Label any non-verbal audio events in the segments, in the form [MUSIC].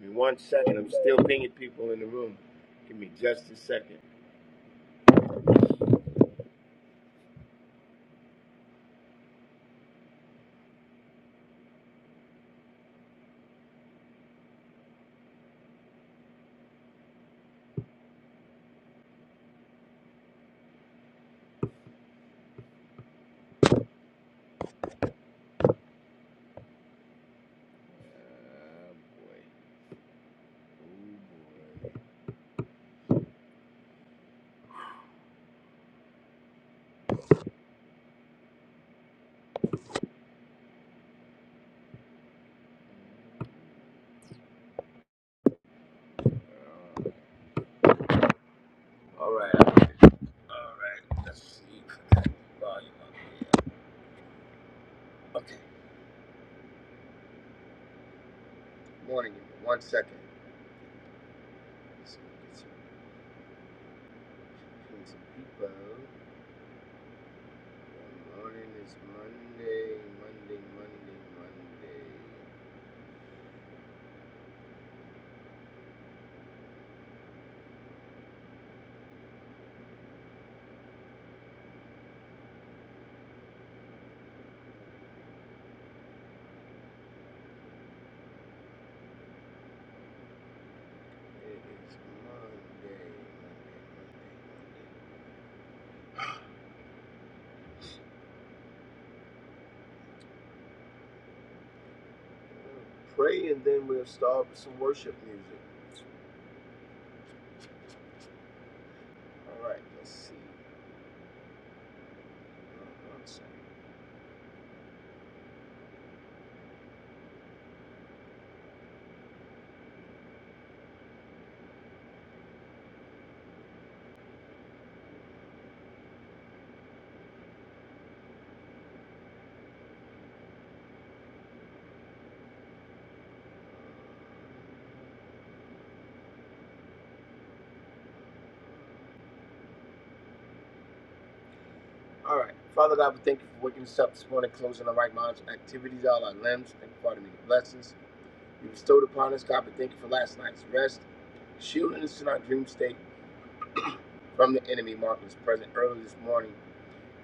Give me one second. I'm still pinging people in the room. Give me just a second. Ah, boy. Oh, boy. All right. All right. Let's see. Volume up. Okay. Morning. everyone. One second. Let's get some, ping some people. Good morning. It's Monday. Monday. Monday. Monday. It is Monday. Monday. Monday. Monday. Pray and then we'll start with some worship music. All right. Let's see. All right. Father God, we thank you for waking us up this morning, closing our right minds, activities, all our limbs. Thank you for all the many blessings you bestowed upon us. God, we thank you for last night's rest, shielding us in our dream state from the enemy, marking us present early this morning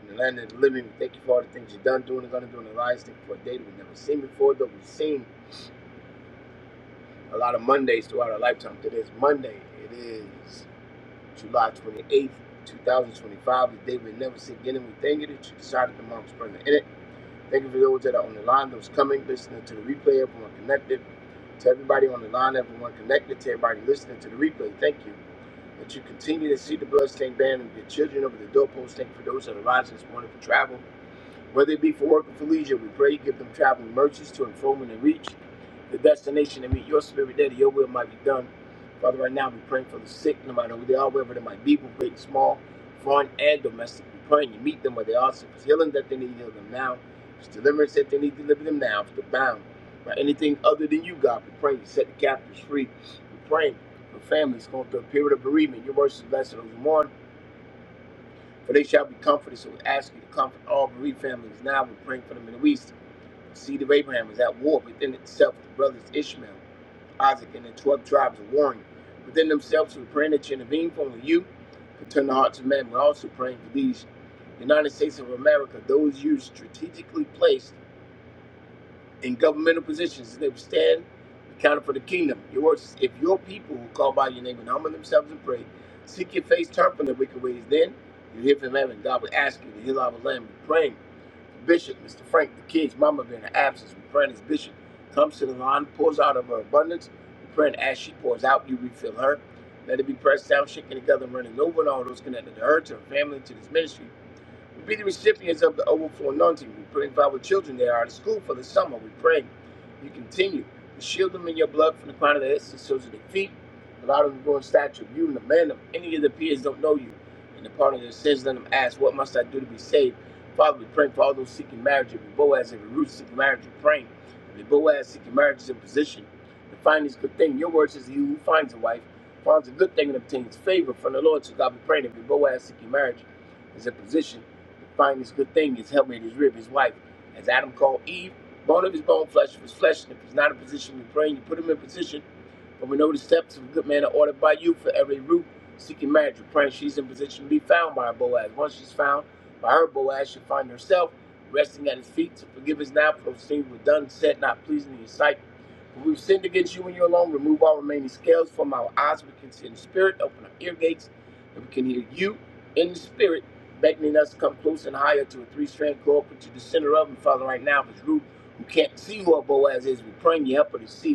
in the land of the living. We thank you for all the things you've done, doing, and going to do in our lives. Thank you for a day that we've never seen before, though we've seen a lot of Mondays throughout our lifetime. Today is Monday. It is July 28th, 2025, the day we never see again, and we thank you that you decided to mark us present in it. Thank you for those that are on the line, those coming, listening to the replay, everyone connected. To everybody on the line, everyone connected, to everybody listening to the replay, thank you. That you continue to see the bloodstained band and your children over the doorpost. Thank you for those that are rising this morning for travel. Whether it be for work or for leisure, we pray you give them traveling mercies to inform and reach the destination and meet your spirit there, that your will might be done. Father, right now we pray for the sick, no matter who they are, wherever they might be, both great and small, foreign and domestic. We pray you meet them where they are. So if it's healing that they need, heal them now. If it's deliverance that they need, deliver them now. If they're bound by anything other than you, God, we pray you set the captives free. We pray for families going through a period of bereavement. Your words is blessed those who mourn for they shall be comforted. So we ask you to comfort all bereaved families now. We're praying for the Middle East. The seed of Abraham is at war within itself with the brothers Ishmael, Isaac, and the 12 tribes are warring within themselves. We're praying that you intervene for only you can turn the hearts of men. We're also praying for these United States of America, those you strategically placed in governmental positions. and They will stand accounted for the kingdom. Your words, is, if your people who call by your name and humble themselves and pray, seek your face, turn from their wicked ways, then you hear from heaven. God will ask you to heal our land. We're praying. Bishop, Mr. Frank, the kids, Mama being in absence. We're praying as Bishop comes to the line, pours out of her abundance. We're praying as she pours out, you refill her. Let it be pressed down, shaken together, and running over and all those connected to her, to her family, to this ministry. We be the recipients of the overflow anointing. We pray for our children that are out of school for the summer. We pray you continue to shield them in your blood from the crown of their heads to the soles of their feet. Allow them to grow in stature of you and the man of any of the peers don't know you. And the part of their sins, let them ask, What must I do to be saved? Father, we pray for all those seeking marriage, every Boaz, every Ruth seeking marriage, we pray. Every Boaz seeking marriage is in position to find this good thing. Your word says, He who finds a wife finds a good thing and obtains favor from the Lord. So God, we pray that every Boaz seeking marriage is in position Find this good thing, his helpmate, his rib, his wife. As Adam called Eve, bone of his bone, flesh of his flesh. And if he's not in position to pray, you put him in position and we know the steps of a good man are ordered by you for every root seeking marriage. We pray she's in position to be found by her Boaz. Once she's found by her Boaz, she'll find herself resting at his feet. to forgive us now for those things we've done, said, not pleasing in your sight. For we've sinned against you and you alone. Remove all remaining scales from our eyes. We can see in the spirit. Open our ear gates. And we can hear you in the spirit beckoning us to come close and higher to a three-strand cord, put you the center of them, Father, right now. If it's Ruth, who can't see who our Boaz is, we're praying you help her to see.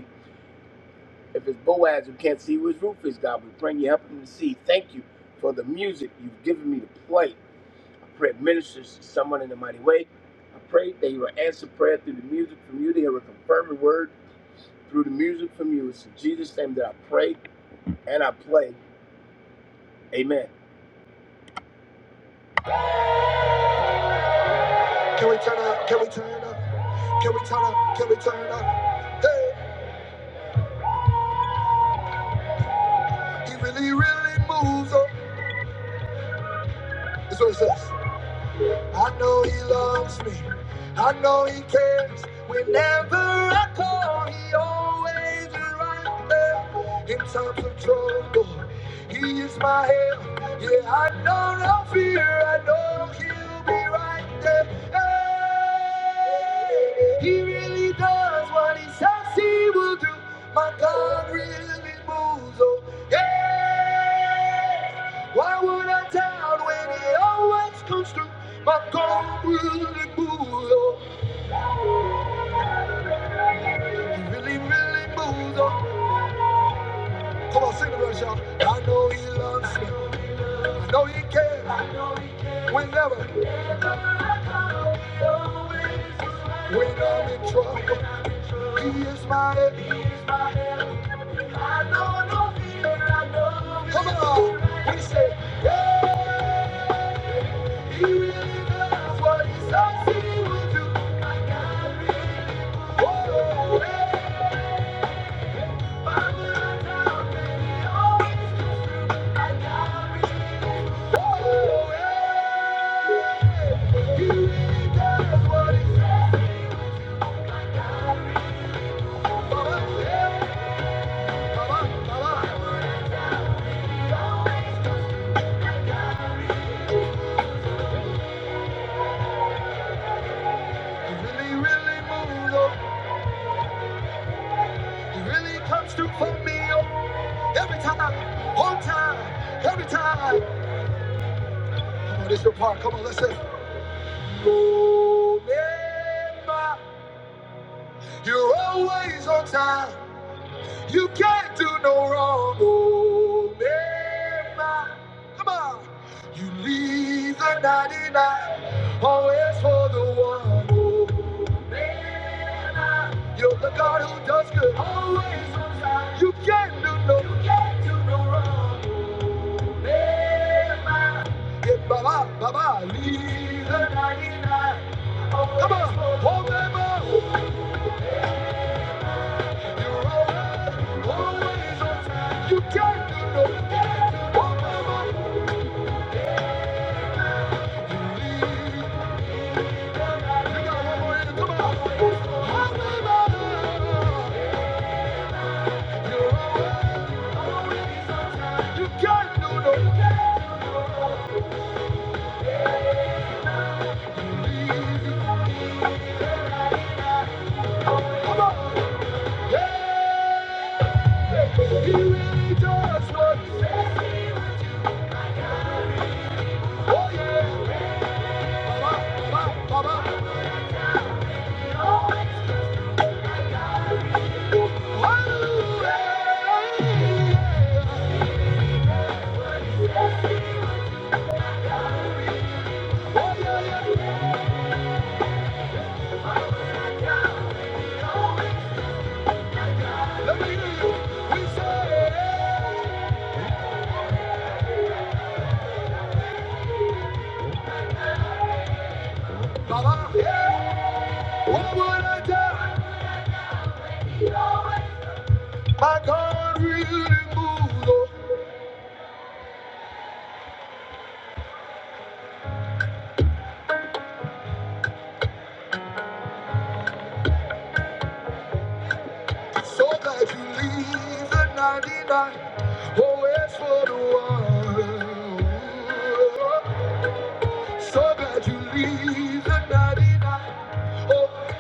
If it's Boaz who can't see where his roof is, God, we bring you help him to see. Thank you for the music you've given me to play. I pray it ministers to someone in a mighty way. I pray that you will answer prayer through the music from you. They will confirm the word through the music from you. It's in Jesus' name that I pray and I play. Amen. Can we turn up? Can we turn up? Can we turn up? Can we turn up? Hey, he really, really moves up. That's what it says. I know he loves me. I know he cares. Whenever I call, he always is right there. In times of trouble, he is my help. Yeah, I know no fear. I know he'll be right there. Hey, he really does what he says he will do. My God really moves. Oh, yeah. Why would I doubt when he always comes through? My God really moves on. He really, really moves on. Come on, sing the verse, y'all. I know he loves me. I know he cares. Whenever, when I'm in trouble, he is my help. Come on, we say he really knows what he says he will do. Whoa, hey. It's your Part. Come on, let's say, Remember, You're always on time. You can't do no wrong, oh man. Come on. You leave the 99, always for the one. Oh, you're the God who does good, always on time. You can't do no, you can't do no wrong, oh man. Yeah, baba, baba, leave the 99. Come on, oh them You're always, always on time. You can't do no, you can't do no wrong. You can't do no. Come on. He really does what he says Oh yeah. Oh yeah. My God really moves so that you leave the 99 always for the one. So glad you leave the 99. Oh,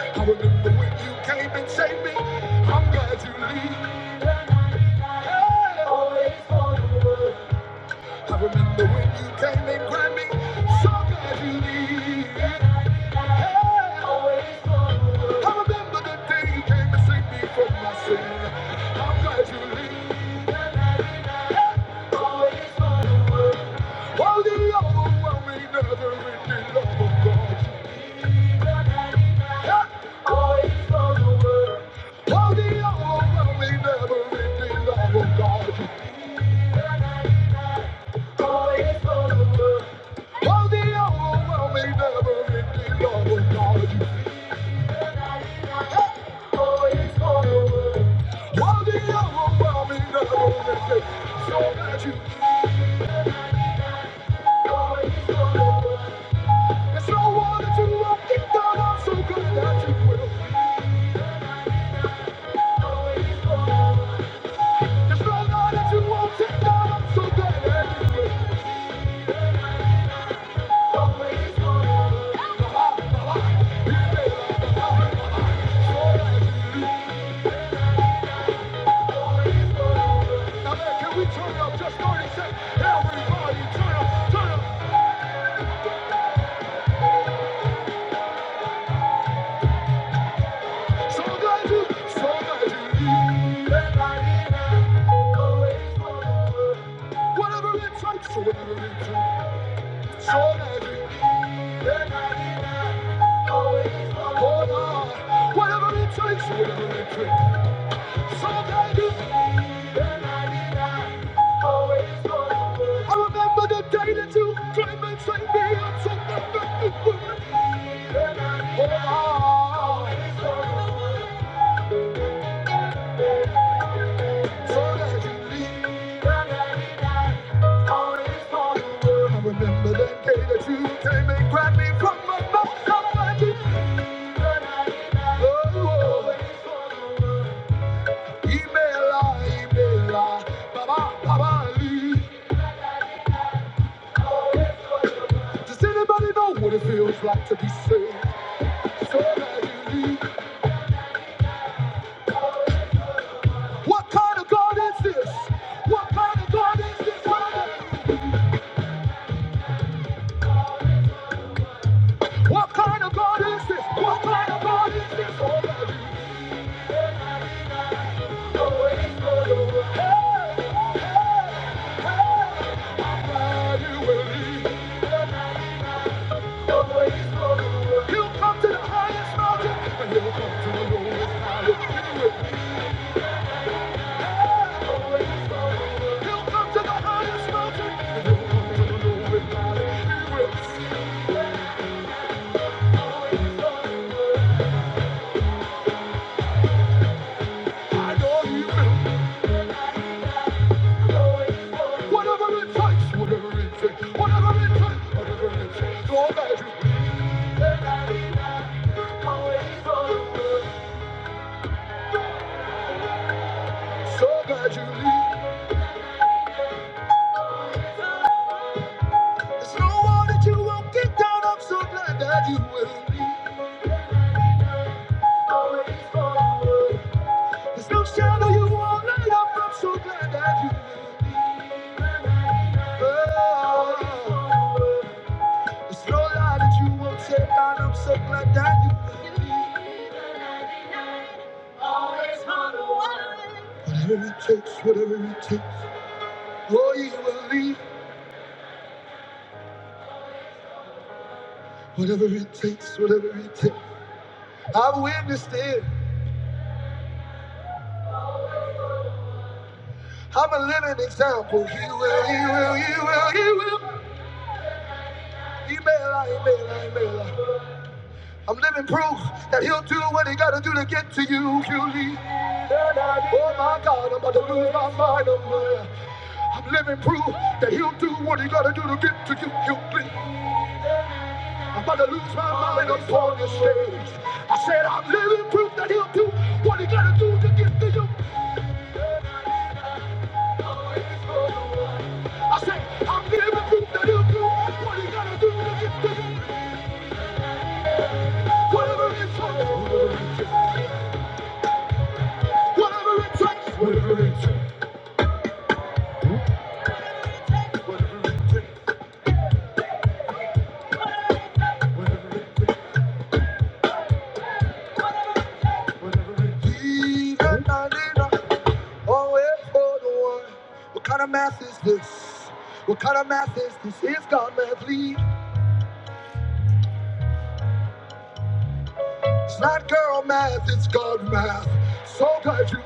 I remember when you came and saved me. I'm glad you leave always for the one. I remember when you came and grabbed me, so glad you did. Hey, always forward. I remember the day you came to save me from my sin. I'm glad you did. Hey, always forward. Oh, the overwhelming, never-ending love of God. Hey, always forward. Oh, the overwhelming, never-ending love of God. I'm So good that you will. There's no law that you won't take down. I'm so good that you. will. Whatever it takes, whatever it takes. So guide it. I remember the day that you came and saved me. I took the best of you. So that you leave. I remember that day that you came and grabbed me from my mouth. Oh, oh. Email, I, email, I. Baba, Baba, Lee. Does anybody know what it feels like to be saved? What kind of God is this? What kind of God is this? What kind of God is this? What kind of God is this? He'll come to the highest mountain and he'll come to the lowest valley. Be with me. He'll come to the highest mountain and he'll come to the lowest valley. Be with me. I know he will. Whatever it takes, whatever it takes, whatever it takes, whatever it takes. So glad you leave. So glad you leave. There's no one that you won't get down. I'm so glad that you will leave. There's no shadow you won't light up. I'm so glad that you will be. Oh. There's no lie that you won't take and I'm so glad that you will be. Always on the one. Whatever it takes, whatever it takes. Oh, you will leave. Whatever it takes, whatever it takes. I've witnessed it. I'm a living example. He will, he will, he will, he will. He may lie, he may lie, he may lie. I'm living proof that he'll do what he gotta do to get to you, Julie. Oh my God, I'm about to lose my mind. I'm, uh, I'm living proof that he'll do what he gotta do to get to you, Julie. I'm about to lose my mind up on this stage. I said, I'm living proof that he'll do what he gotta do to get to you. I said, I'm living proof that he'll do what he gotta do to get to you. Whatever it takes, whatever it takes, whatever it takes, whatever it takes, whatever it takes, whatever it takes. Even I always for the one. What kind of math is this? What kind of math is this? Is God math lead? It's not girl math, it's God math. So glad you.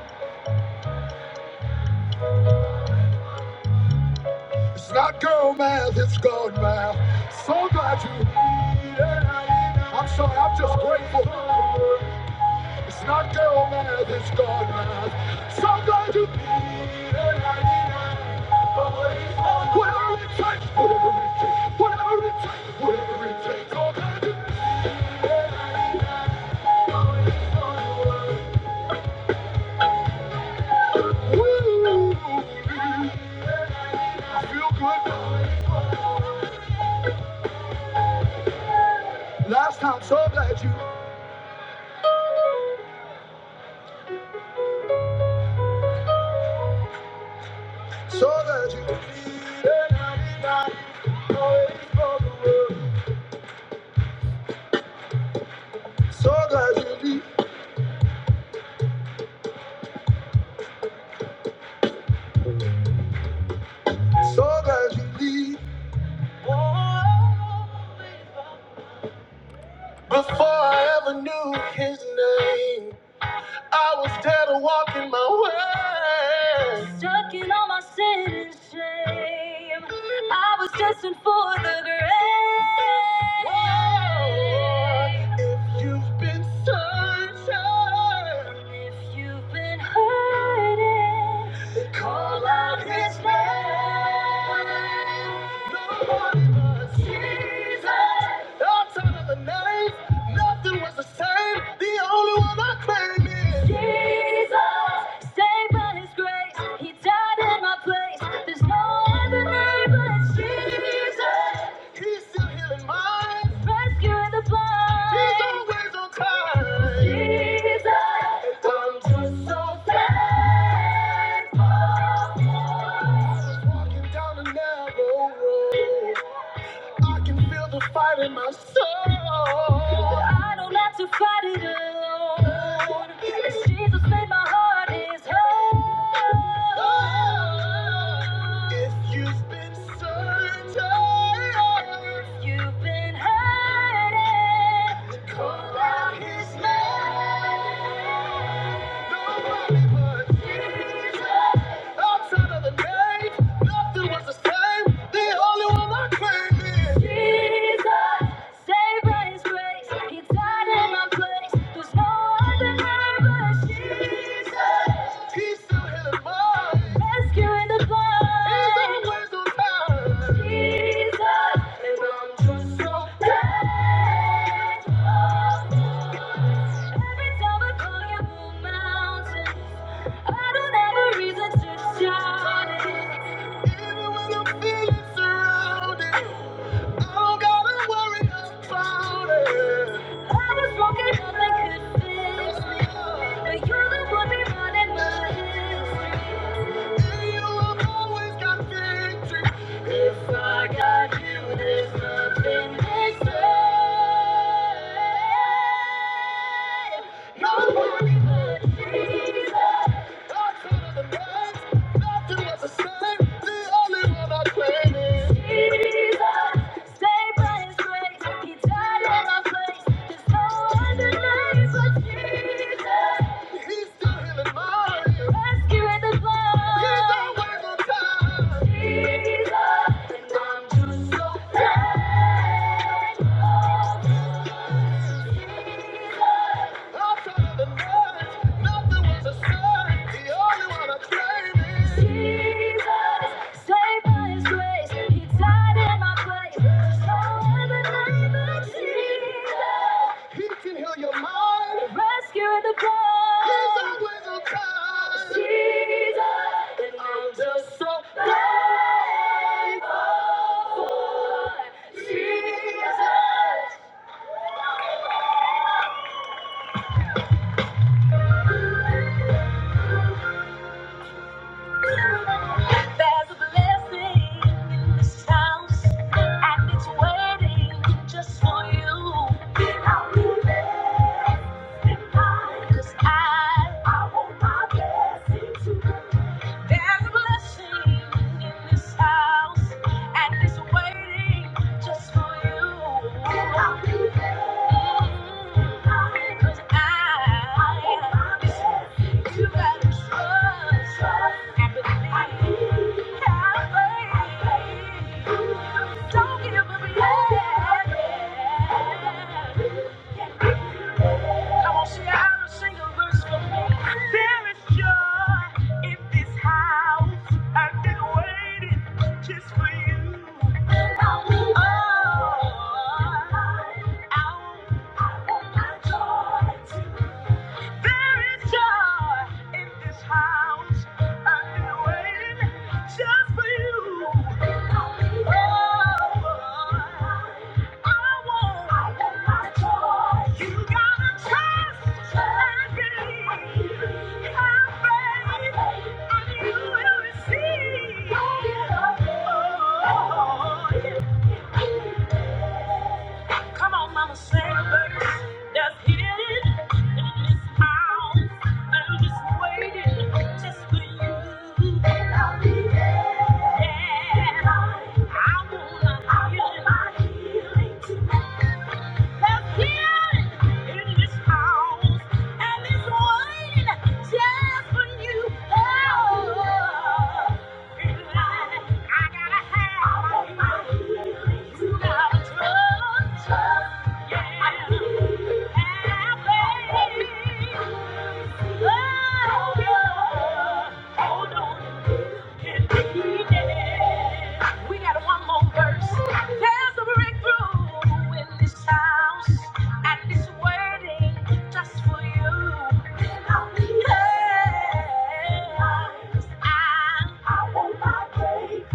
It's not girl math, it's God math. So glad you. yeah. I'm sorry, I'm just grateful. It's not girl math, it's God math. So glad you. yeah. Whatever it takes, whatever it takes, whatever it takes, whatever it takes. Oh, God, you- Woo! I feel good. Last time, so glad you, so glad you. yeah. Strong as you leave, strong as you leave. Before I ever knew his name, I was dead and walking my way. Stuck in all my sin and shame. I was destined for the grave. Whoa. If you've been searching, if you've been hurting, call out his name. Jesus, I'm just so thankful. I was walking down a narrow road. I can feel the fight in my soul. I don't have to fight it alone. It's Jesus made my heart his home. If you've been searching, if you've been hurting, call out his name. Jesus, and I'm just so but you're the one behind my history always got but Jesus. Not the man, not to the same. The only one I claim Jesus. Saved by His grace, He died in my place. no other name but Jesus. He's still healing my rescue at the blood. He's always on time. Jesus, and I'm just so glad. Jesus, There's a blessing in this house, and it's waiting just for you. I'll be blessed tonight, 'cause I, I want my blessing too. There's a blessing in this house, and it's waiting just for you. Mm, Cause I, you gotta trust and believe. Have faith. Don't give up yet. Come on, there is joy in this house. I've been waiting just for you. Oh, I want my joy to- I've been waiting Just hit it in this house. I'm just waiting just for you. And I'll be Yeah. oh, on. We got one more verse. There's a breakthrough in this house, and it's waiting just for you. Yes, I want my cake.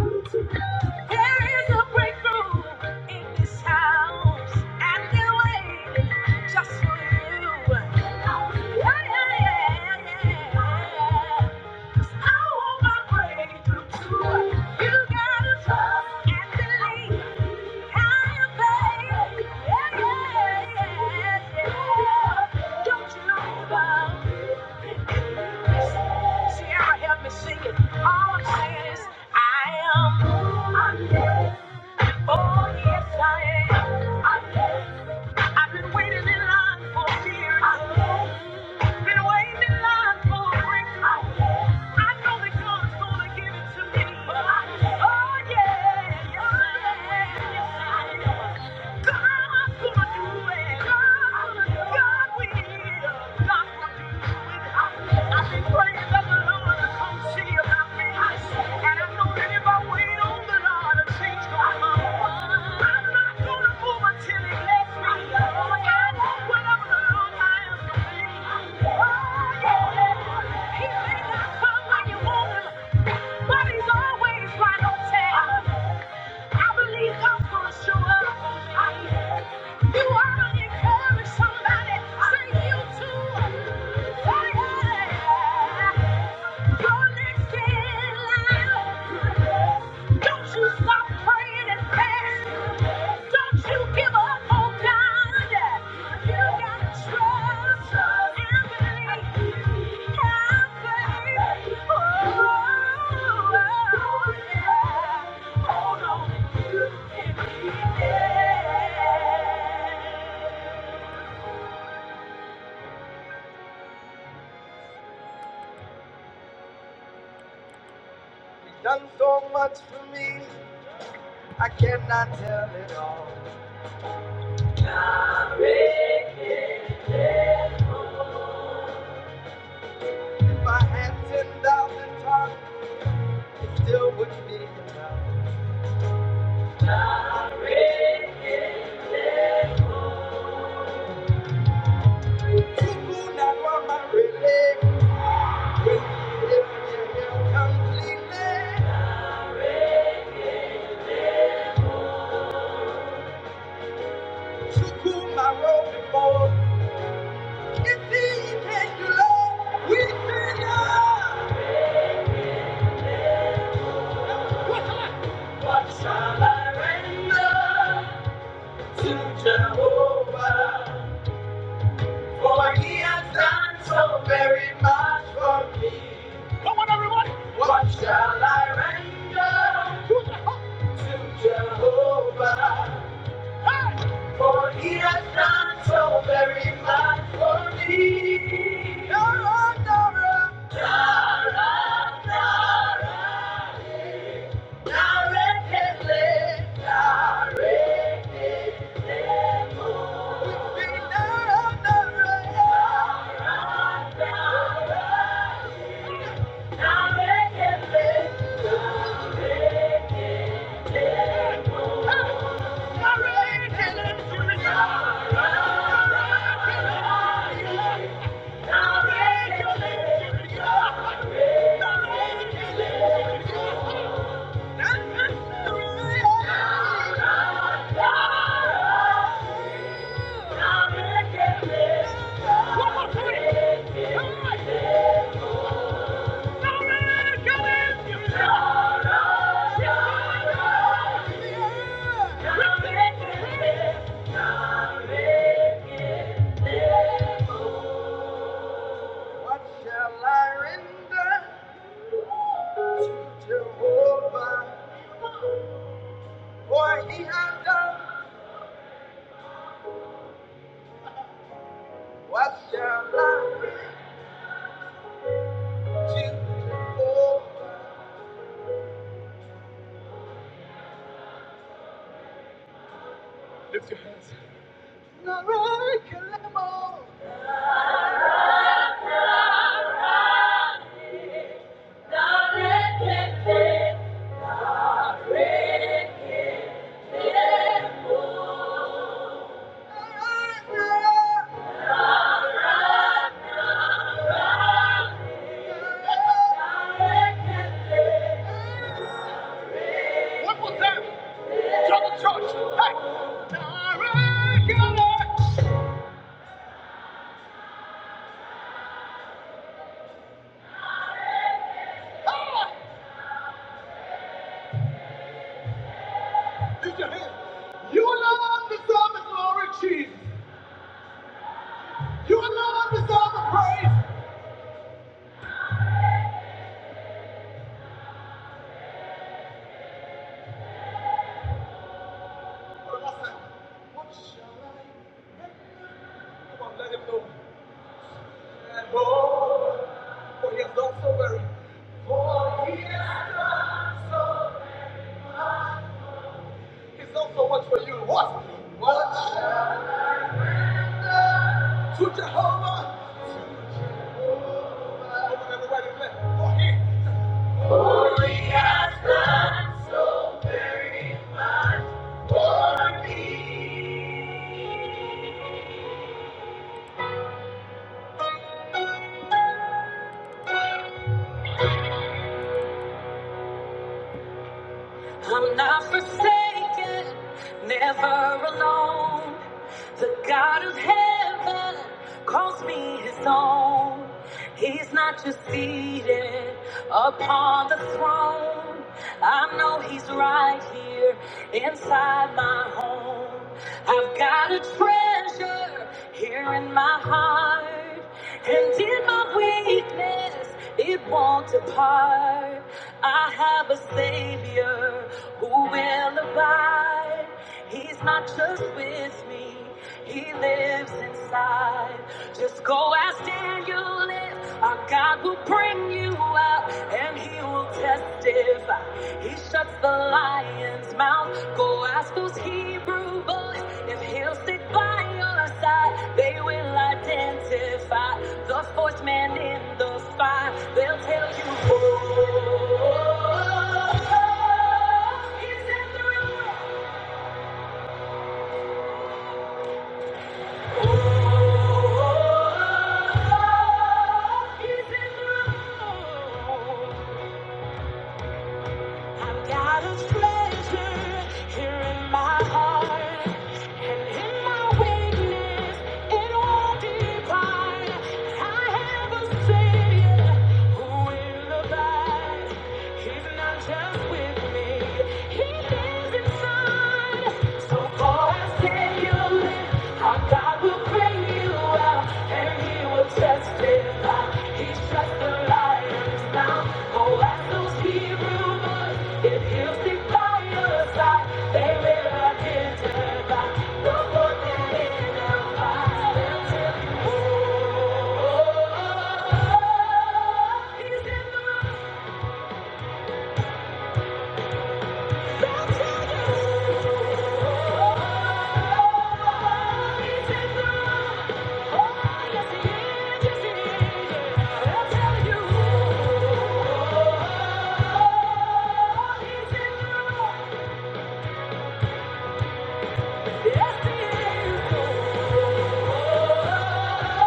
There is a breakthrough in this house, and it's waiting just for you. Yeah, yeah, yeah, yeah. Sing it. All I'm saying is, I am. I'm Oh, yes, I am. I'm I've been waiting in line for years. Been waiting in line for a breakthrough. I know that God's gonna give it to me. Oh, yeah. Yes, I am but He's always right on time. I believe God's gonna show up. I am. You ought to encourage somebody. Say you too. Don't you stop praying Don't you give up on God. You gotta trust and believe. Oh, yeah. Hold on you and believe You've done so much for me, I cannot tell it all. If I had 10,000 times, it still wouldn't be enough. To do not want my relay, when you hear me here completely. To cool my road before, if he can do love, we sing up. What shall I render to Jehovah? For he has done so very much for me. What shall I render? Jehovah, for he has done so very much for me. Jehovah, Jehovah, Arekele, Jehovah, Jehovah, Arekele. Yeah. What shall I render to Jehovah? For he hath done. What shall I render to Jehovah? Now I can all. What was that? Tell the church. Hey. Now I can live. Ah, Use your hand. You alone deserve the glory, Jesus. You alone deserve the praise and glory. For he has done so much for you. What? I don't remember writing that. For he. You're alone. The God of heaven calls me his own. He's not just seated upon the throne. I know he's right here inside my home. I've got a treasure here in my heart. And in my weakness, it won't depart. I have a savior who will abide. He's not just with me; He lives inside. Just go ask Daniel. Our God will bring you out, and He will testify. He shuts the lion's mouth. Go ask those Hebrew boys if He'll sit by your side. They will identify the spokesman in the spy. They'll tell you who. I've got a treasure here in my heart, and in my weakness, it won't depart. I have a Savior who will abide. He's not just with me, He lives inside. So call and say you live. I will bring you out, and he will testify. He struck the lion's mouth. Oh, as those Hebrew boys, if you stick by your side, they will identify the one that in their lives will tell you, oh, oh, oh, oh, oh, he's in the room. Yes, he is.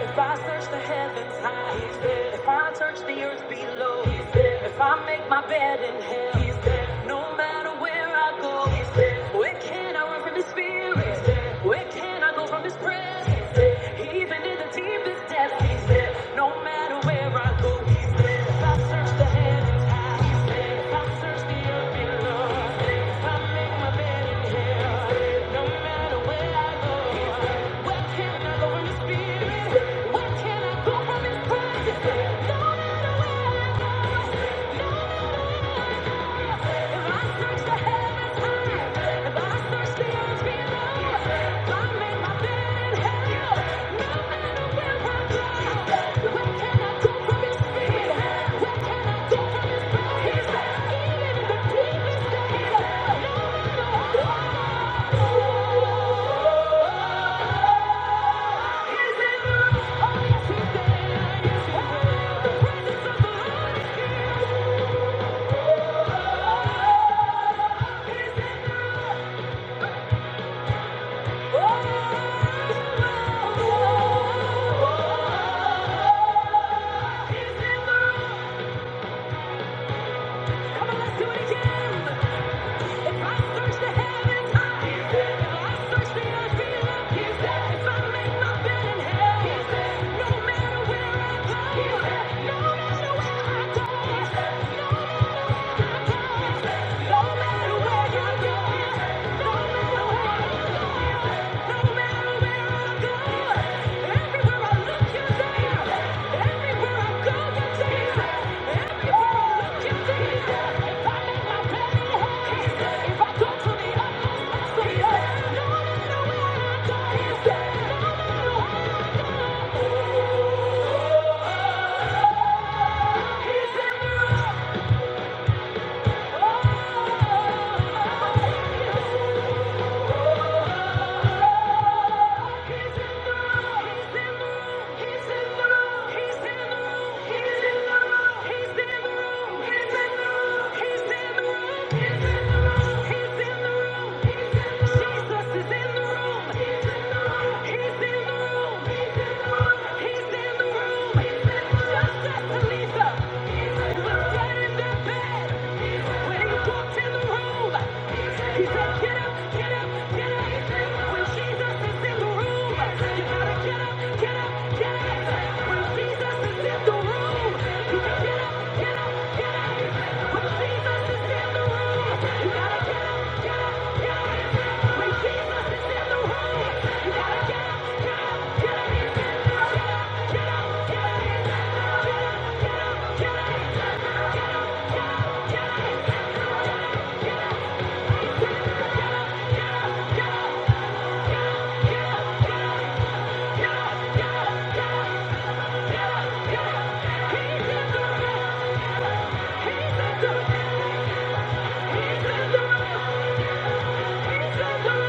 If I search the heavens high, he's there. If I search the earth below, he's there. If I make my bed in hell, he's there. No matter where I go, he's there. Where can I run from his spirit? He's there. Where can I go from his presence? He's there. Even in the deepest depths, he's there. No matter where I go, he's there. If I search the heavens high, where can I go from his presence? He's there. No matter where I go, he's there. Thank you. Come on, let's do this. I've crossed through the heavens. I've crossed through the earth. I've crossed through every hill. I've crossed through every mountain. No matter where I go, no matter where I go, no matter where I go, no matter where you go, no matter where I go, no go. Everywhere I look, you're there. Everywhere I go, you're there. Everywhere I look, you're there. If I lay my penny high, if I go to the utmost, to the utmost, no one in the world I there. No He's in the bed. When he walked in the room, he said, get up, get up, get up. When Jesus is in the room, you gotta get up, get up, get up. When Jesus is in the room, you gotta get up, get up, get up. When Jesus is in the room, you gotta get up, get up, get up. When Jesus is in the room, you gotta get up, get up, get up. in the room.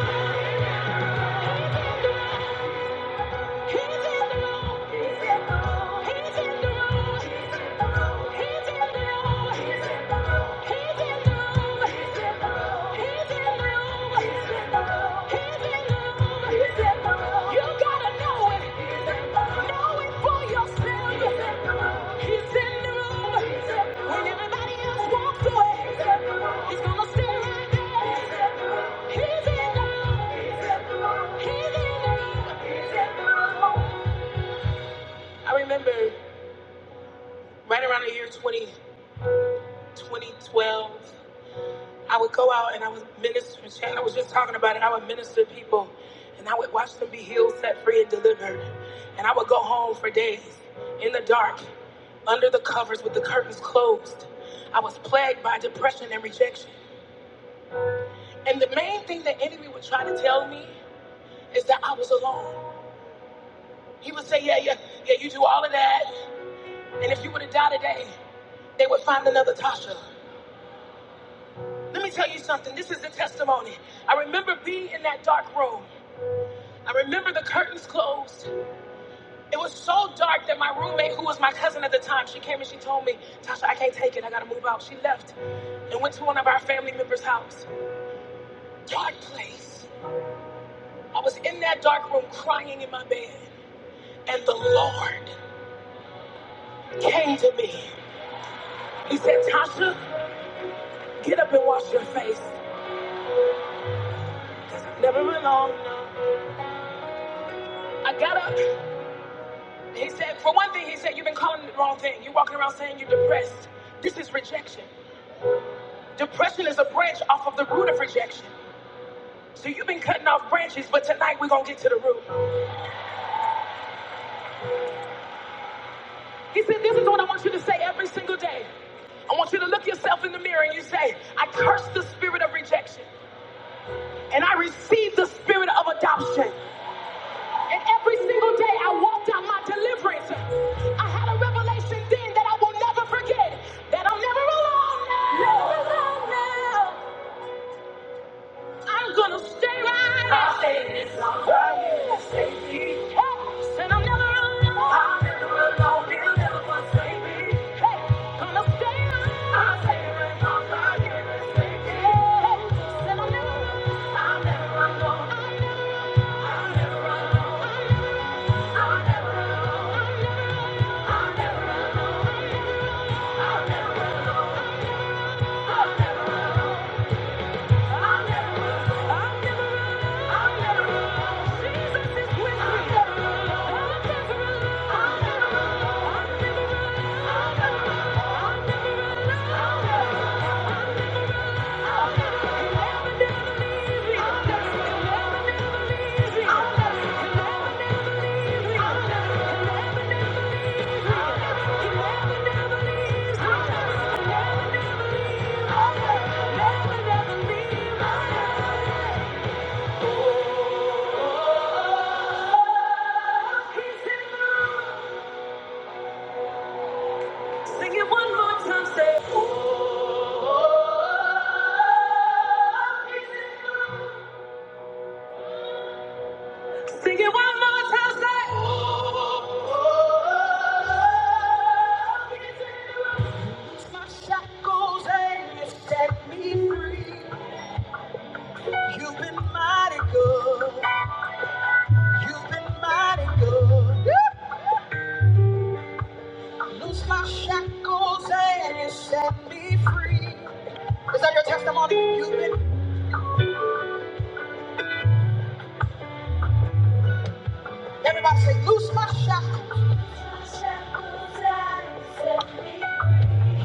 He's in the room. He's in the room. He's in the room. He's in the room. He's in the room. He's in the room. He's in the room. He's in the room. He's in the room. You gotta know it. Know it for yourself. He's in the room. When everybody else walks away, he's gonna stay right there. He's He's in the room. He's in the room. He's in the room. I remember right around the year 20, 2012, I would go out and I would minister. Chan, I was just talking about it. I would minister to people and I would watch them be healed, set free, and delivered. And I would go home for days in the dark, under the covers with the curtains closed. I was plagued by depression and rejection. And the main thing the enemy would try to tell me is that I was alone. He would say, Yeah, yeah, yeah, you do all of that. And if you would have died today, they would find another Tasha. Let me tell you something. This is the testimony. I remember being in that dark room. I remember the curtains closed. It was so dark that my roommate, who was my cousin at the time, she came and she told me, Tasha, I can't take it. I gotta move out. She left and went to one of our family members' house. Dark place. I was in that dark room crying in my bed, and the Lord came to me. He said, Tasha, get up and wash your face. 'cause I've never been alone. I got up. He said, for one thing, he said, you've been calling it the wrong thing. You're walking around saying you're depressed. This is rejection. Depression is a branch off of the root of rejection. So you've been cutting off branches, but tonight we're going to get to the root. He said, this is what I want you to say every single day. I want you to look yourself in the mirror and you say, I curse the spirit of rejection and I receive the spirit of adoption. And every single day I walked out my deliverance. I had a revelation then that I will never forget that I'm never alone now. Never alone now. I'm gonna stay right I'll stay right here. Said I'm never running away. Gonna stay right here. I'll stay right here. 'cause I can't escape you. I'll never run alone. I'll never run alone. I'll never run alone. I'll never run alone. I'll never run alone. I'll never run alone. I'll never run alone. I'll never run alone. Jesus is with me. I'll never run alone. I'll never run alone. I'll never run alone. I'll never run alone. I'll never run alone. I'll never run alone. I'll never run alone. I'll never run alone. Shackles and you set me free. Is that your testimony? You've been Everybody say, loose my shackles.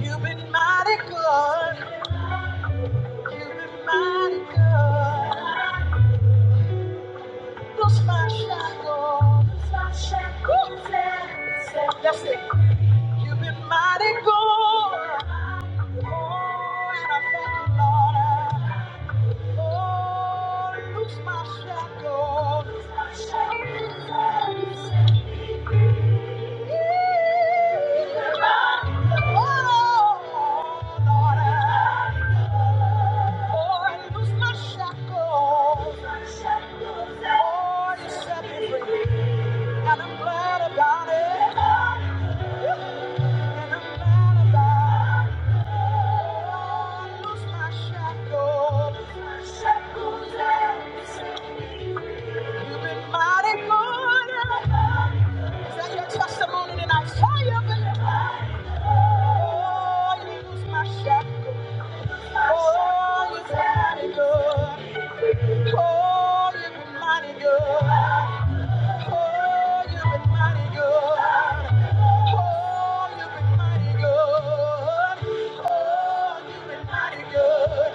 You've been mighty good. You've been mighty good. Loose my shackles. That's it. You've been mighty good. Oh, and I thank you, Lord. Oh, loose my shackles. Loose my shackles. And I'm glad about it. And I'm glad about it. Oh, I lose my shackles. You've been mighty good. Set your testimony tonight. Fire up in the Oh, you was my shepherd. Oh, you were mighty good. Oh, you were mighty good. Oh, you were mighty good. Oh, you were mighty good. Oh, you were mighty good.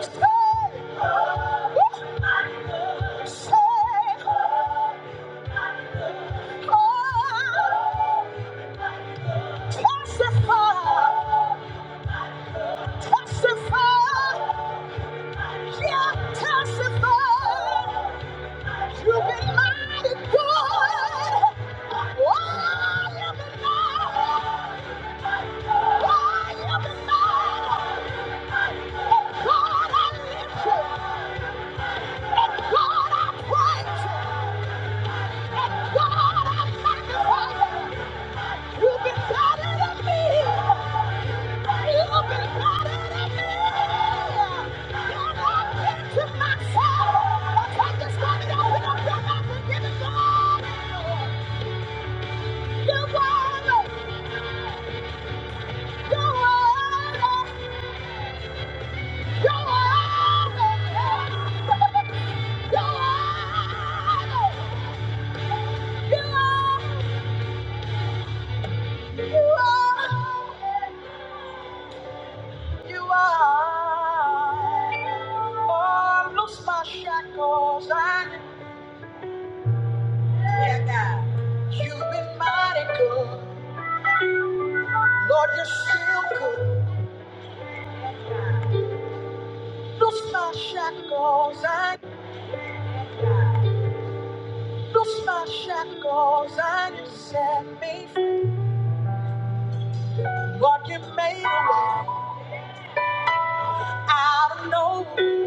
Say, say, oh, testify, testify. You've been better than me. You are, oh, loose my shackles and Yeah, God. You've been mighty good. Lord, you're still good. Loose my shackles and loose my shackles and you set me free. Lord, you made a way out of no way.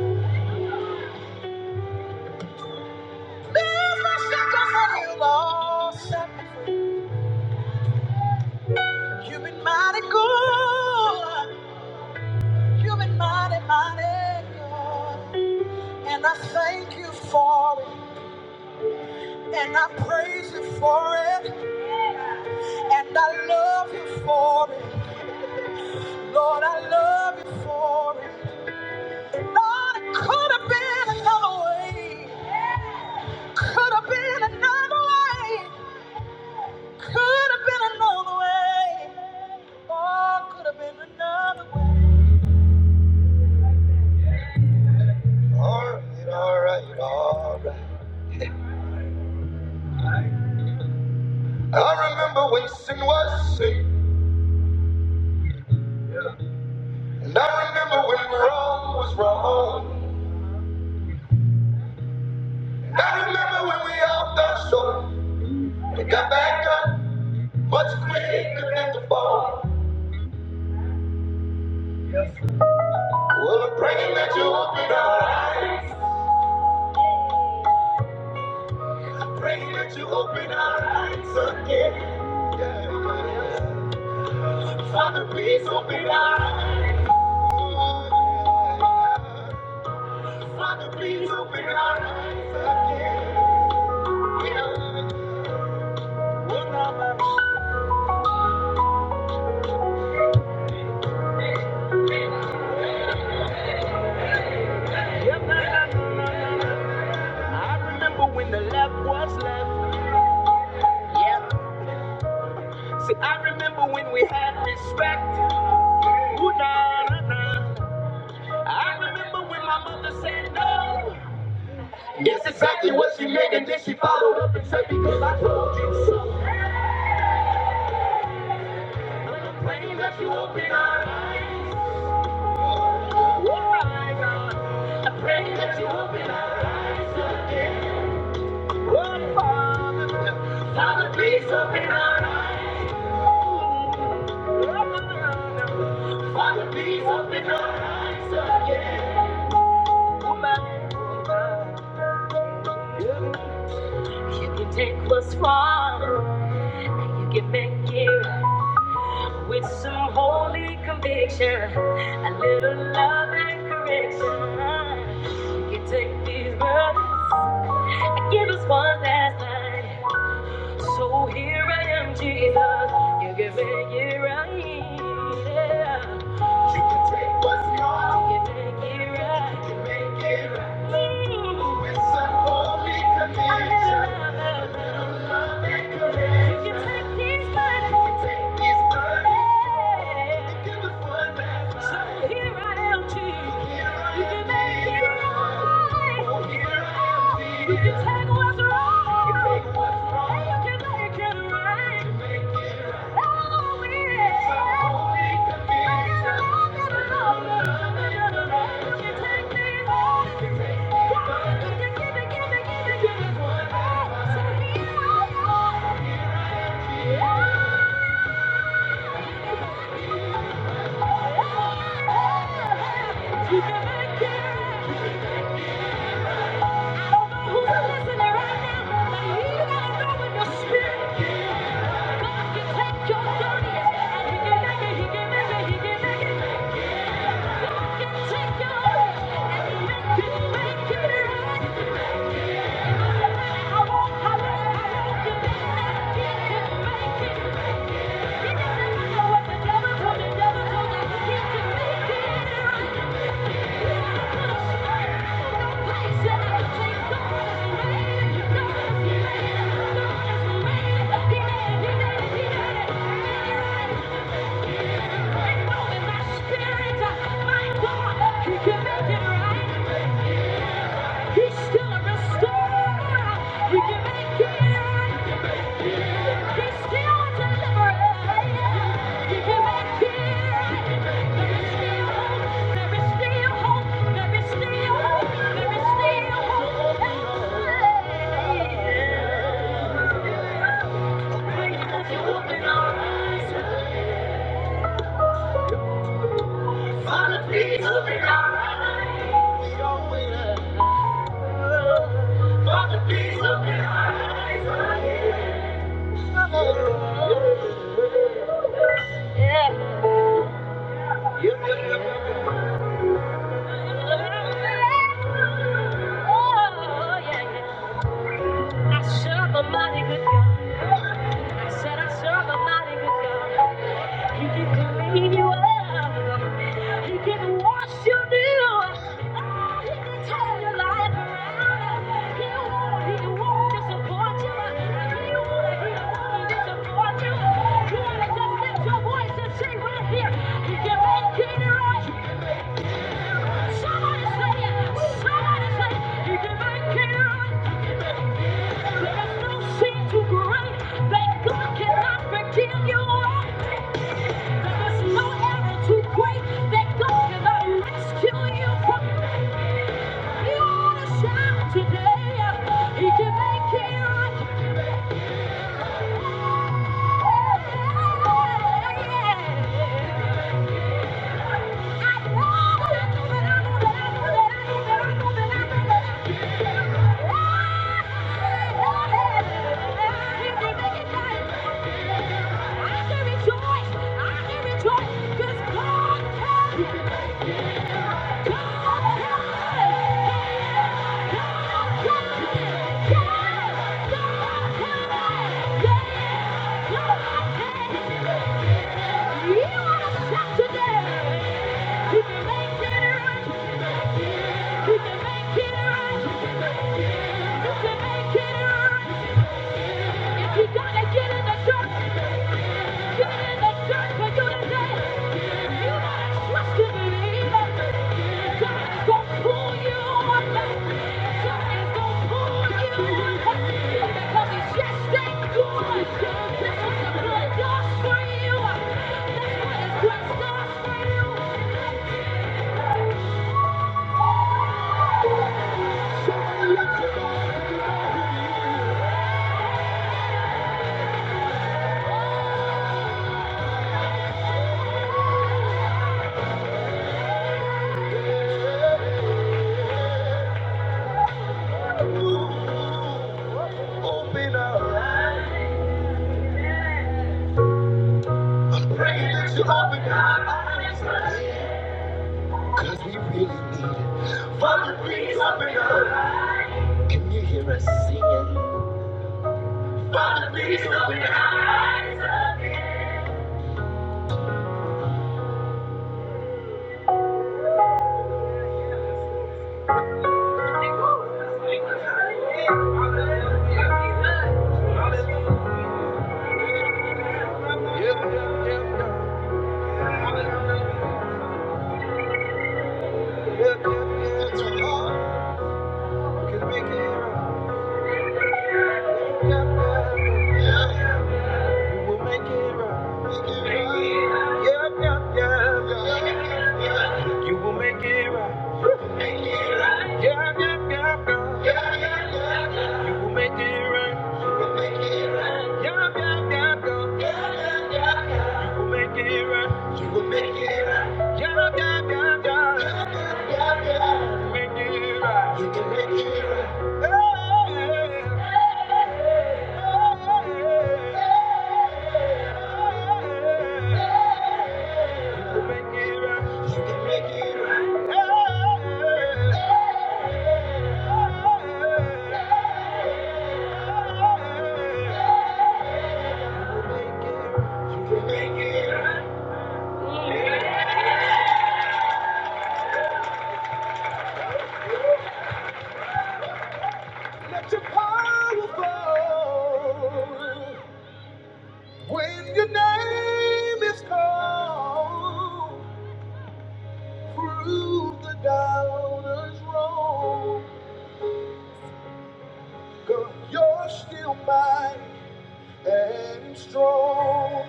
Loose my shackles and you, Lord, set me free. You've been mighty good. You've been mighty, mighty good. And I thank you for it. And I praise you for it. And I love you for it. Lord, I love you for it. Lord, it could have been another way. Could have been another way. Could have been another way. Oh, could have been another way. All right, all right, all right. I remember when sin was sin. And I remember when wrong was wrong. And I remember when we all fell short. And got back up much quicker than the fall. Well, I'm praying that you open our eyes. I'm Praying that you open our eyes again. Yeah, yeah, yeah. Father, please open our eyes. Father, please open our eyes again. Yeah. Yeah, I remember when the left was left. See, I remember when we had respect. nah, nah, nah. I remember when my mother said no. That's exactly what she meant, and then she followed up. You can make it right with some holy conviction, a little love and correction. You can take these burdens and give us one last night. So here I am, Jesus. You can make it right. Yeah. You can take what's yours. You can make it right. You can make it right. With some holy conviction. A little love, You can make it right. You can take what's wrong, you can make it right. Oh, yeah. You can take these hurts. God, you can give it, give it, give it, give it. Oh, me, oh, yeah. You can make it right. Thank you. Yeah. Oh, yeah, yeah. I serve a mighty good God. I said I serve a mighty good God. He can clean you up. He can wash you new. Oh, he can turn your life around. He won't, he won't disappoint you. He won't, he won't disappoint you. You wanna just lift your voice and say right here, he can make it right. Somebody say it. Somebody say it. He can make it right. Let's sing. Thank God. I can rejoice, I can rejoice, because God can. If you gotta get in the church, Open up. Pray that you open our eyes. Cause we really need it. Father, please open our eyes. Can you hear us singing? Wanna be so high as a you will Make it right. You will make it right. You will make it right. Yeah, yeah, yeah, yeah. You will make it right. Yeah, yeah, yeah, yeah. You will make it right. Yeah, yeah, yeah, yeah. You will make it right. Hey, hey, hey, hey. When your name is called, prove the doubters wrong. you're still mighty and strong.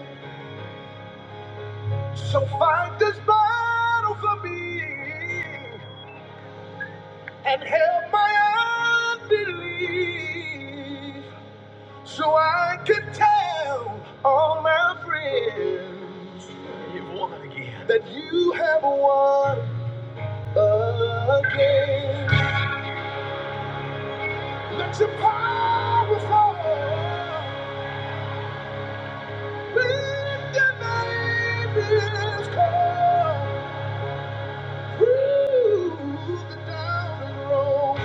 So fight this battle for me and help my unbelief so I can tell all my friends that you have won again. Let your power fall. Let your name is called. Who's the down and and road.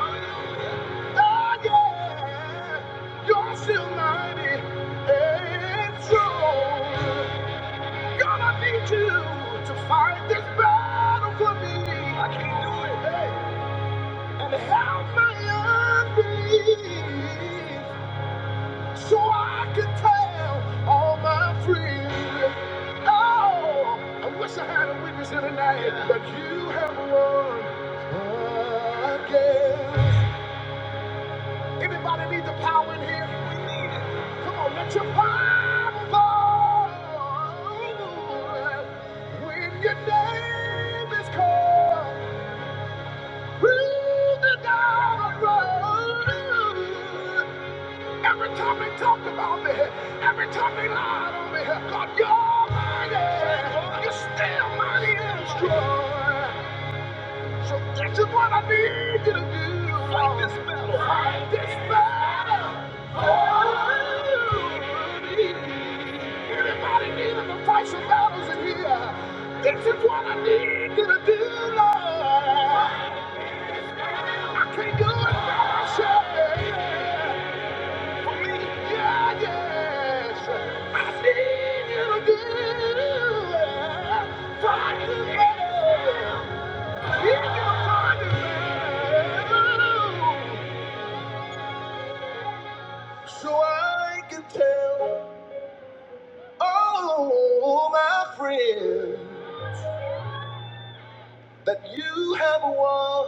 Hallelujah. Oh yeah, you're you still my Gonna need you to fight this battle for me. I can't do it, Hey. And help my unbelief So I can tell all my friends. Oh, I wish I had a witness here tonight, but you have won again. Anybody need the power in here? We need it. Come on, let your power fall. When your name is called, through the dark road. Every time they talk about me, every time they lied on me, God, you're mighty. You're still mighty and strong. So this is what I need you to do. Fight this battle. Fight this battle. for me. Anybody needing to fight some battles in here? This is what I need you to do, Lord. I can't do it by myself. Yeah, yes. I see you do. Find you. Yeah, find you. So I can tell all my friends that you have won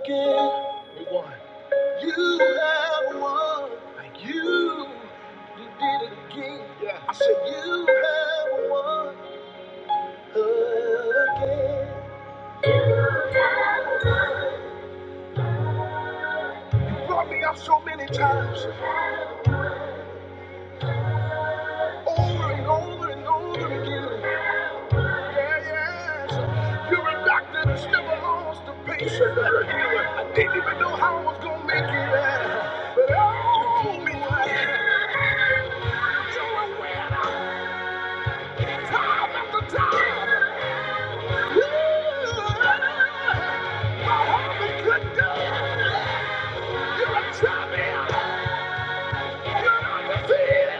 again. You won. You have won. You, you did it again. Yeah. I said you have won Brought me up so many times, over and over and over again. Yeah, yes. You're a doctor that still lost a patient. I didn't even know how I was gonna make it. yeah. But oh, me, you're a winner. Doctor. My heart is good, girl. You're a champion. You're undefeated.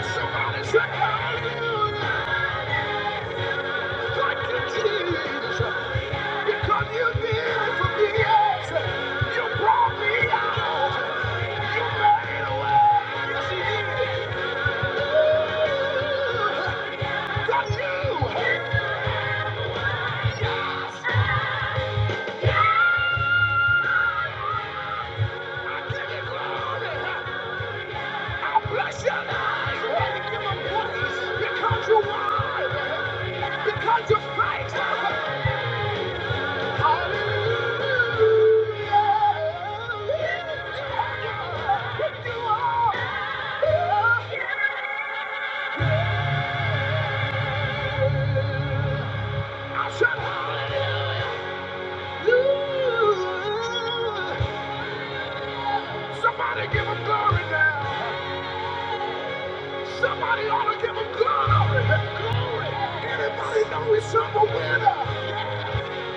Somebody say hallelujah. Because you're fine, because you're fighting. Somebody give him glory now. Somebody ought to give him glory. Glory. Anybody know he's a winner?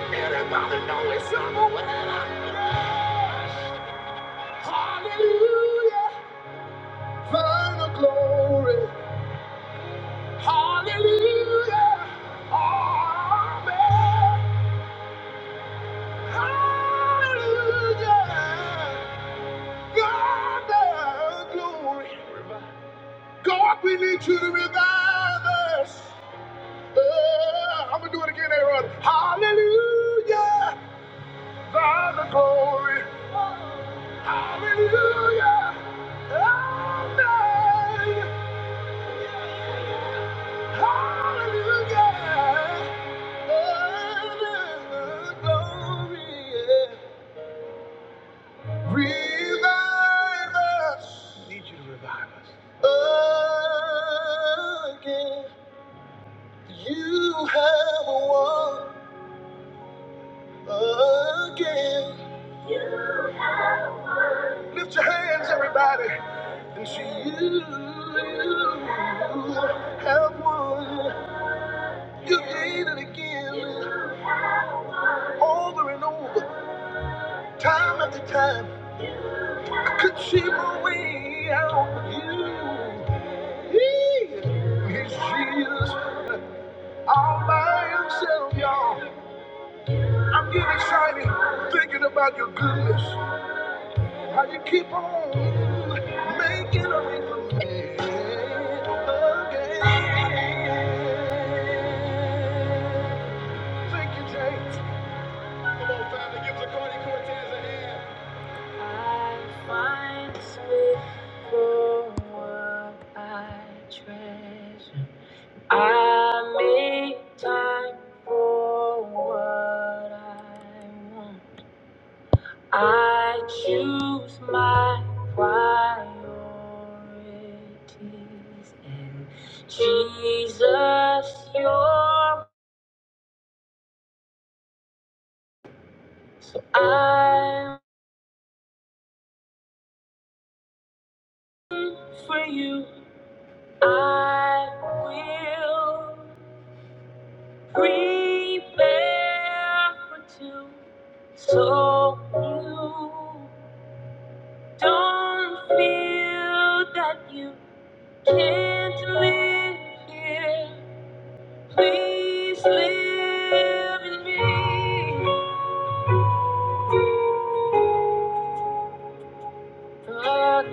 Anybody know he's a winner? Yes. Hallelujah. Final glory. Hallelujah. Amen. Hallelujah. God, the glory. God, we need you to revive us. Uh, I'm going to do it again, Aaron. Hallelujah. God, the glory. Hallelujah. Amen. Hallelujah. God, the Glory. Yeah. Revive us. I Need you to revive us. Again. You have won again. Lift your hands, everybody. And see you. You have won. You did it again. Over and over. Time after time. I could see my way out. You. He is Jesus. all by himself, y'all. I'm getting excited thinking about your goodness. How you keep on making a way for me again. Thank you, James. Come on, family, give Zacardi Cortez a hand. I find space for what I treasure. I make time for what I want. I choose my priorities and Jesus, you're I'm for you. I will prepare for two so you don't feel that you can't live here. Please live in me. Lord,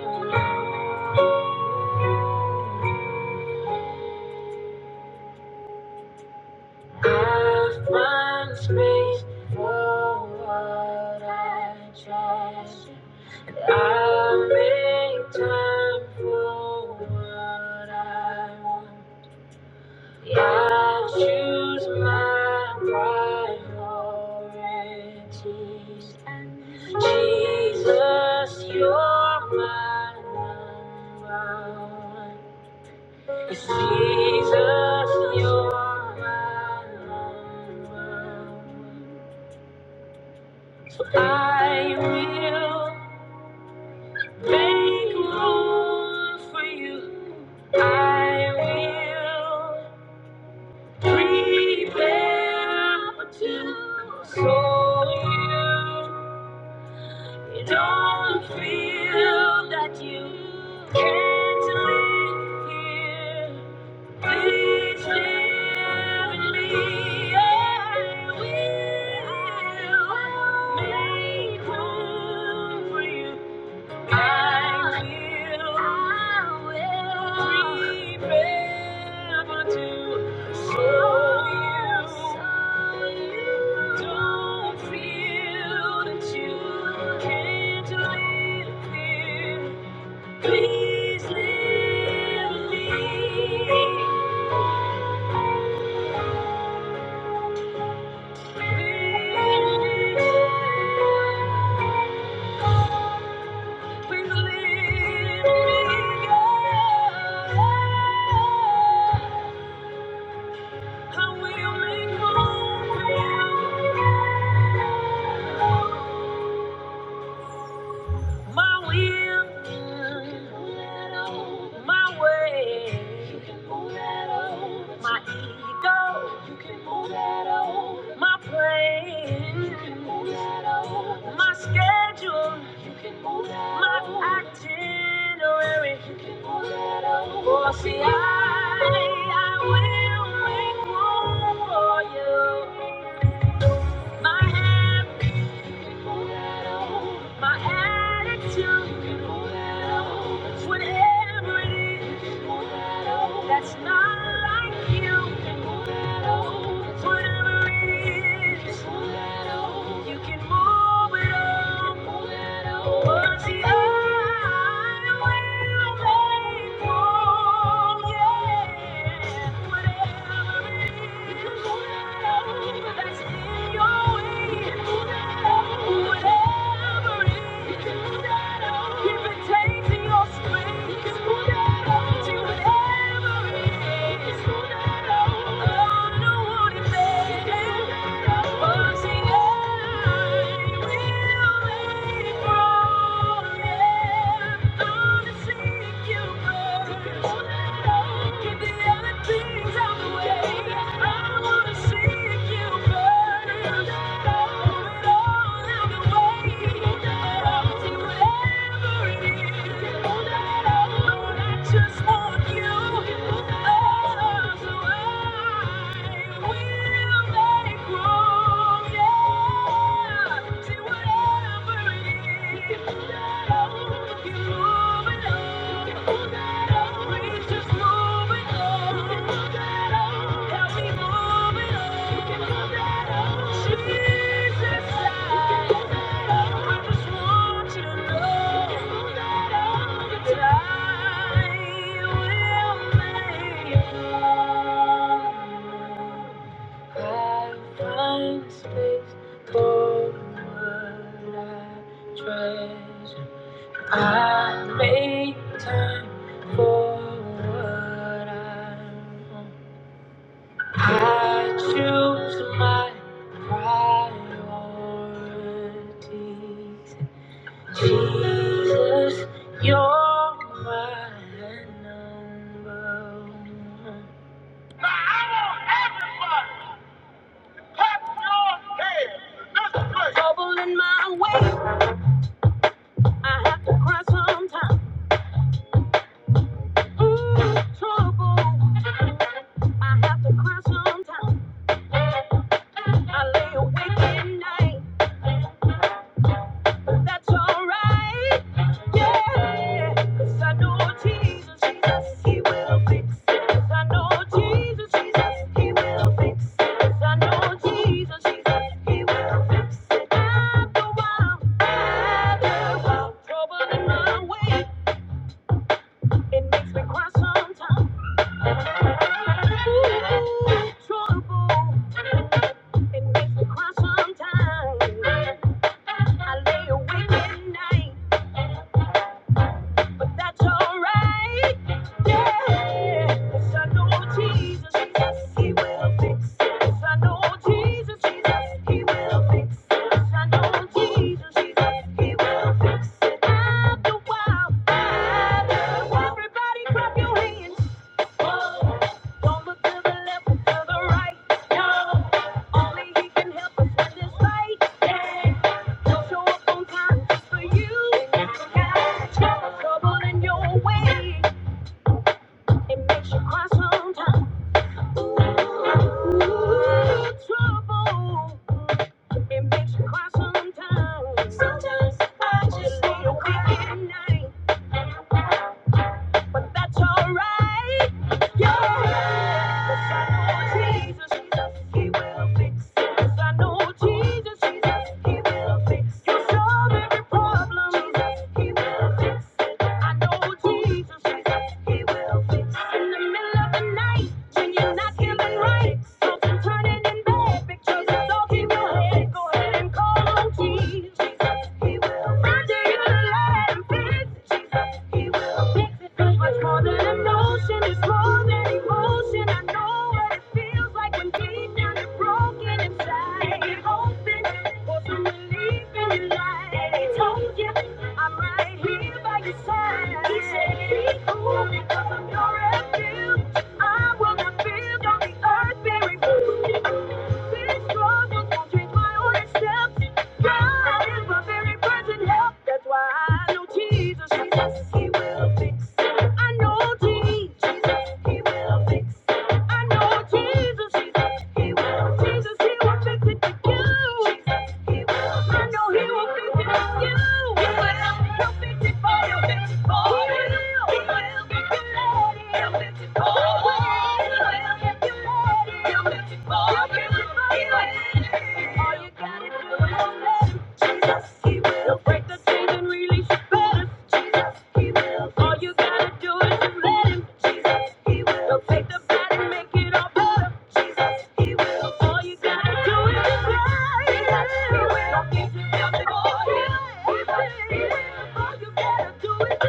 I find space for what I treasure. I make time for what I want. I choose my priorities. Jesus, you're my number one. It's Jesus, you're my Lord. So I will make room for you. I will prepare for two so you don't feel that you can't live here. Please live in me. I will make room for you. I will prepare to show you. Don't feel that you can't live here. Please live me. Please leave me. yeah. I will make room. my will, my way, my ego, my plans, my schedule, my itinerary. Oh, see, I, I will make room for you. My habits, my attitude, it's whatever it is that's not like you. Whatever it is, if it takes I wanna see you burn. Just want you. Oh, so I will make room. Yeah. See whatever. I will make it I find space for what I treasure. I make time for what I I should priority. Jesus, you're my number one. Ooh, Trouble, I have to cry sometimes. I lay awake at night. That's alright. Yeah. 'Cause I know Jesus, Jesus, He will fix it. 'Cause I know Jesus, Jesus, he will fix it. 'Cause I know Jesus, Jesus, he will fix it. After a while, after a while, the one. Trouble may cry sometimes. Ooh, trouble. It makes me cry sometimes. I live at night, but that's alright. Yes, I know Jesus, Jesus, He will fix this. I know Jesus, Jesus, He will fix this. I know Jesus, Jesus, He will fix it. After a while, after everybody clap your hands. Whoa. Don't look to the left or the right. No, only He can help us in this fight. Yeah. he show up on time for you. Got trouble in your way. It makes you cry sometimes. Ooh, trouble. It makes you cry sometimes. Sometimes I just want to cry at night. but that's alright. Yeah. 'Cause I know Jesus, Jesus, He will fix it. 'Cause I know Jesus, Jesus, He will fix it. He'll solve every problem. Jesus, He will fix it. I know Jesus, Jesus, He will fix it. In the middle of the night, when you're not feeling right, something turning in bad pictures, it's all He will fix. Go ahead and call on Jesus, Jesus, He will fix it. Under your light and fix it, Jesus, He will it's much more than emotion, it's more than emotion. I know what it feels like when deep down you're broken inside. And you're hoping for some relief in your life. And he told you, I'm right here by your side. He said, be cool because I'm your refuge. I will not fear, don't the earth be removed. These struggles won't change my own God is my very present help. That's why I know Jesus, Jesus, He will fix. it. I know Jesus, Jesus, He will fix. it. I know Jesus, Jesus, He will Jesus, He will fix it for you. Jesus, He will I know He will fix it for you. He will. He'll fix it for you. Take the bad and make it all better. Jesus, he will. All you gotta do is pray. Jesus, he will. Don't give yourself to God. He will. He will. All you gotta do is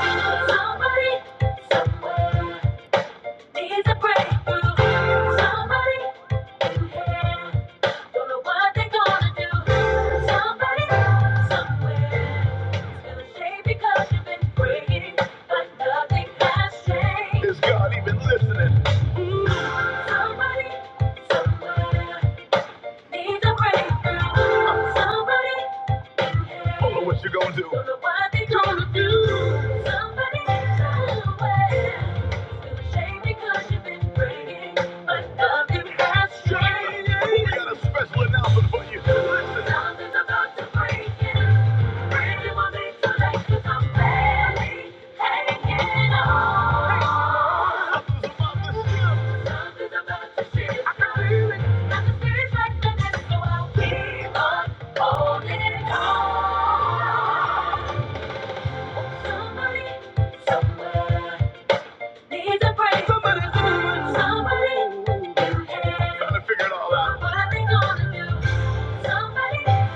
Somebody, somewhere needs a breakthrough. Somebody, yeah, don't know what they're gonna do. Somebody, somewhere is gonna because you've been praying, but nothing has changed. Is God even listening? Somebody, somewhere. Need a breakthrough. Somebody I don't know what you're gonna do. Don't know what they gonna do. Somebody, somewhere. Feel ashamed because you've been breaking, but nothing has changed. We got a special announcement for you. Listen. Something's about to break in. Somebody, somebody, trying to figure it all out. What are they gonna do? Keep on holding on.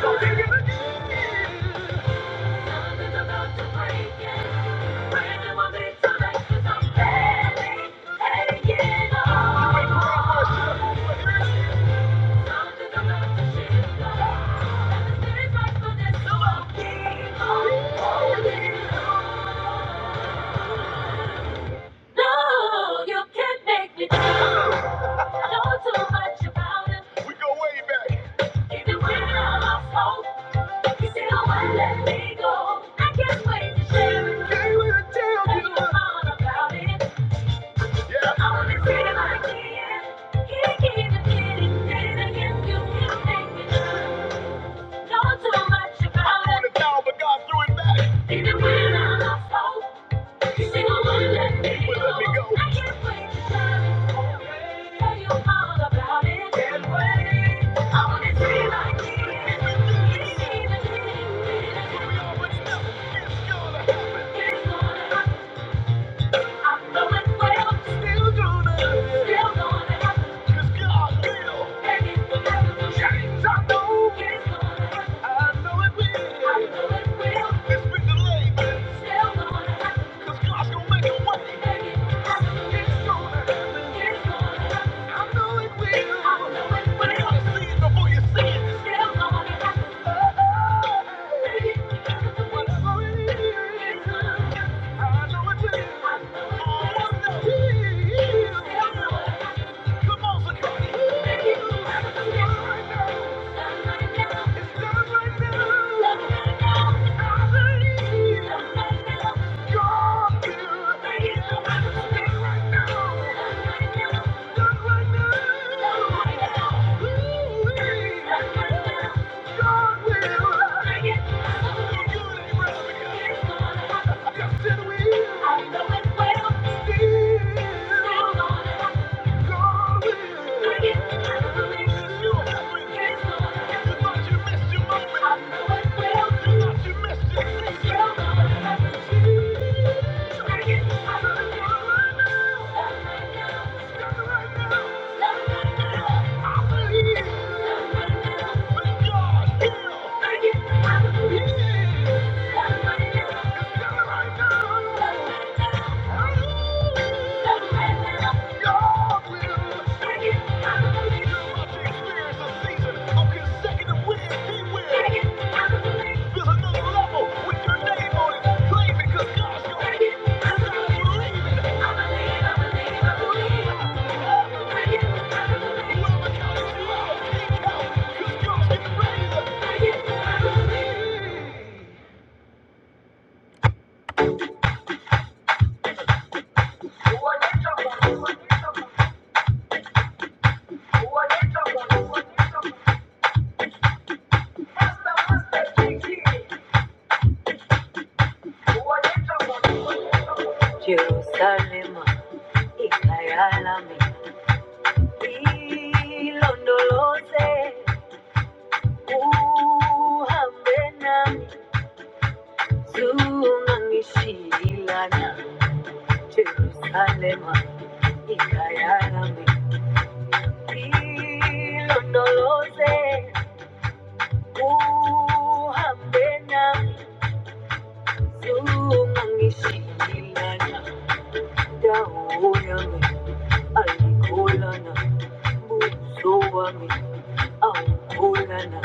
Something's about to break. yeah. No, you can't make me do. I know too much about it. We go way back. Even when I lost hope, you still won't let me go. I can't wait to share it. Can't wait to tell you. about it. I wanna feel like it. Can't keep it hidden. you can take me Know too much about it. Even when I lost hope, you still wouldn't let me go. I can't wait to tell it. Can't wait. I wanna feel like it. Can't keep it hidden. Days I guess you can take me down. I know it will. It's been delayed, but it's still gonna happen. It's done right now. It's done right now. I believe. Thank you. Thank you. Jerusalem, ikayalami, ilondoloze, uhambe nami, zungangishilana. Jerusalem, ikayalami, ilondoloze, uhambe nami, zungangishilana. Dawo yami, ayikulana, Sowami aukulana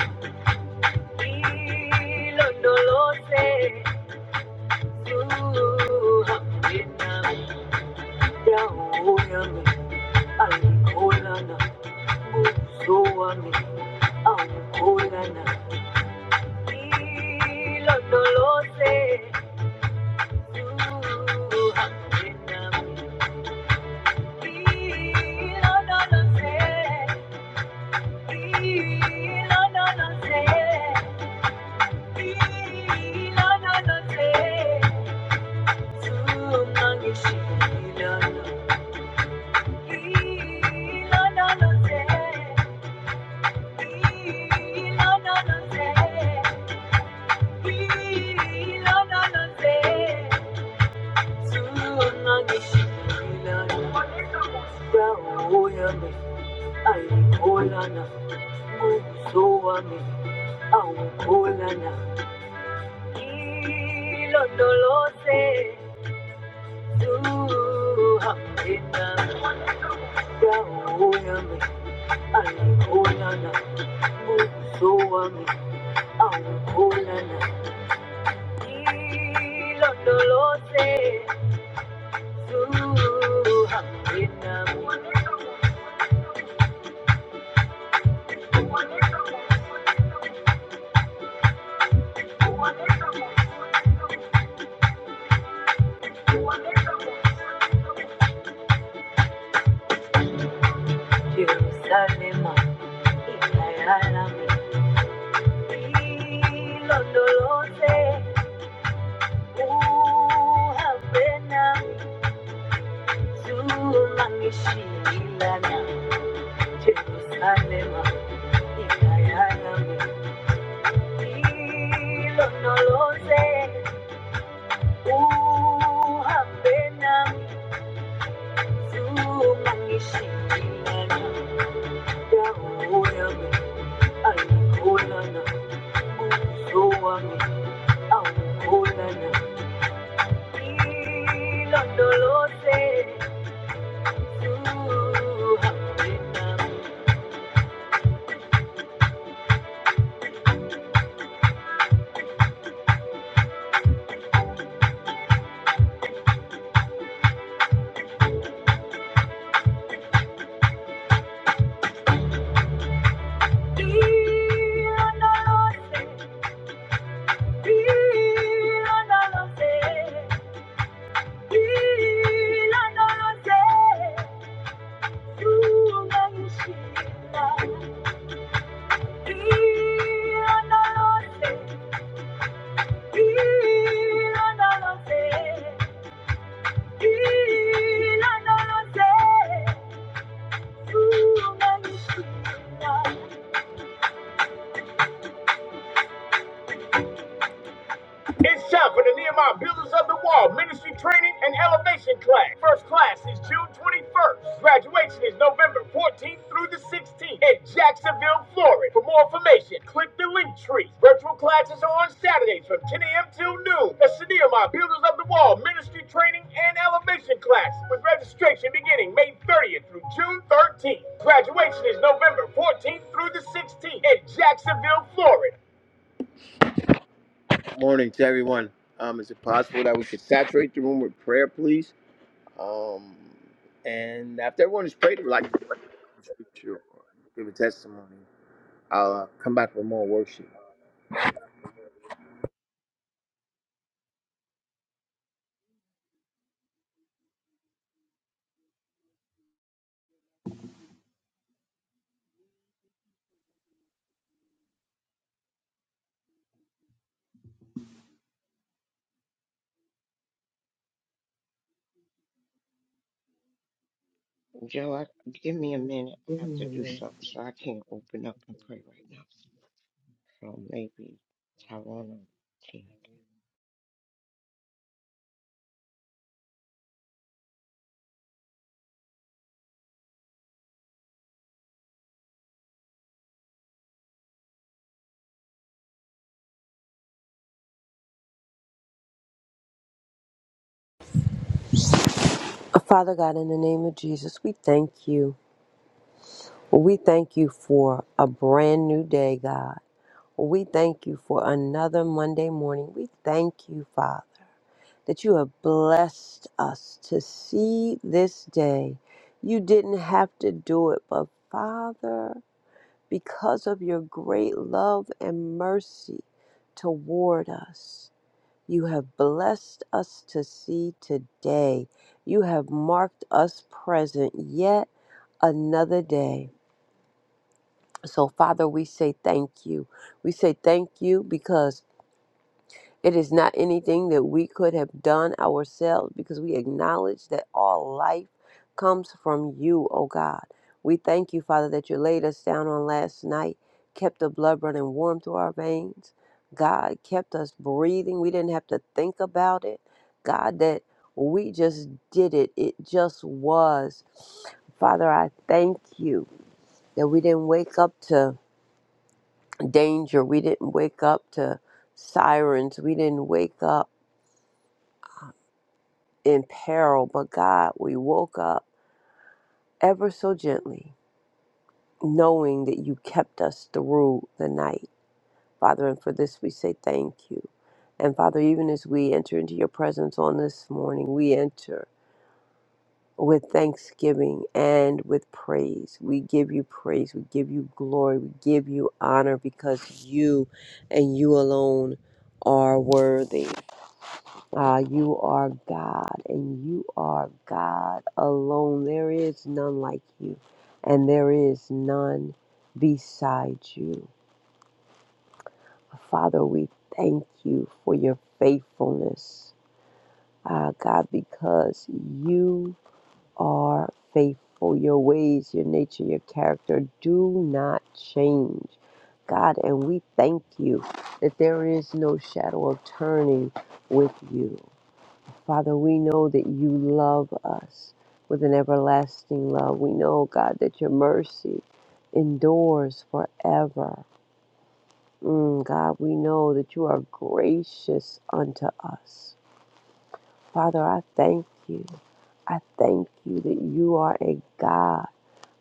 ilo nolose suha ina yaoyami alikulana sowami aukulana ilo nolose suha ina ilo nolose ilo nolose Ilondolose, tu hamdena Yaonami, alikonana, usoami, aukonana. Ilondolose, zuhambenami, Jerusalema, ikayalami. Ilondolose, uhambenami, zumangishilana, Jerusalema, ikayalami. Ilondolose, uhambena zuma ngishidinana yawuyami ayikholana ubuso wami awukholana ilondoloze zuhambena ilondoloze ilondoloze ilondoloze zuma ngishidinana Thank you. It's time for the Nehemiah Builders of the Wall Ministry Training and Elevation Class. First class is June 21st. Graduation is November 14th through the 16th in Jacksonville, Florida. For more information, click the link tree. Virtual classes are on Saturdays from 10 a.m. till noon. That's the Nehemiah Builders of the Wall Ministry Training and Elevation Class with registration beginning May 30th through June 13th. Graduation is November 14th through the 16th in Jacksonville, Florida. Morning to everyone. Um, is it possible that we could saturate the room with prayer, please? Um, and after everyone has prayed, we'd like to pray the scripture or give a testimony. I'll uh, come back with more worship. Joe, I, give me a minute. I have to do something, so I can't open up and pray right now. So maybe Tyrone can. Father God, in the name of Jesus, we thank you. We thank you for a brand new day, God. We thank you for another Monday morning. We thank you, Father, that you have blessed us to see this day. You didn't have to do it, but Father, because of your great love and mercy toward us, you have blessed us to see today. You have marked us present yet another day. So, Father, we say thank you. We say thank you because it is not anything that we could have done ourselves because we acknowledge that all life comes from you, O God. We thank you, Father, that you laid us down on last night, kept the blood running warm through our veins. God kept us breathing. We didn't have to think about it. God, that we just did it. It just was. Father, I thank you that we didn't wake up to danger. We didn't wake up to sirens. We didn't wake up in peril, but God, we woke up ever so gently, knowing that you kept us through the night. Father, and for this we say thank you. And Father, even as we enter into your presence on this morning, we enter with thanksgiving and with praise. We give you praise, we give you glory, we give you honor because you and you alone are worthy. Uh, you are God, and you are God alone. There is none like you, and there is none beside you. Father, we thank you for your faithfulness, uh, God, because you are faithful. Your ways, your nature, your character do not change, God, and we thank you that there is no shadow of turning with you. Father, we know that you love us with an everlasting love. We know, God, that your mercy endures forever. Mm, God, we know that you are gracious unto us. Father, I thank you. I thank you that you are a God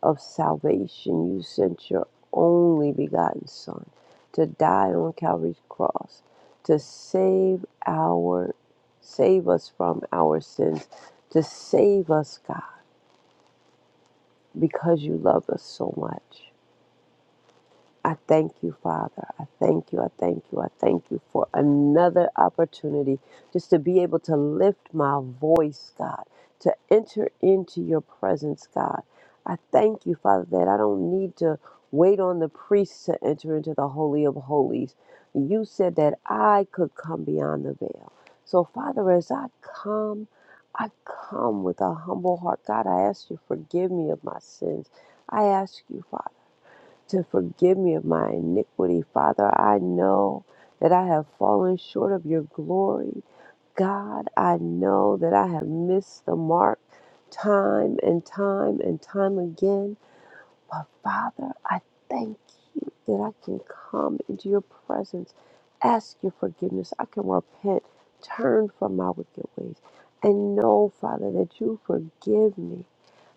of salvation. You sent your only begotten Son to die on Calvary's cross to save our save us from our sins, to save us, God, because you love us so much. I thank you, Father. I thank you. I thank you. I thank you for another opportunity just to be able to lift my voice, God, to enter into your presence, God. I thank you, Father, that I don't need to wait on the priests to enter into the Holy of Holies. You said that I could come beyond the veil. So, Father, as I come, I come with a humble heart. God, I ask you, forgive me of my sins. I ask you, Father to forgive me of my iniquity, Father. I know that I have fallen short of your glory. God, I know that I have missed the mark time and time and time again. But Father, I thank you that I can come into your presence, ask your forgiveness. I can repent, turn from my wicked ways, and know, Father, that you forgive me.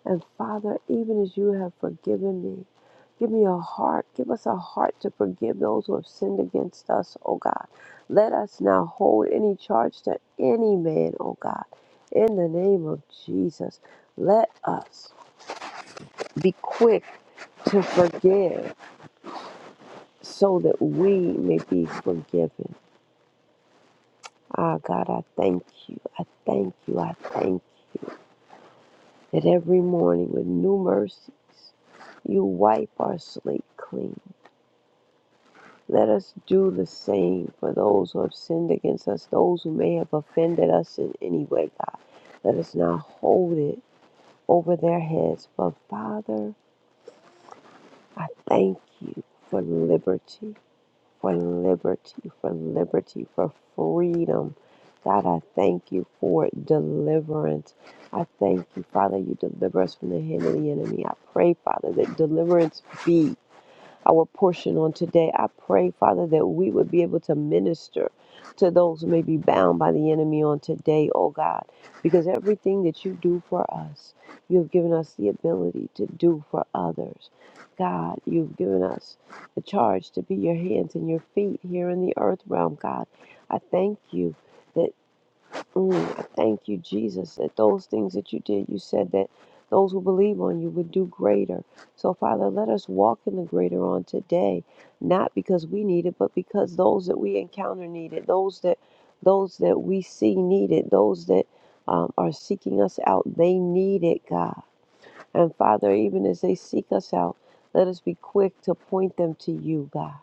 And Father, even as you have forgiven me, give me a heart, give us a heart to forgive those who have sinned against us, O God. Let us now hold any charge to any man, O God. In the name of Jesus, let us be quick to forgive so that we may be forgiven. Ah, God, I thank you. I thank you. I thank you that every morning with new mercies, you wipe our slate clean. Let us do the same for those who have sinned against us, those who may have offended us in any way, God. Let us not hold it over their heads. But Father, I thank you for liberty, for liberty, for liberty, for freedom. God, I thank you for deliverance. I thank you, Father, you deliver us from the hand of the enemy. I pray, Father, that deliverance be our portion on today. I pray, Father, that we would be able to minister to those who may be bound by the enemy on today, oh God, because everything that you do for us, you have given us the ability to do for others. God, you've given us the charge to be your hands and your feet here in the earth realm, God. I thank you. that. Mm, I thank you, Jesus, that those things that you did, you said that those who believe on you would do greater. So, Father, let us walk in the greater on today, not because we need it, but because those that we encounter need it, those that those that we see need it, those that um, are seeking us out, they need it, God. And Father, even as they seek us out, let us be quick to point them to you, God.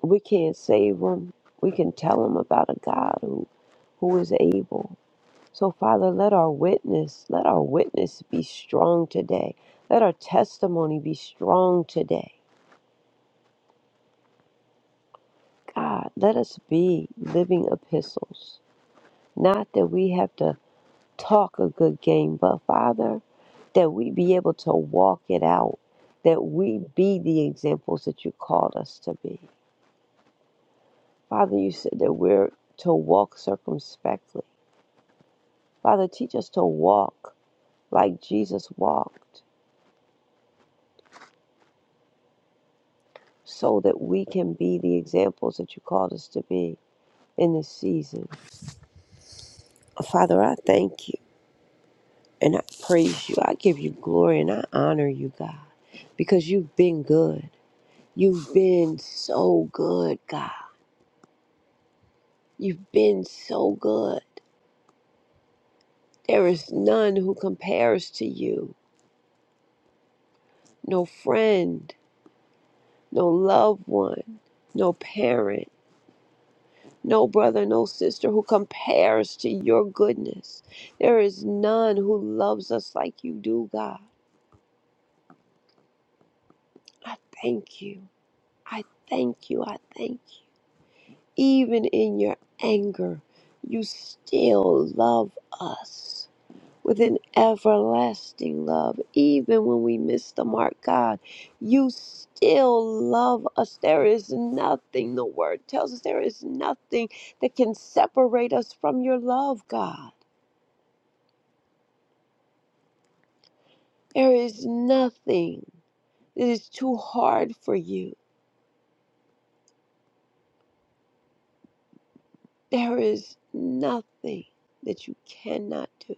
We can't save them. We can tell them about a God who who is able So, Father, let our witness, let our witness be strong today. Let our testimony be strong today. God, let us be living epistles. Not that we have to talk a good game, but Father, that we be able to walk it out, that we be the examples that you called us to be. Father, you said that we're to walk circumspectly. Father, teach us to walk like Jesus walked. so that we can be the examples that you called us to be in this season. Father, I thank you and I praise you. I give you glory and I honor you, God, because you've been good. You've been so good, God. You've been so good. There is none who compares to you. No friend, no loved one, no parent no brother, no sister who compares to your goodness. There is none who loves us like you do, God. I thank you. I thank you. I thank you. Even in your anger, you still love us with an everlasting love. Even when we miss the mark, God, you still love us. There is nothing, the word tells us, there is nothing that can separate us from your love, God. There is nothing that is too hard for you. There is nothing that you cannot do.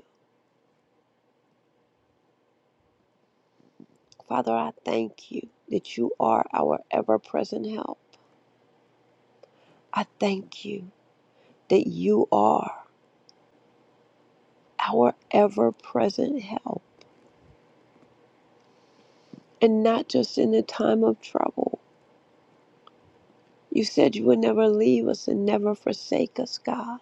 Father, I thank you that you are our ever present help. I thank you that you are our ever present help. And not just in the time of trouble. You said you would never leave us and never forsake us, God.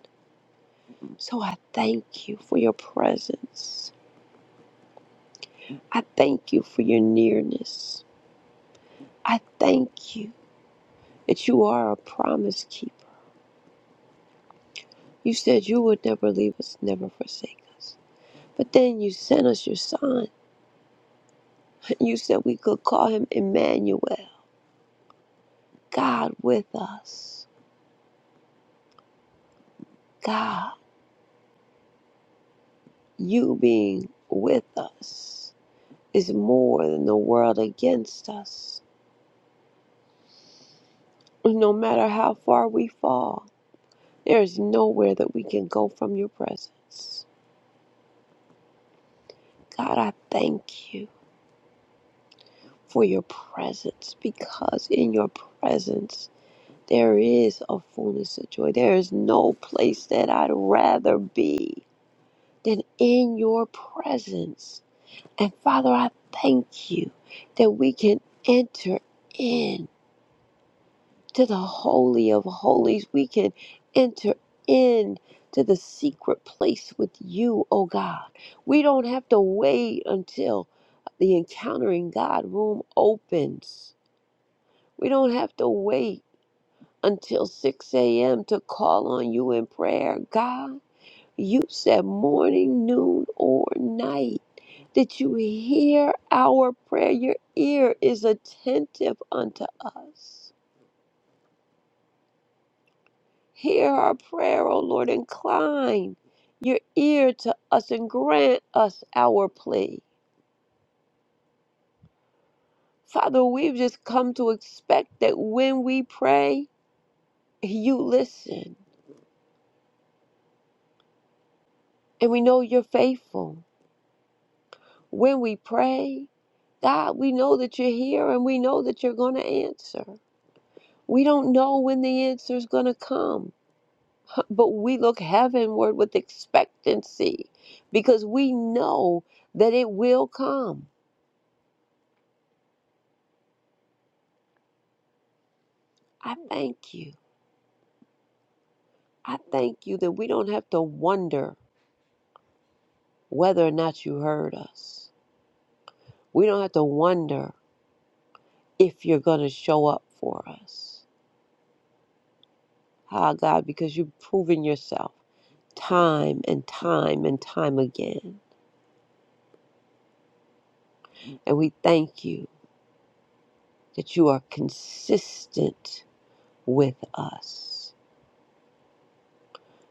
So I thank you for your presence. I thank you for your nearness. I thank you. that you are a promise keeper. You said you would never leave us, never forsake us. But then you sent us your son, [LAUGHS] and you said we could call him Emmanuel, God with us. God, you being with us is more than the world against us. No matter how far we fall, there is nowhere that we can go from your presence. God, I thank you for your presence because in your presence, There is a fullness of joy. There is no place that I'd rather be than in your presence. And Father, I thank you that we can enter in to the holy of holies. We can enter in to the secret place with you, oh God. We don't have to wait until the encountering God room opens. We don't have to wait until 6 a.m. to call on you in prayer. God, you said morning, noon, or night that you hear our prayer. Your ear is attentive unto us. Hear our prayer, O Lord. Incline your ear to us and grant us our plea. Father, we've just come to expect that when we pray, you listen. And we know you're faithful. When we pray, God, we know that you're here and we know that you're going to answer. We don't know when the answer is going to come, but we look heavenward with expectancy because we know that it will come. I thank you. I thank you that we don't have to wonder whether or not you heard us. We don't have to wonder if you're going to show up for us. Ah, God, because you've proven yourself time and time and time again. And we thank you that you are consistent with us.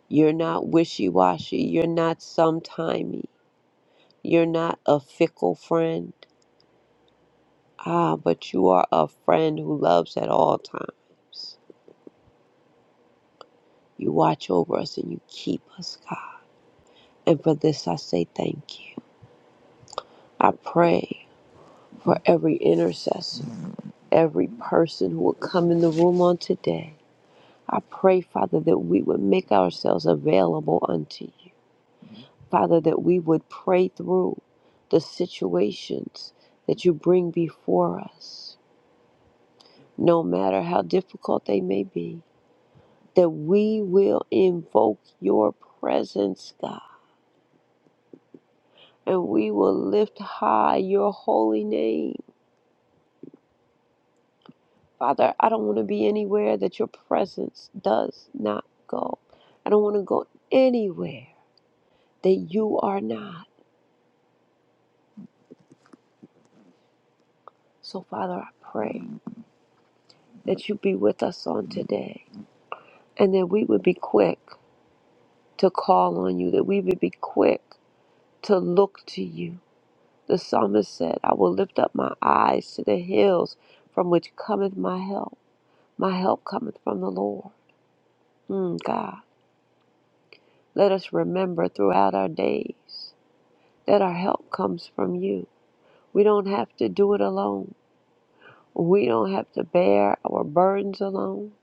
You're not wishy washy. You're not sometimey. You're not a fickle friend. Ah, but you are a friend who loves at all times. You watch over us and you keep us, God. And for this, I say thank you. I pray for every intercessor, every person who will come in the room on today. I pray, Father, that we would make ourselves available unto you. Father, that we would pray through the situations that you bring before us, no matter how difficult they may be, that we will invoke your presence, God, and we will lift high your holy name. Father, I don't want to be anywhere that your presence does not go. I don't want to go anywhere that you are not. So, Father, I pray that you be with us on today and that we would be quick to call on you, that we would be quick to look to you. The psalmist said, I will lift up my eyes to the hills from which cometh my help. My help cometh from the Lord. Mm, God, let us remember throughout our days that our help comes from you. We don't have to do it alone. We don't have to bear our burdens alone. [LAUGHS]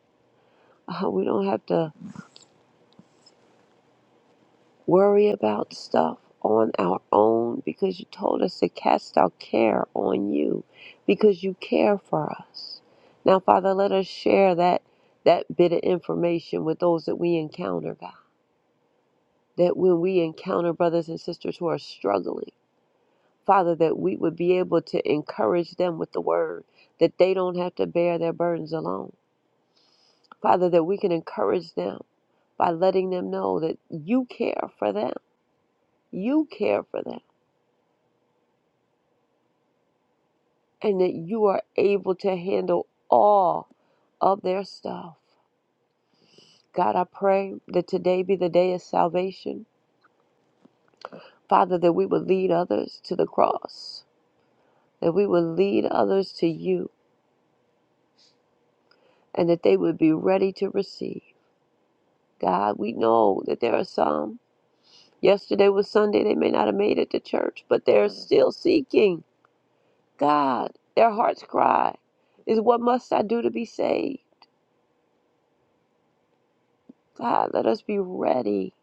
Uh, we don't have to worry about stuff on our own because you told us to cast our care on you because you care for us. Now, Father, let us share that that bit of information with those that we encounter, God. That when we encounter brothers and sisters who are struggling, Father, that we would be able to encourage them with the word, that they don't have to bear their burdens alone. Father, that we can encourage them by letting them know that you care for them. You care for them and that you are able to handle all of their stuff. God, I pray that today be the day of salvation. Father, that we would lead others to the cross, that we would lead others to you, and that they would be ready to receive. God, we know that there are some. Yesterday was Sunday, they may not have made it to church, but they're still seeking. God, their hearts cry is what must I do to be saved? God, let us be ready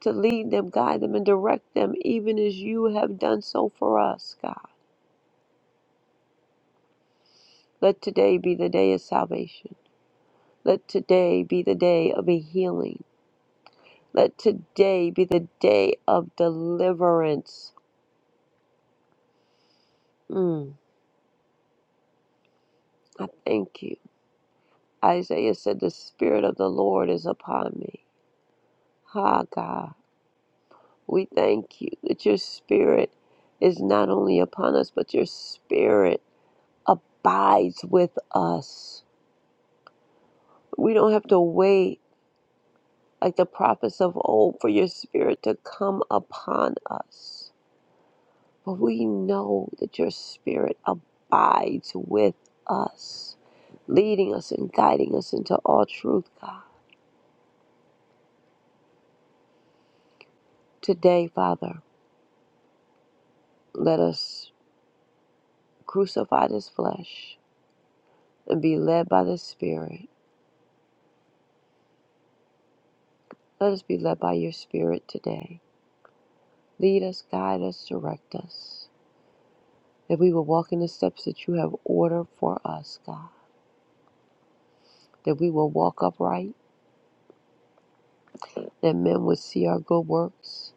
to lead them, guide them, and direct them, even as you have done so for us, God. Let today be the day of salvation. Let today be the day of a healing. Let today be the day of deliverance. Mm, I thank you. Isaiah said, The Spirit of the Lord is upon me. Ha, God. We thank you that your Spirit is not only upon us, but your Spirit abides with us. We don't have to wait like the prophets of old, for your spirit to come upon us. For we know that your spirit abides with us, leading us and guiding us into all truth, God. Today, Father, let us crucify this flesh and be led by the Spirit. Let us be led by your Spirit today. Lead us, guide us, direct us. That we will walk in the steps that you have ordered for us, God. That we will walk upright that men would see our good works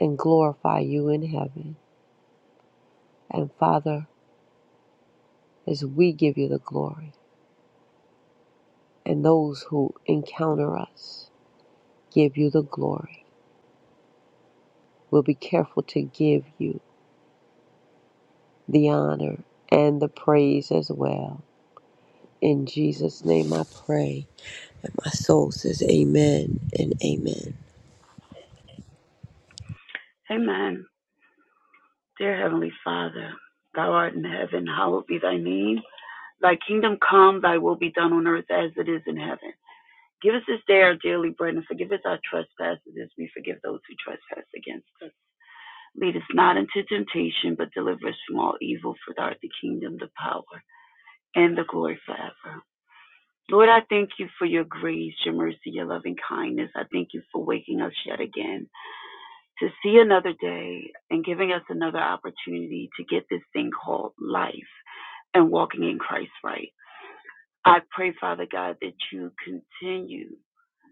and glorify you in heaven. And Father, as we give you the glory, and those who encounter us give you the glory, we'll be careful to give you the honor and the praise as well. In Jesus' name I pray. And my soul says, Amen and Amen. Amen. Dear Heavenly Father, thou art in heaven, hallowed be thy name. Thy kingdom come, thy will be done on earth as it is in heaven. Give us this day our daily bread and forgive us our trespasses as we forgive those who trespass against us. Lead us not into temptation, but deliver us from all evil. For thou art the kingdom, the power, and the glory forever. Lord, I thank you for your grace, your mercy, your loving kindness. I thank you for waking us yet again. to see another day and giving us another opportunity to get this thing called life and walking in Christ right. I pray, Father God, that you continue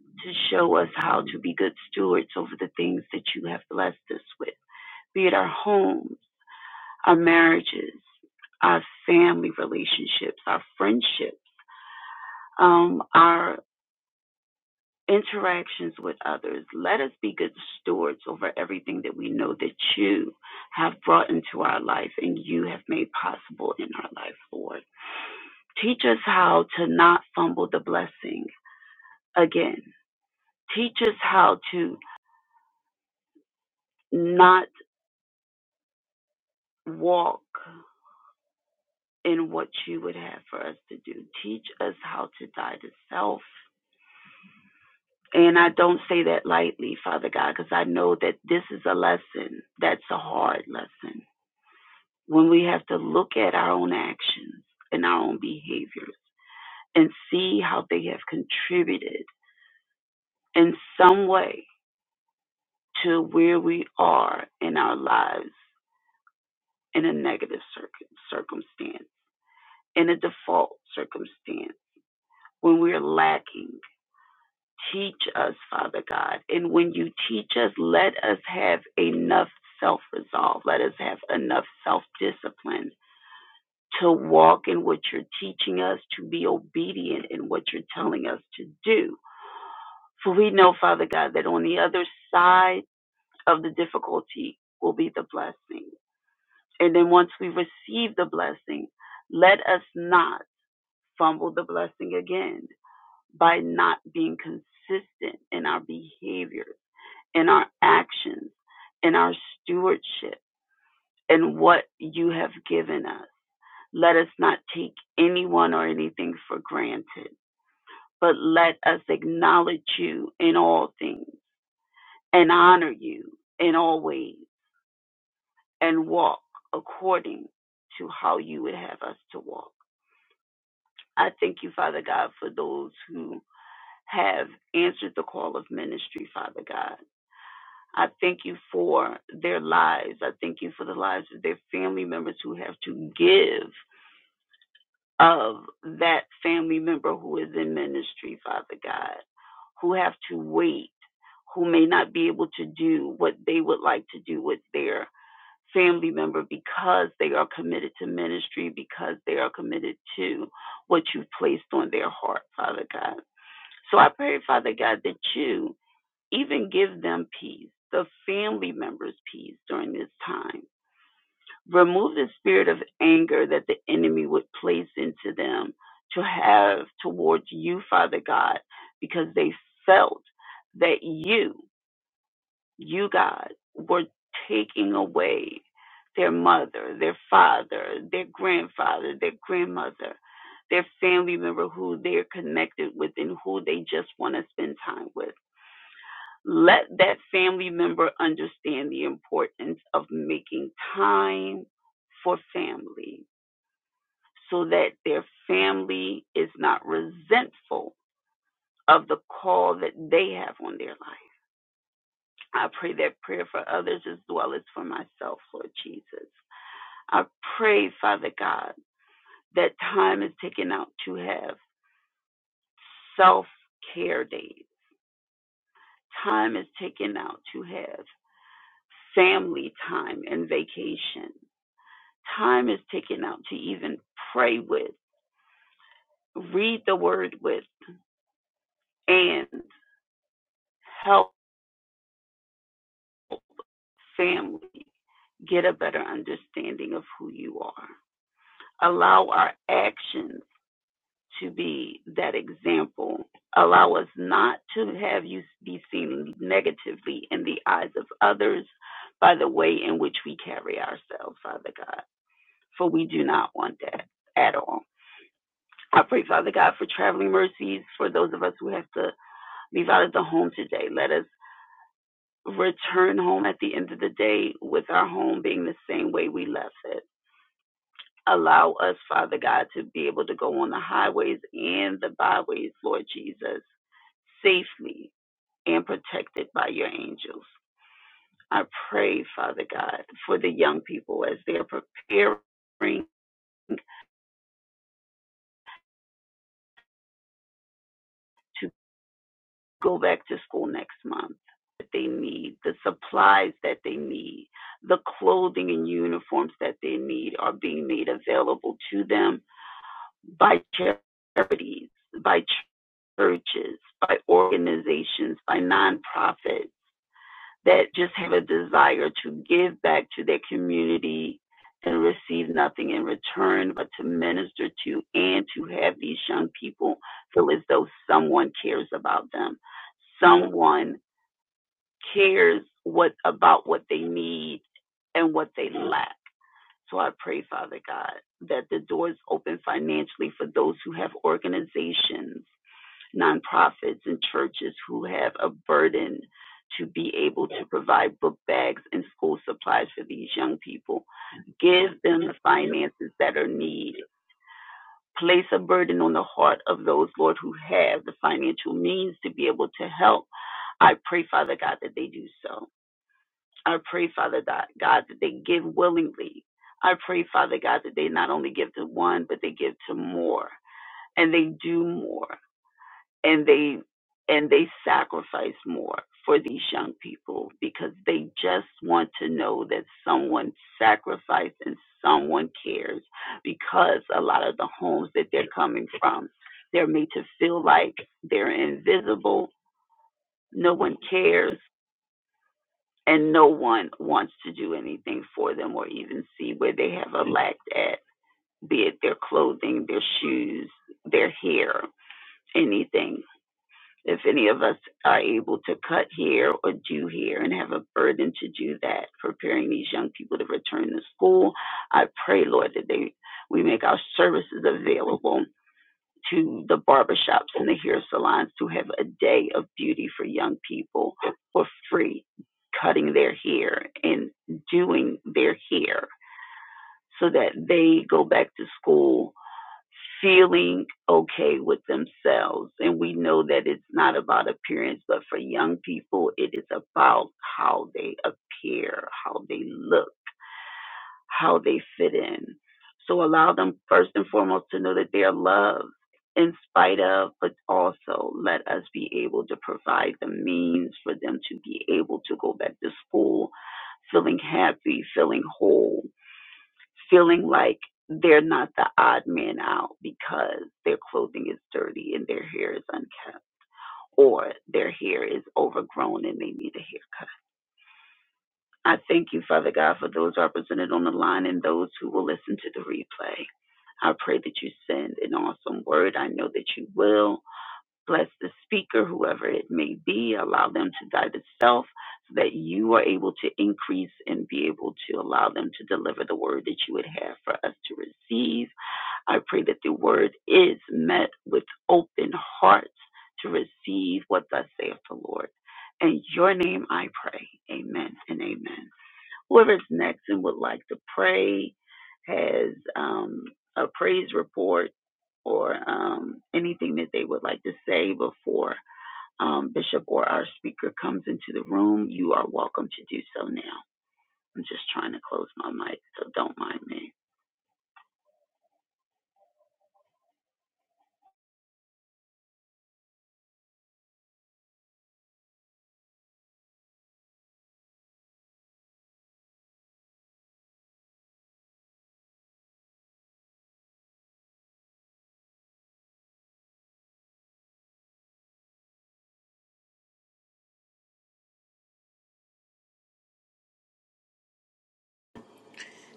to show us how to be good stewards over the things that you have blessed us with, be it our homes, our marriages, our family relationships, our friendships, um, our interactions with others. Let us be good stewards over everything that we know that you have brought into our life and you have made possible in our life, Lord. Teach us how to not fumble the blessing again. Teach us how to not walk in what you would have for us to do. Teach us how to die to self. And I don't say that lightly, Father God, because I know that this is a lesson that's a hard lesson when we have to look at our own actions and our own behaviors and see how they have contributed in some way to where we are in our lives in a negative cir- circumstance, in a default circumstance, when we're lacking. Teach us, Father God. And when you teach us, let us have enough self resolve. Let us have enough self discipline to walk in what you're teaching us, to be obedient in what you're telling us to do. For we know, Father God, that on the other side of the difficulty will be the blessing. And then once we receive the blessing, let us not fumble the blessing again by not being consistent in our behavior, in our actions, in our stewardship, in what you have given us. Let us not take anyone or anything for granted but let us acknowledge you in all things and honor you in all ways and walk according to how you would have us to walk. I thank you, Father God, for those who have answered the call of ministry, Father God. I thank you for their lives. I thank you for the lives of their family members who have to give. of that family member who is in ministry, Father God, who have to wait, who may not be able to do what they would like to do with their family member because they are committed to ministry, because they are committed to what you've placed on their heart, Father God. So I pray, Father God, that you even give them peace, the family members peace during this time remove the spirit of anger that the enemy would place into them to have towards you, Father God, because they felt that you, you God, were taking away their mother, their father, their grandfather, their grandmother, their family member who they're connected with and who they just want to spend time with. Let that family member understand the importance of making time for family so that their family is not resentful of the call that they have on their life. I pray that prayer for others as well as for myself, Lord Jesus. I pray, Father God, that time is taken out to have self care days. Time is taken out to have family time and vacation. Time is taken out to even pray with, read the word with, and help family. get a better understanding of who you are. Allow our actions to be that example. Allow us not to have you be seen negatively in the eyes of others by the way in which we carry ourselves, Father God, for we do not want that at all. I pray, Father God, for traveling mercies for those of us who have to leave out of the home today. Let us return home at the end of the day with our home being the same way we left it Allow us, Father God, to be able to go on the highways and the byways, Lord Jesus, safely and protected by your angels. I pray, Father God, for the young people as they are preparing to go back to school next month. That they need, the supplies that they need, the clothing and uniforms that they need are being made available to them by charities, by churches, by organizations, by nonprofits that just have a desire to give back to their community and receive nothing in return, but to minister to and to have these young people feel as though someone cares about them. Someone cares what about what they need and what they lack. So I pray, Father God, that the doors open financially for those who have organizations nonprofits and churches who have a burden to be able to provide book bags and school supplies for these young people. Give them the finances that are needed. Place a burden on the heart of those, Lord, who have the financial means to be able to help. I pray, Father God, that they do so. I pray, Father God, God, that they give willingly. I pray, Father God, that they not only give to one, but they give to more and they do more. and they and they sacrifice more for these young people because they just want to know that someone sacrificed and someone cares because a lot of the homes that they're coming from they're made to feel like they're invisible no one cares and no one wants to do anything for them or even see where they have a lack at be it their clothing their shoes their hair anything If any of us are able to cut here or do here and have a burden to do that, preparing these young people to return to school, I pray, Lord, that they we make our services available to the barbershops and the hair salons to have a day of beauty for young people for free, cutting their hair and doing their hair so that they go back to school feeling okay with themselves. And we know that it's not about appearance, but for young people, it is about how they appear, how they look, how they fit in. So allow them first and foremost to know that they are loved in spite of, but also let us be able to provide the means for them to be able to go back to school feeling happy, feeling whole feeling like they're not the odd man out because their clothing is dirty and their hair is unkempt or their hair is overgrown and they need a haircut. I thank you, Father God, for those represented on the line and those who will listen to the replay. I pray that you send an awesome word. I know that you will. Bless the speaker, whoever it may be. Allow them to die to self so that you are able to increase and be able to allow them to deliver the word that you would have for us to receive I pray that the word is met with open hearts to receive what thus saith the Lord. In your name I pray. Amen and amen. Whoever's next and would like to pray has um, a praise report or um, anything that they would like to say before um, Bishop or our speaker comes into the room, you are welcome to do so now. I'm just trying to close my mic, so don't mind me.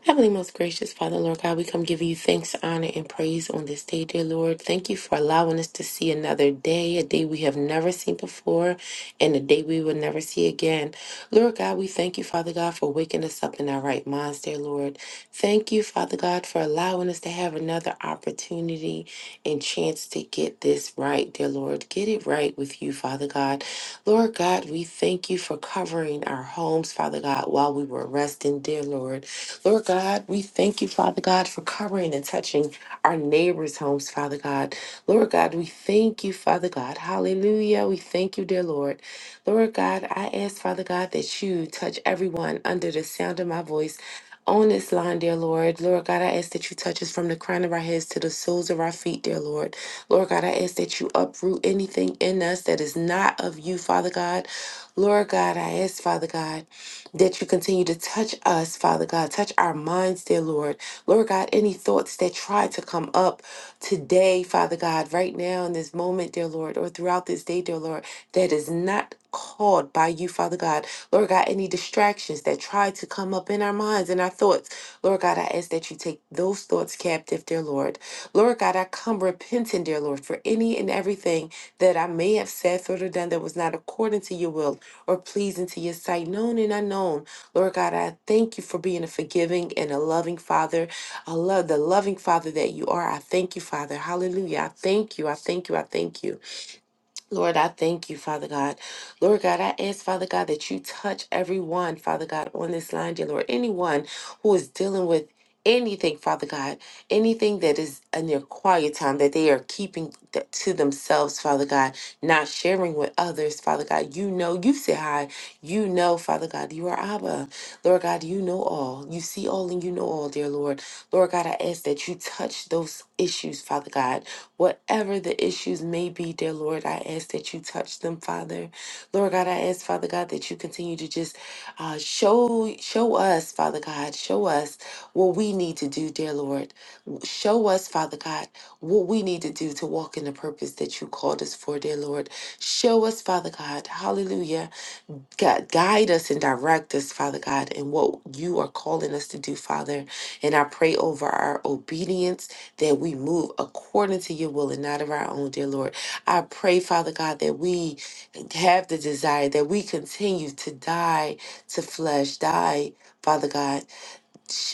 Heavenly, most gracious Father, Lord God, we come giving you thanks, honor, and praise on this day, dear Lord. Thank you for allowing us to see another day, a day we have never seen before, and a day we will never see again. Lord God, we thank you, Father God, for waking us up in our right minds, dear Lord. Thank you, Father God, for allowing us to have another opportunity and chance to get this right, dear Lord. Get it right with you, Father God. Lord God, we thank you for covering our homes, Father God, while we were resting, dear Lord. Lord God, we thank you, Father God, for covering and touching our neighbors' homes, Father God. Lord God, we thank you, Father God. Hallelujah. We thank you, dear Lord. Lord God, I ask, Father God, that you touch everyone under the sound of my voice. On this line, dear Lord, Lord God, I ask that you touch us from the crown of our heads to the soles of our feet, dear Lord. Lord God, I ask that you uproot anything in us that is not of you, Father God. Lord God, I ask, Father God that you continue to touch us, Father God. Touch our minds, dear Lord. Lord God, any thoughts that try to come up today, Father God, right now in this moment, dear Lord, or throughout this day, dear Lord, that is not called by you, Father God. Lord God, any distractions that try to come up in our minds and our thoughts, Lord God, I ask that you take those thoughts captive, dear Lord. Lord God, I come repenting, dear Lord, for any and everything that I may have said, thought, or done that was not according to your will or pleasing to your sight, known and unknown. Lord God, I thank you for being a forgiving and a loving Father. I love the loving Father that you are. I thank you, Father. Hallelujah. I thank you. I thank you. I thank you. Lord, I thank you, Father God. Lord God, I ask, Father God, that you touch everyone, Father God, on this line, dear Lord. Anyone who is dealing with anything, Father God, anything that is in their quiet time that they are keeping th- to themselves, Father God, not sharing with others, Father God. You know, you say hi. You know, Father God, you are Abba. Lord God, you know all. You see all and you know all, dear Lord. Lord God, I ask that you touch those issues, Father God. Whatever the issues may be, dear Lord, I ask that you touch them, Father. Lord God, I ask, Father God, that you continue to just uh, show show us, Father God, show us what we need to do, dear Lord. Show us, Father God, what we need to do to walk in the purpose that you called us for, dear Lord. Show us, Father God, hallelujah God, guide us and direct us, Father God, in what you are calling us to do, Father. And I pray over our obedience that we move according to your will and not of our own, dear Lord. I pray, Father God, that we have the desire that we continue to die to flesh, die, Father God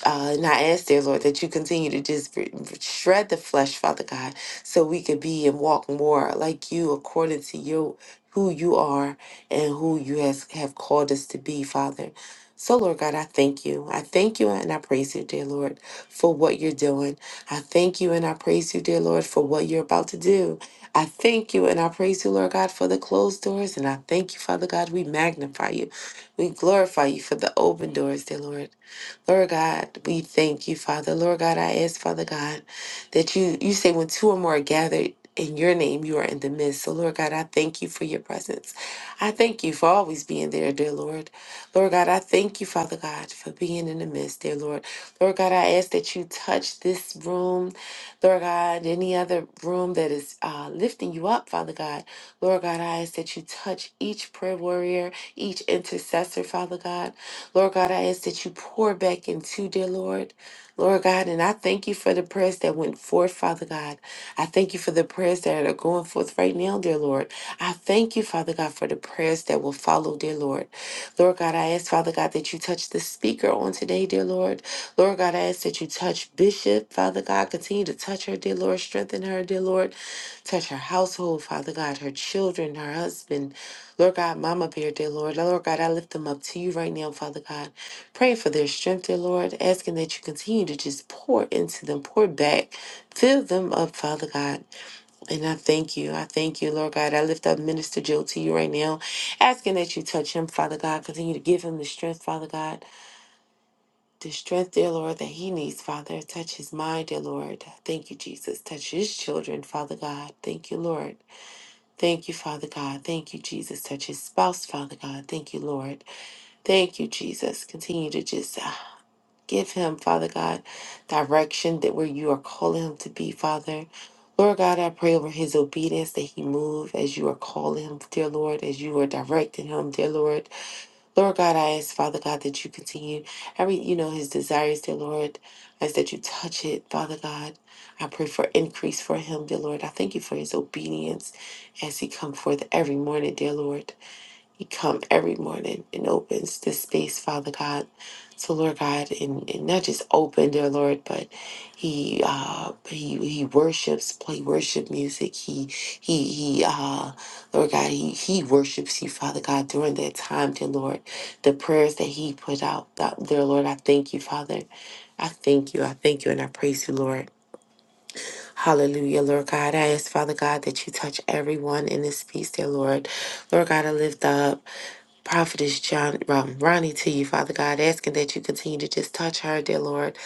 uh, and I ask, dear Lord, that you continue to just re- shred the flesh, Father God, so we could be and walk more like you according to your who you are and who you has have called us to be, Father. So, Lord God, I thank you. I thank you and I praise you, dear Lord, for what you're doing. I thank you and I praise you, dear Lord, for what you're about to do. I thank you and I praise you, Lord God, for the closed doors. And I thank you, Father God, we magnify you. We glorify you for the open doors, dear Lord. Lord God, we thank you, Father. Lord God, I ask, Father God, that you you say when two or more are gathered in your name, you are in the midst. So, Lord God, I thank you for your presence. I thank you for always being there, dear Lord. Lord God, I thank you, Father God, for being in the midst, dear Lord. Lord God, I ask that you touch this room, Lord God, any other room that is uh, lifting you up, Father God. Lord God, I ask that you touch each prayer warrior, each intercessor, Father God. Lord God, I ask that you pour back into, dear Lord. Lord God, and I thank you for the prayers that went forth, Father God. I thank you for the prayers that are going forth right now, dear Lord. I thank you, Father God, for the prayers that will follow, dear Lord. Lord God, I ask, Father God, that you touch the speaker on today, dear Lord. Lord God, I ask that you touch Bishop, Father God. Continue to touch her, dear Lord. Strengthen her, dear Lord. Touch her household, Father God, her children, her husband. Lord God, Mama Bear, dear Lord. Lord God, I lift them up to you right now, Father God. Pray for their strength, dear Lord, asking that you continue to just pour into them, pour back, fill them up, Father God. And I thank you. I thank you, Lord God. I lift up Minister Joe to you right now, asking that you touch him, Father God. Continue to give him the strength, Father God. The strength, dear Lord, that he needs, Father. Touch his mind, dear Lord. Thank you, Jesus. Touch his children, Father God. Thank you, Lord. Thank you, Father God. Thank you, Jesus. Touch his spouse, Father God. Thank you, Lord. Thank you, Jesus. Continue to just uh, give him, Father God, direction that where you are calling him to be, Father. Lord God, I pray over his obedience that he move as you are calling him, dear Lord, as you are directing him, dear Lord. Lord God, I ask, Father God, that you continue every, you know, his desires, dear Lord. I ask that you touch it, Father God. I pray for increase for him, dear Lord. I thank you for his obedience as he come forth every morning, dear Lord. He come every morning and opens this space, Father God. So Lord God, and, and not just open, dear Lord, but he uh he he worships, play worship music. He he he uh Lord God, he he worships you, Father God, during that time, dear Lord. The prayers that he put out, that, dear Lord, I thank you, Father. I thank you. I thank you and I praise you, Lord. Hallelujah, Lord God. I ask, Father God, that you touch everyone in this piece, dear Lord. Lord God, I lift up. Prophetess John, um, Ronnie to you, Father God, asking that you continue to just touch her, dear Lord.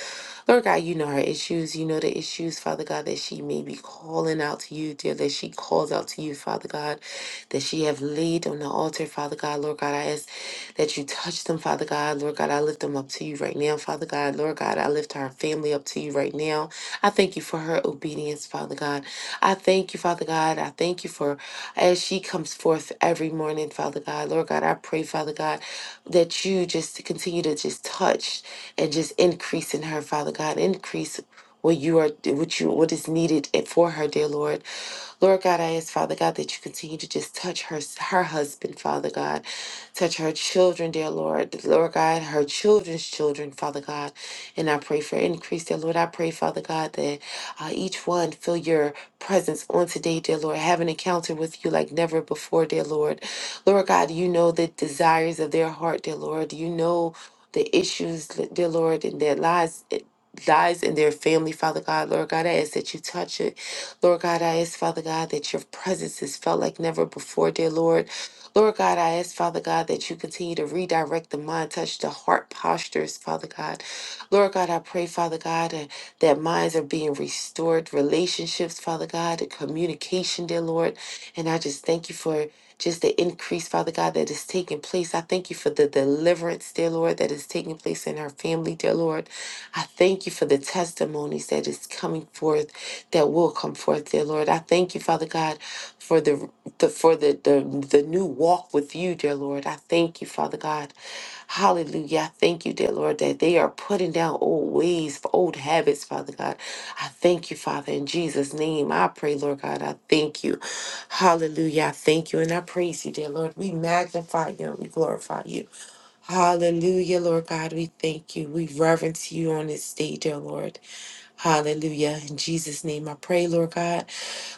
Lord God, you know her issues. You know the issues, Father God, that she may be calling out to you, dear, that she calls out to you, Father God, that she have laid on the altar, Father God. Lord God, I ask that you touch them, Father God. Lord God, I lift them up to you right now, Father God. Lord God, I lift her family up to you right now. I thank you for her obedience, Father God. I thank you, Father God. I thank you for as she comes forth every morning, Father God. Lord God, I pray, Father God, that you just continue to just touch and just increase in her, Father God. Increase what you are what you what is needed for her, dear Lord. Lord God, I ask, Father God, that you continue to just touch her, her husband, Father God. Touch her children, dear Lord. Lord God, her children's children, Father God. And I pray for increase, dear Lord. I pray, Father God, that uh, each one feel your presence on today, dear Lord. Have an encounter with you like never before, dear Lord. Lord God, you know the desires of their heart, dear Lord. You know the issues, dear Lord, in their lives. Lives in their family, Father God, Lord God, I ask that you touch it Lord God, I ask, Father God, that your presence is felt like never before, dear Lord. Lord God, I ask, Father God, that you continue to redirect the mind, touch the heart postures, Father God. Lord God, I pray, Father God, uh, that minds are being restored, relationships, Father God, and communication, dear Lord. And I just thank you for just the increase, Father God, that is taking place. I thank you for the deliverance, dear Lord, that is taking place in our family, dear Lord. I thank you for the testimonies that is coming forth that will come forth, dear Lord. I thank you, Father God, for the, the for the, the the new walk with you, dear Lord. I thank you, Father God. Hallelujah. I thank you, dear Lord, that they are putting down old ways, old habits, Father God. I thank you, Father, in Jesus' name. I pray, Lord God. I thank you. Hallelujah. I thank you and I praise you, dear Lord. We magnify you and we glorify you. Hallelujah, Lord God. We thank you. We reverence you on this day, dear Lord. Hallelujah. In Jesus' name I pray, Lord God.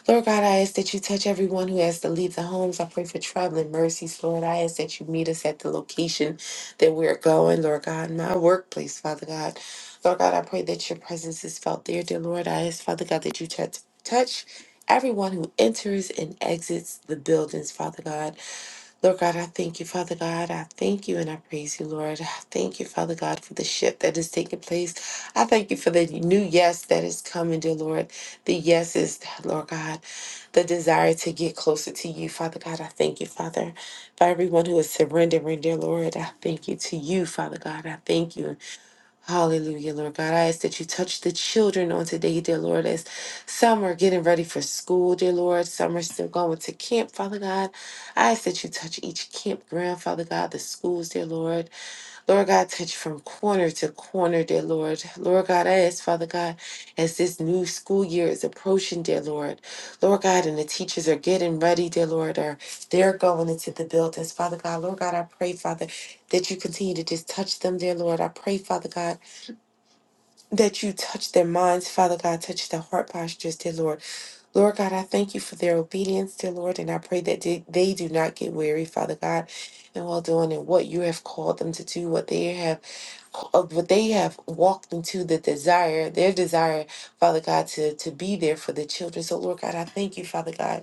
Lord God, I ask that you touch everyone who has to leave the homes. I pray for traveling mercies, Lord. I ask that you meet us at the location that we're going, Lord God, my workplace, Father God. Lord God, I pray that your presence is felt there, dear Lord. I ask, Father God, that you touch touch everyone who enters and exits the buildings, Father God. Lord God, I thank you, Father God. I thank you and I praise you, Lord. I thank you, Father God, for the shift that is taking place. I thank you for the new yes that is coming, dear Lord. The yes is, Lord God, the desire to get closer to you, Father God. I thank you, Father, for everyone who is surrendering, dear Lord. I thank you to you, Father God. I thank you. Hallelujah, Lord God. I ask that you touch the children on today, dear Lord, as some are getting ready for school, dear Lord. Some are still going to camp, Father God. I ask that you touch each campground, Father God, the schools, dear Lord. Lord God, touch from corner to corner, dear Lord. Lord God, I ask, Father God, as this new school year is approaching, dear Lord. Lord God, and the teachers are getting ready, dear Lord, or they're going into the buildings, Father God. Lord God, I pray, Father, that you continue to just touch them, dear Lord. I pray, Father God that you touch their minds, Father God, touch their heart postures, dear Lord. Lord God, I thank you for their obedience, dear Lord, and I pray that they they do not get weary, Father God, and well doing and what you have called them to do, what they have, of what they have walked into the desire, their desire, Father God, to to be there for the children. So, Lord God, I thank you, Father God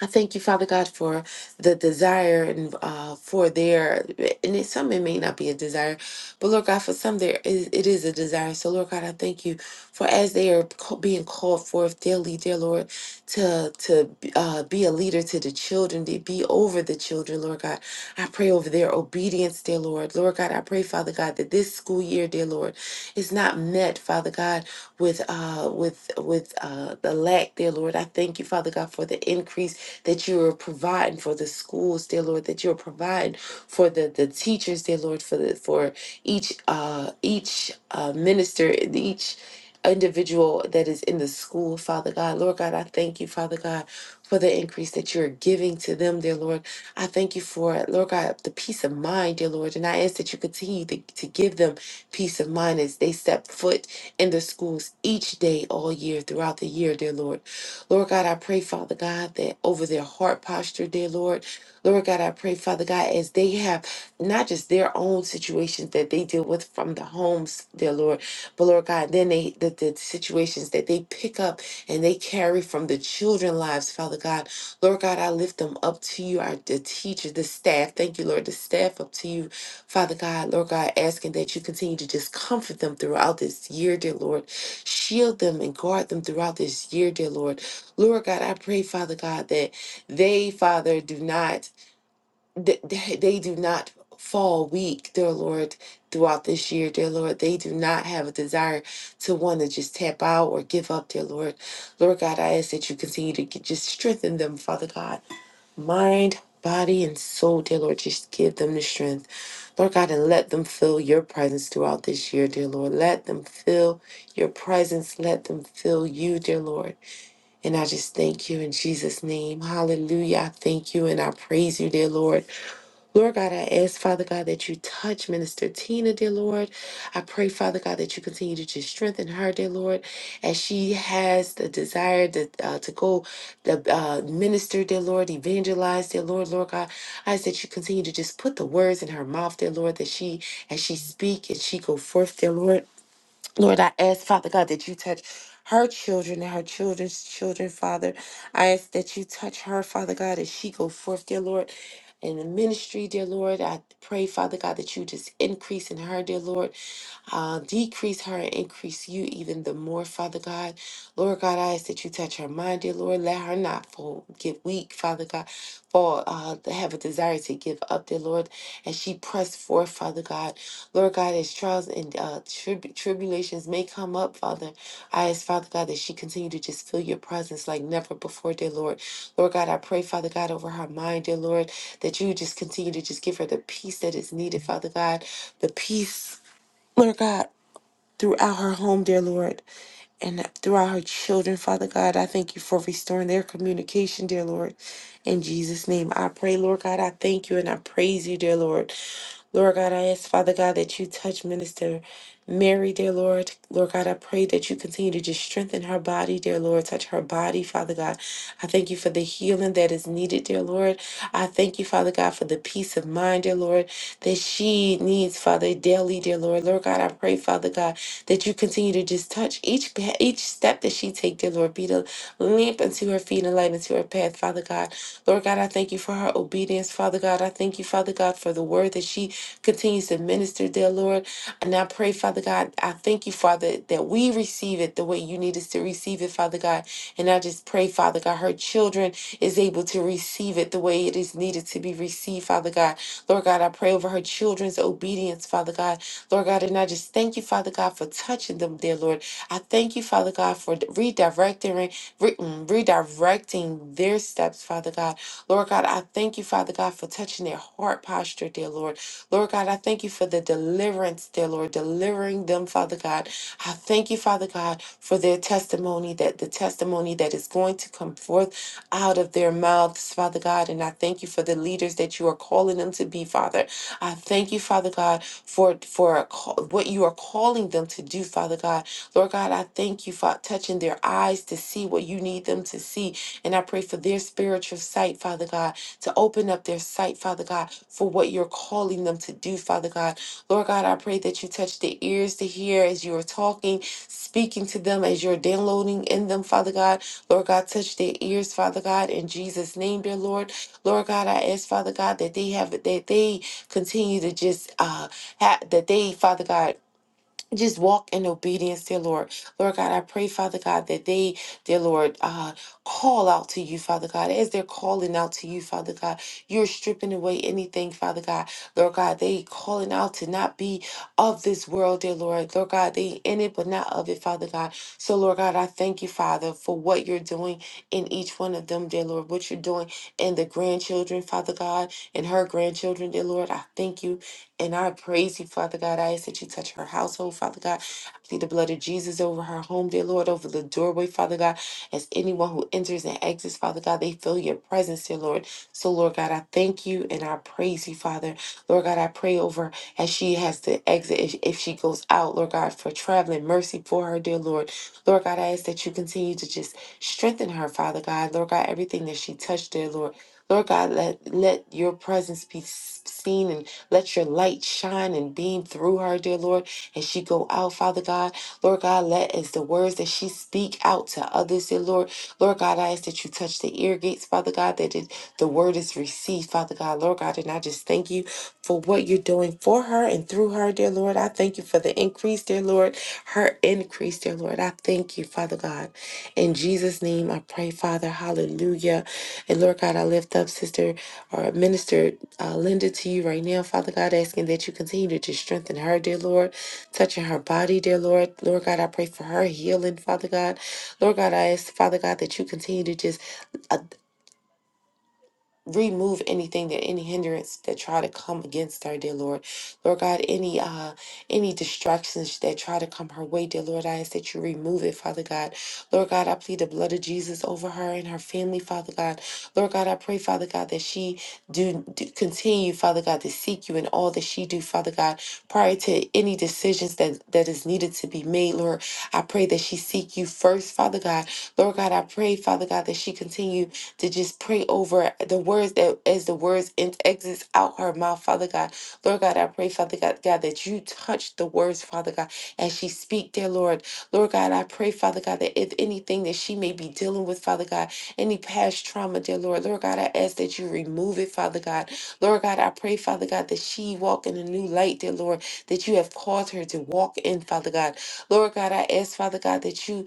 I thank you, Father God, for the desire and uh, for their, and it, some it may not be a desire, but Lord God, for some there is, it is a desire. So Lord God, I thank you for as they are ca- being called forth daily, dear Lord, to to uh, be a leader to the children, to be over the children, Lord God. I pray over their obedience, dear Lord. Lord God, I pray, Father God, that this school year, dear Lord, is not met, Father God, with uh with with uh the lack, dear Lord. I thank you, Father God, for the increase that you are providing for the schools, dear Lord, that you're providing for the, the teachers, dear Lord, for the for each uh each uh minister, each individual that is in the school, Father God. Lord God, I thank you, Father God, for the increase that you're giving to them, dear Lord. I thank you for Lord God, the peace of mind, dear Lord. And I ask that you continue to, to give them peace of mind as they step foot in the schools each day, all year, throughout the year, dear Lord. Lord God, I pray, Father God, that over their heart posture, dear Lord. Lord God, I pray, Father God, as they have not just their own situations that they deal with from the homes, dear Lord, but Lord God, then they the, the situations that they pick up and they carry from the children lives, Father God. Lord God, I lift them up to you, our the teachers, the staff. Thank you, Lord, the staff up to you, Father God. Lord God, asking that you continue to just comfort them throughout this year, dear Lord. Shield them and guard them throughout this year, dear Lord. Lord God, I pray, Father God, that they, Father, do not, that they do not fall weak, dear Lord, throughout this year, dear Lord. They do not have a desire to want to just tap out or give up, dear Lord. Lord God, I ask that you continue to get, just strengthen them, Father God, mind, body, and soul, dear Lord. Just give them the strength, Lord God, and let them feel your presence throughout this year, dear Lord. Let them feel your presence. Let them feel you, dear Lord. And I just thank you in Jesus' name. Hallelujah. I thank you and I praise you, dear Lord. Lord God, I ask, Father God, that you touch Minister Tina, dear Lord. I pray, Father God, that you continue to just strengthen her, dear Lord, as she has the desire to, uh, to go the uh, minister, dear Lord, evangelize, dear Lord, Lord God. I ask that you continue to just put the words in her mouth, dear Lord, that she, as she speak and she go forth, dear Lord. Lord, I ask, Father God, that you touch her children and her children's children, Father. I ask that you touch her, Father God, as she go forth, dear Lord, in the ministry, dear Lord. I pray, Father God, that you just increase in her, dear Lord. Uh, decrease her and increase you even the more, Father God. Lord God, I ask that you touch her mind, dear Lord. Let her not fall, get weak, Father God, fall, uh, to have a desire to give up, dear Lord. And she press forth, Father God. Lord God, as trials and uh, tribu- tribulations may come up, Father, I ask, Father God, that she continue to just feel your presence like never before, dear Lord. Lord God, I pray, Father God, over her mind, dear Lord, that you just continue to just give her the peace that is needed, Father God, the peace, Lord God throughout her home, dear Lord, and throughout her children, Father God. I thank you for restoring their communication, dear Lord. In Jesus' name, I pray, Lord God, I thank you and I praise you, dear Lord. Lord God, I ask, Father God, that you touch Minister Mary, dear Lord. Lord God, I pray that you continue to just strengthen her body, dear Lord. Touch her body, Father God. I thank you for the healing that is needed, dear Lord. I thank you, Father God, for the peace of mind, dear Lord, that she needs, Father, daily, dear Lord. Lord God, I pray, Father God that you continue to just touch each pa- each step that she take, dear Lord, be the lamp unto her feet and a light unto her path, Father God. Lord God, I thank you for her obedience, Father God. I thank you, Father God, for the word that she continues to minister, dear Lord. And I pray, Father God, I thank you, Father, that we receive it the way you need us to receive it, Father God. And I just pray, Father God, her children is able to receive it the way it is needed to be received, Father God. Lord God, I pray over her children's obedience, Father God. Lord God, and I just thank you, Father God, for touching them, dear Lord. I thank you, Father God, for redirecting, re- mm, redirecting their steps, Father God. Lord God, I thank you, Father God, for touching their heart posture, dear Lord. Lord God, I thank you for the deliverance, dear Lord, delivering them, Father God. I thank you, Father God, for their testimony, that the testimony that is going to come forth out of their mouths, Father God. And I thank you for the leaders that you are calling them to be, Father. I thank you, Father God, for for a call, what you are calling them to do, Father God. Lord God, I thank you for touching their eyes to see what you need them to see. And I pray for their spiritual sight, Father God, to open up their sight, Father God, for what you're calling them to do, Father God. Lord God, I pray that you touch their ears to hear as you are talking, speaking to them, as you're downloading in them, Father God. Lord God, touch their ears, Father God, in Jesus' name, dear Lord. Lord God, I ask, Father God, that they have that they continue to just uh ha- that they, Father God, just walk in obedience, dear Lord. Lord God, I pray, Father God, that they, dear Lord, uh, call out to you, Father God. As they're calling out to you, Father God, you're stripping away anything, Father God. Lord God, they calling out to not be of this world, dear Lord. Lord God, they in it, but not of it, Father God. So, Lord God, I thank you, Father, for what you're doing in each one of them, dear Lord, what you're doing in the grandchildren, Father God, and her grandchildren, dear Lord. I thank you. And I praise you, Father God. I ask that you touch her household, Father God. I plead the blood of Jesus over her home, dear Lord, over the doorway, Father God. As anyone who enters and exits, Father God, they feel your presence, dear Lord. So, Lord God, I thank you and I praise you, Father. Lord God, I pray over as she has to exit, if, if she goes out, Lord God, for traveling mercy for her, dear Lord. Lord God, I ask that you continue to just strengthen her, Father God. Lord God, everything that she touched, dear Lord. Lord God, let, let your presence be s- seen and let your light shine and beam through her, dear Lord, and she go out, Father God. Lord God, let as the words that she speak out to others, dear Lord. Lord God, I ask that you touch the ear gates, Father God, that it, the word is received, Father God. Lord God, and I just thank you for what you're doing for her and through her, dear Lord. I thank you for the increase, dear Lord, her increase, dear Lord. I thank you, Father God. In Jesus' name, I pray, Father. Hallelujah. And Lord God, I lift up Sister or Minister uh, Linda to you right now, Father God, asking that you continue to just strengthen her, dear Lord, touching her body, dear Lord. Lord God, I pray for her healing, Father God. Lord God, I ask, Father God, that you continue to just uh, remove anything that any hindrance that try to come against her dear lord lord god any uh any distractions that try to come her way dear lord i ask that you remove it father god lord god i plead the blood of jesus over her and her family father god lord god i pray father god that she do, do continue father god to seek you in all that she do father god prior to any decisions that that is needed to be made lord i pray that she seek you first father god lord god i pray father god that she continue to just pray over the words that as the words in- exits out her mouth, Father God. Lord God, I pray, Father God, God, that you touch the words, Father God, as she speak, dear Lord. Lord God, I pray, Father God, that if anything that she may be dealing with, Father God, any past trauma, dear Lord, Lord God, I ask that you remove it, Father God. Lord God, I pray, Father God, that she walk in a new light, dear Lord, that you have caused her to walk in, Father God. Lord God, I ask, Father God, that you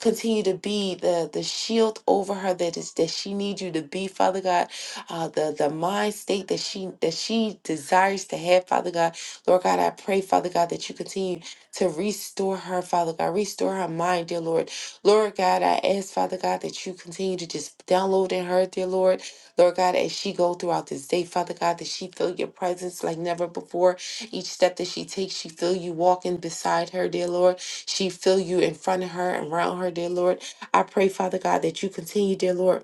continue to be the the shield over her that is that she needs you to be father god uh the the mind state that she that she desires to have father god lord god i pray father god that you continue to restore her father god restore her mind dear lord lord god i ask father god that you continue to just download in her dear lord lord god as she go throughout this day father god that she feel your presence like never before each step that she takes, she feel you walking beside her, dear Lord. She feel you in front of her, and around her, dear Lord. I pray, Father God, that you continue, dear Lord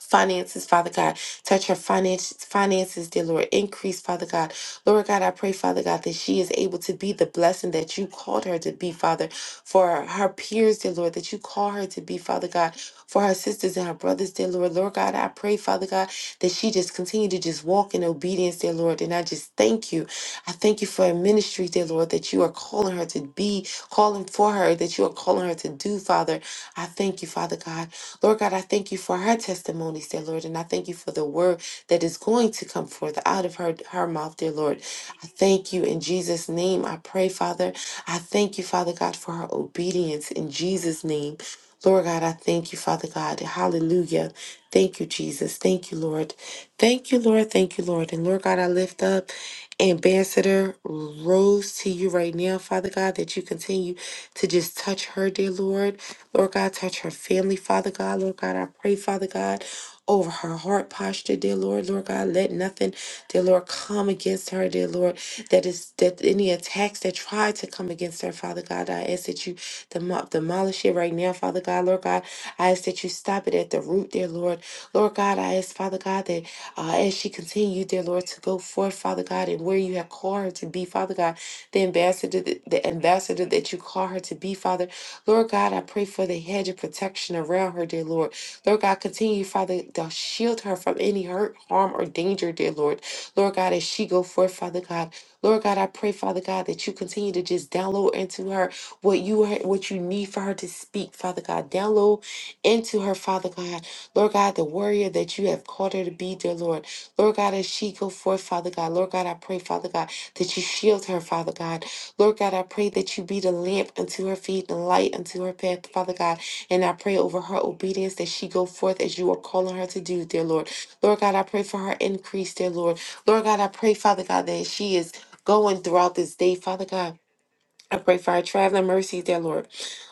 finances, Father God. Touch her finances, finances, dear Lord. Increase, Father God. Lord God, I pray, Father God, that she is able to be the blessing that you called her to be, Father, for her peers, dear Lord, that you call her to be, Father God, for her sisters and her brothers, dear Lord. Lord God, I pray, Father God, that she just continue to just walk in obedience, dear Lord. And I just thank you. I thank you for a ministry, dear Lord, that you are calling her to be, calling for her, that you are calling her to do, Father. I thank you, Father God. Lord God, I thank you for her testimonies, dear Lord, and I thank you for the word that is going to come forth out of her, her mouth, dear Lord. I thank you in Jesus' name. I pray, Father. I thank you, Father God, for her obedience in Jesus' name. Lord God, I thank you, Father God. Hallelujah. Thank you, Jesus. Thank you, Lord. Thank you, Lord. Thank you, Lord. And Lord God, I lift up Ambassador Rose to you right now, Father God, that you continue to just touch her, dear Lord. Lord God, touch her family, Father God. Lord God, I pray, Father God, over her heart posture, dear Lord. Lord God, let nothing, dear Lord, come against her, dear Lord. That is that any attacks that try to come against her, Father God, I ask that you demo- demolish it right now, Father God. Lord God, I ask that you stop it at the root, dear Lord. Lord God, I ask, Father God, that uh, as she continue, dear Lord, to go forth, Father God. God, and where you have called her to be, Father God, the ambassador, that, the ambassador that you call her to be, Father. Lord God, I pray for the hedge of protection around her, dear Lord. Lord God, continue, Father, to shield her from any hurt, harm, or danger, dear Lord. Lord God, as she go forth, Father God. Lord God, I pray, Father God, that you continue to just download into her what you what you need for her to speak, Father God. Download into her, Father God. Lord God, the warrior that you have called her to be, dear Lord. Lord God, as she go forth, Father God, Lord God, I pray, Father God, that you shield her, Father God. Lord God, I pray that you be the lamp unto her feet and light unto her path, Father God. And I pray over her obedience that she go forth as you are calling her to do, dear Lord. Lord God, I pray for her increase, dear Lord. Lord God, I pray, Father God, that she is going throughout this day, Father God. I pray for our traveling mercies, dear Lord.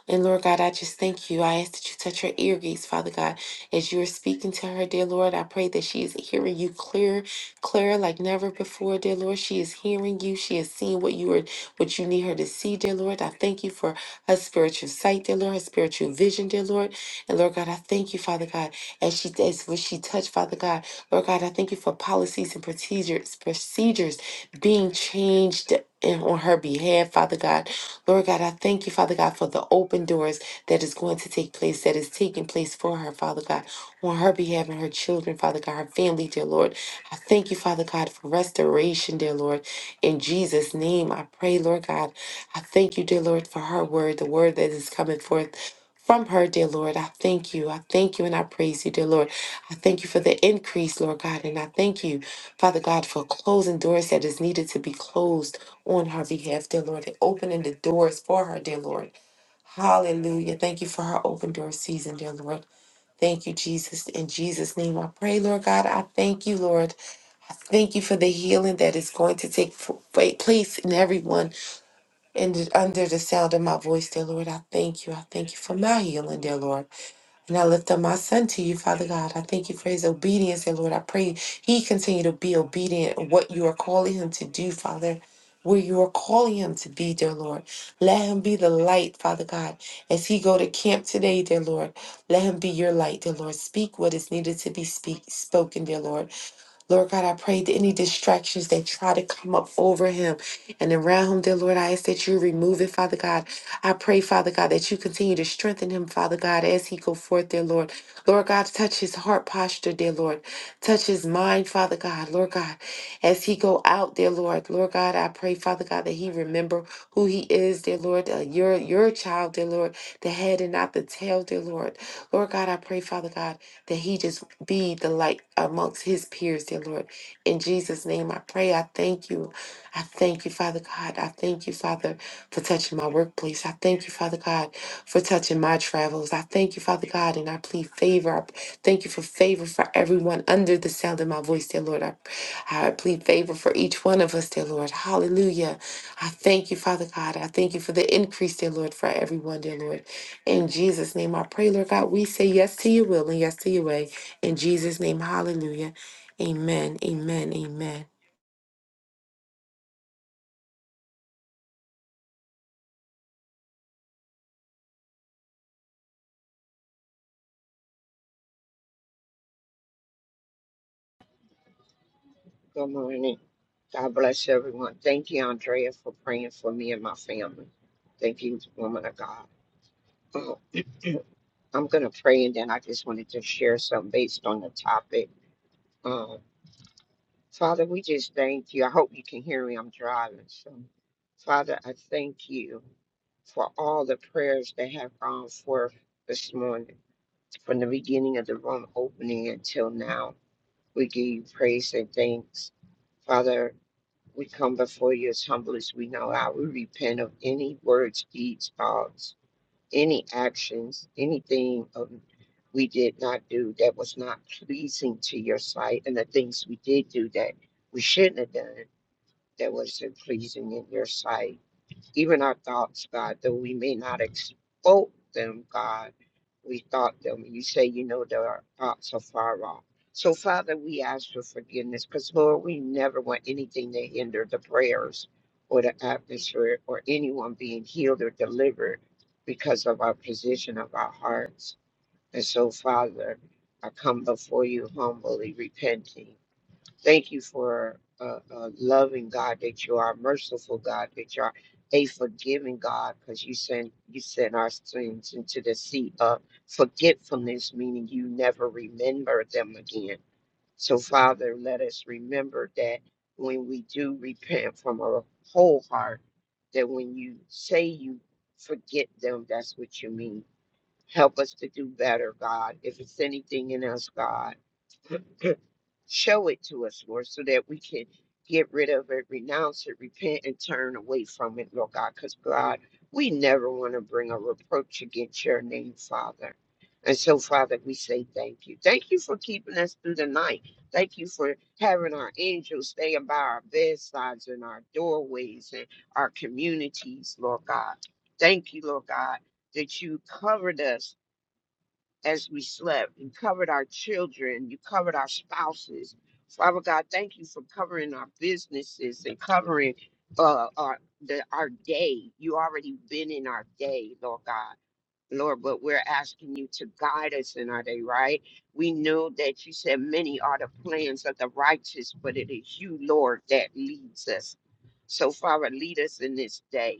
And Lord God, I just thank you. I ask that you touch her ear gates, Father God. As you are speaking to her, dear Lord, I pray that she is hearing you clear, clear like never before, dear Lord. She is hearing you. She is seeing what you are what you need her to see, dear Lord. I thank you for her spiritual sight, dear Lord, her spiritual vision, dear Lord. And Lord God, I thank you, Father God, as she as what she touched, Father God. Lord God, I thank you for policies and procedures, procedures being changed in- on her behalf, Father God. Lord God, I thank you, Father God, for the open doors that is going to take place, that is taking place for her, Father God, on her behalf and her children, Father God, her family, dear Lord. I thank you, Father God, for restoration, dear Lord. In Jesus' name, I pray, Lord God. I thank you, dear Lord, for her word, the word that is coming forth. From her, dear Lord, I thank you. I thank you and I praise you, dear Lord. I thank you for the increase, Lord God. And I thank you, Father God, for closing doors that is needed to be closed on her behalf, dear Lord, and opening the doors for her, dear Lord. Hallelujah. Thank you for her open door season, dear Lord. Thank you, Jesus. In Jesus' name, I pray, Lord God. I thank you, Lord. I thank you for the healing that is going to take f- fa- place in everyone and under the sound of my voice, dear Lord. I thank you. I thank you for my healing, dear Lord. And I lift up my son to you, Father God. I thank you for his obedience. And Lord, I pray he continue to be obedient in what you are calling him to do, Father. Where you are calling him to be, dear Lord. Let him be the light, Father God. As he go to camp today, dear Lord, let him be your light, dear Lord. Speak what is needed to be speak, spoken, dear Lord. Lord God, I pray that any distractions that try to come up over him and around him, dear Lord, I ask that you remove it, Father God. I pray, Father God, that you continue to strengthen him, Father God, as he go forth, dear Lord. Lord God, touch his heart posture, dear Lord. Touch his mind, Father God, Lord God, as he go out, dear Lord. Lord God, I pray, Father God, that he remember who he is, dear Lord. Uh, your your child, dear Lord, the head and not the tail, dear Lord. Lord God, I pray, Father God, that he just be the light amongst his peers, dear Lord. In Jesus' name I pray. I thank you. I thank you, Father God. I thank you, Father, for touching my workplace. I thank you, Father God, for touching my travels. I thank you, Father God, and I plead favor. I thank you for favor for everyone under the sound of my voice, dear Lord. I, I plead favor for each one of us, dear Lord. Hallelujah. I thank you, Father God. I thank you for the increase, dear Lord, for everyone, dear Lord. In Jesus' name I pray, Lord God, we say yes to your will and yes to your way. In Jesus' name, hallelujah. Amen, amen, amen. Good morning. God bless everyone. Thank you, Andrea, for praying for me and my family. Thank you, woman of God. Oh, [CLEARS THROAT] I'm going to pray, and then I just wanted to share something based on the topic. Um, Father, we just thank you. I hope you can hear me. I'm driving. So, Father, I thank you for all the prayers that have gone forth this morning. From the beginning of the room opening until now, we give you praise and thanks. Father, we come before you as humble as we know how. We repent of any words, deeds, thoughts, any actions, anything of we did not do that was not pleasing to your sight, and the things we did do that we shouldn't have done that wasn't pleasing in your sight even our thoughts, God, though we may not expose them, God, we thought them. You say, you know, that our thoughts are far off. So, Father, we ask for forgiveness because, Lord, we never want anything to hinder the prayers or the atmosphere or anyone being healed or delivered because of our position of our hearts. And so, Father, I come before you humbly repenting. Thank you for a, a loving God that you are, merciful God that you are, a forgiving God, because you send you send our sins into the sea of forgetfulness, meaning you never remember them again. So, Father, let us remember that when we do repent from our whole heart, that when you say you forget them, that's what you mean. Help us to do better, God. If it's anything in us, God Show it to us, Lord, so that we can get rid of it, renounce it, repent, and turn away from it, Lord God. Because, God, we never want to bring a reproach against your name, Father. And so, Father, we say thank you. Thank you for keeping us through the night. Thank you for having our angels staying by our bedsides and our doorways and our communities, Lord God. Thank you, Lord God, that you covered us as we slept. You covered our children. You covered our spouses. Father God, thank you for covering our businesses and covering uh, our the, our day. You already been in our day, Lord God. Lord, but we're asking you to guide us in our day, right? We know that you said many are the plans of the righteous, but it is you, Lord, that leads us. So, Father, lead us in this day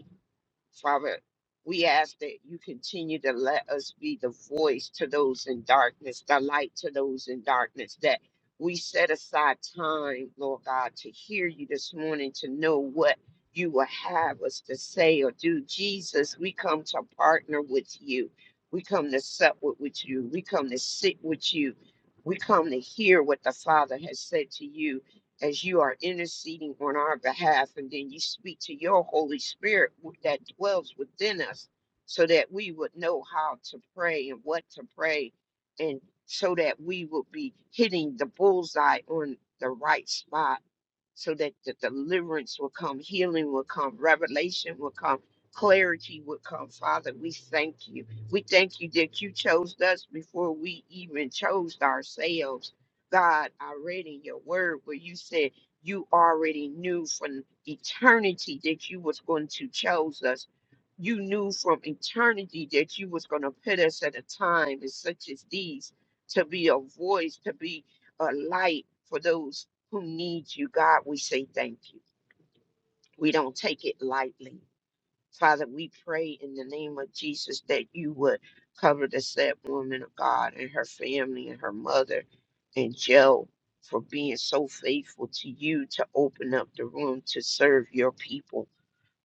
Father, we ask that you continue to let us be the voice to those in darkness, the light to those in darkness, that we set aside time, Lord God, to hear you this morning, to know what you will have us to say or do. Jesus, we come to partner with you. We come to sup with, with you. We come to sit with you. We come to hear what the Father has said to you as you are interceding on our behalf, and then you speak to your Holy Spirit w- that dwells within us so that we would know how to pray and what to pray, and so that we will be hitting the bullseye on the right spot so that the deliverance will come, healing will come, revelation will come, clarity will come. Father, we thank you. We thank you that you chose us before we even chose ourselves. God, I read in your word where you said you already knew from eternity that you was going to chose us. You knew from eternity that you was going to put us at a time as such as these to be a voice, to be a light for those who need you, God, we say thank you. We don't take it lightly. Father, we pray in the name of Jesus that you would cover the sad woman of God and her family and her mother and Joe for being so faithful to you to open up the room to serve your people.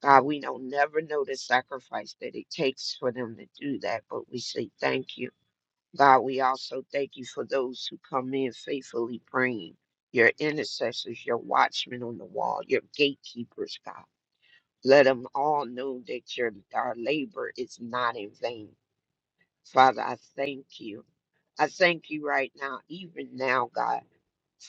God, we don't never know the sacrifice that it takes for them to do that, but we say thank you. God, we also thank you for those who come in faithfully praying, your intercessors, your watchmen on the wall, your gatekeepers, God. Let them all know that your our labor is not in vain. Father, I thank you. I thank you right now, even now, God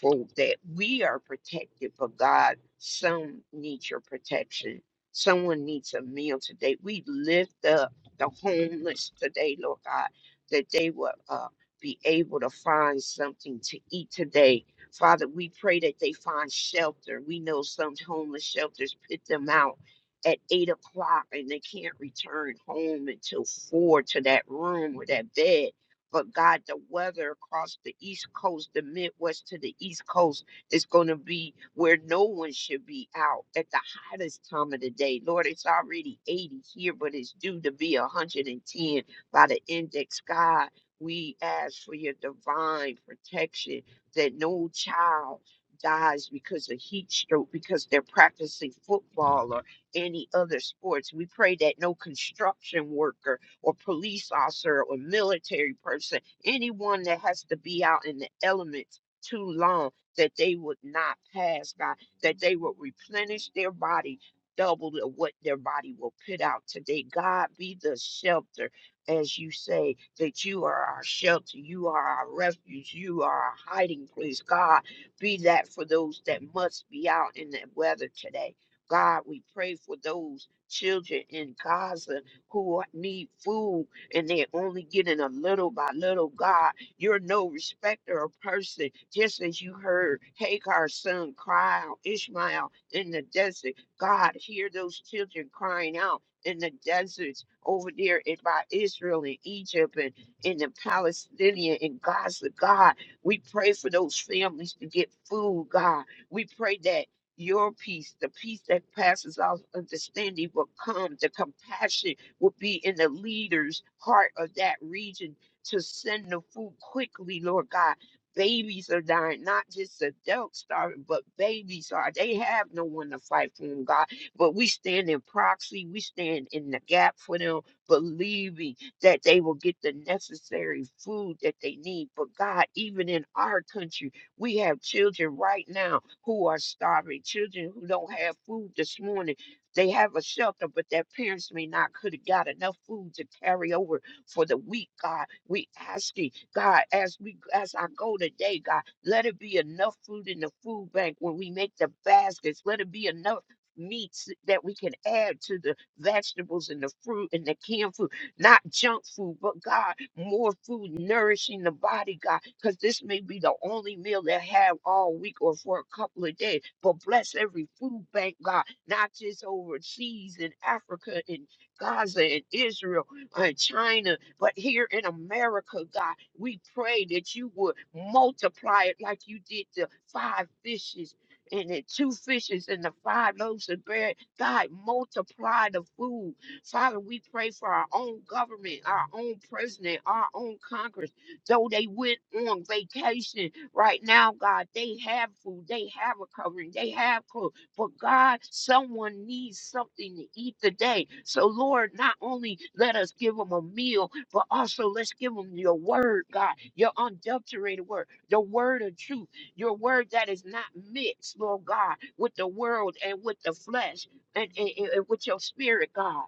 grateful that we are protected, but God, some need your protection. Someone needs a meal today. We lift up the homeless today, Lord God, that they will uh, be able to find something to eat today. Father, we pray that they find shelter. We know some homeless shelters put them out at eight o'clock and they can't return home until four to that room or that bed but God, the weather across the East Coast, the Midwest to the East Coast, is going to be where no one should be out at the hottest time of the day. Lord, it's already 80 here, but it's due to be 110 by the index. God, we ask for your divine protection that no child dies because of heat stroke, because they're practicing football or any other sports. We pray that no construction worker or police officer or military person, anyone that has to be out in the elements too long, that they would not pass, God, that they would replenish their body double to what their body will put out today. God, be the shelter, as you say, that you are our shelter, you are our refuge, you are our hiding place. God, be that for those that must be out in the weather today. God, we pray for those children in Gaza who need food and they're only getting a little by little. God, you're no respecter of person. Just as you heard Hagar's son cry out, Ishmael in the desert. God, hear those children crying out in the deserts over there in, by Israel and Egypt and in the Palestinian and Gaza. God, we pray for those families to get food, God. We pray that your peace, the peace that passes all understanding, will come, the compassion would be in the leader's heart of that region to send the food quickly, Lord God. Babies are dying, not just adults starving, but babies are. They have no one to fight for them, God. But we stand in proxy, we stand in the gap for them, believing that they will get the necessary food that they need. But God, even in our country, we have children right now who are starving, children who don't have food this morning they have a shelter, but their parents may not could have got enough food to carry over for the week, God. We ask you, God, as we as I go today, God, let it be enough food in the food bank when we make the baskets. Let it be enough meats that we can add to the vegetables and the fruit and the canned food, not junk food, but God, more food nourishing the body, God, because this may be the only meal they have all week or for a couple of days. But bless every food bank, God not just overseas in Africa and Gaza and Israel and China, but here in America, God, we pray that you would multiply it like you did the five fishes and the two fishes and the five loaves of bread. God, multiply the food. Father, we pray for our own government, our own president, our own Congress. Though they went on vacation right now, God, they have food, they have a covering, they have clothes. For God, someone needs something to eat today. So, Lord, not only let us give them a meal, but also let's give them your word, God, your unadulterated word, the word of truth, your word that is not mixed, Lord God, with the world and with the flesh and, and, and and with your spirit, God.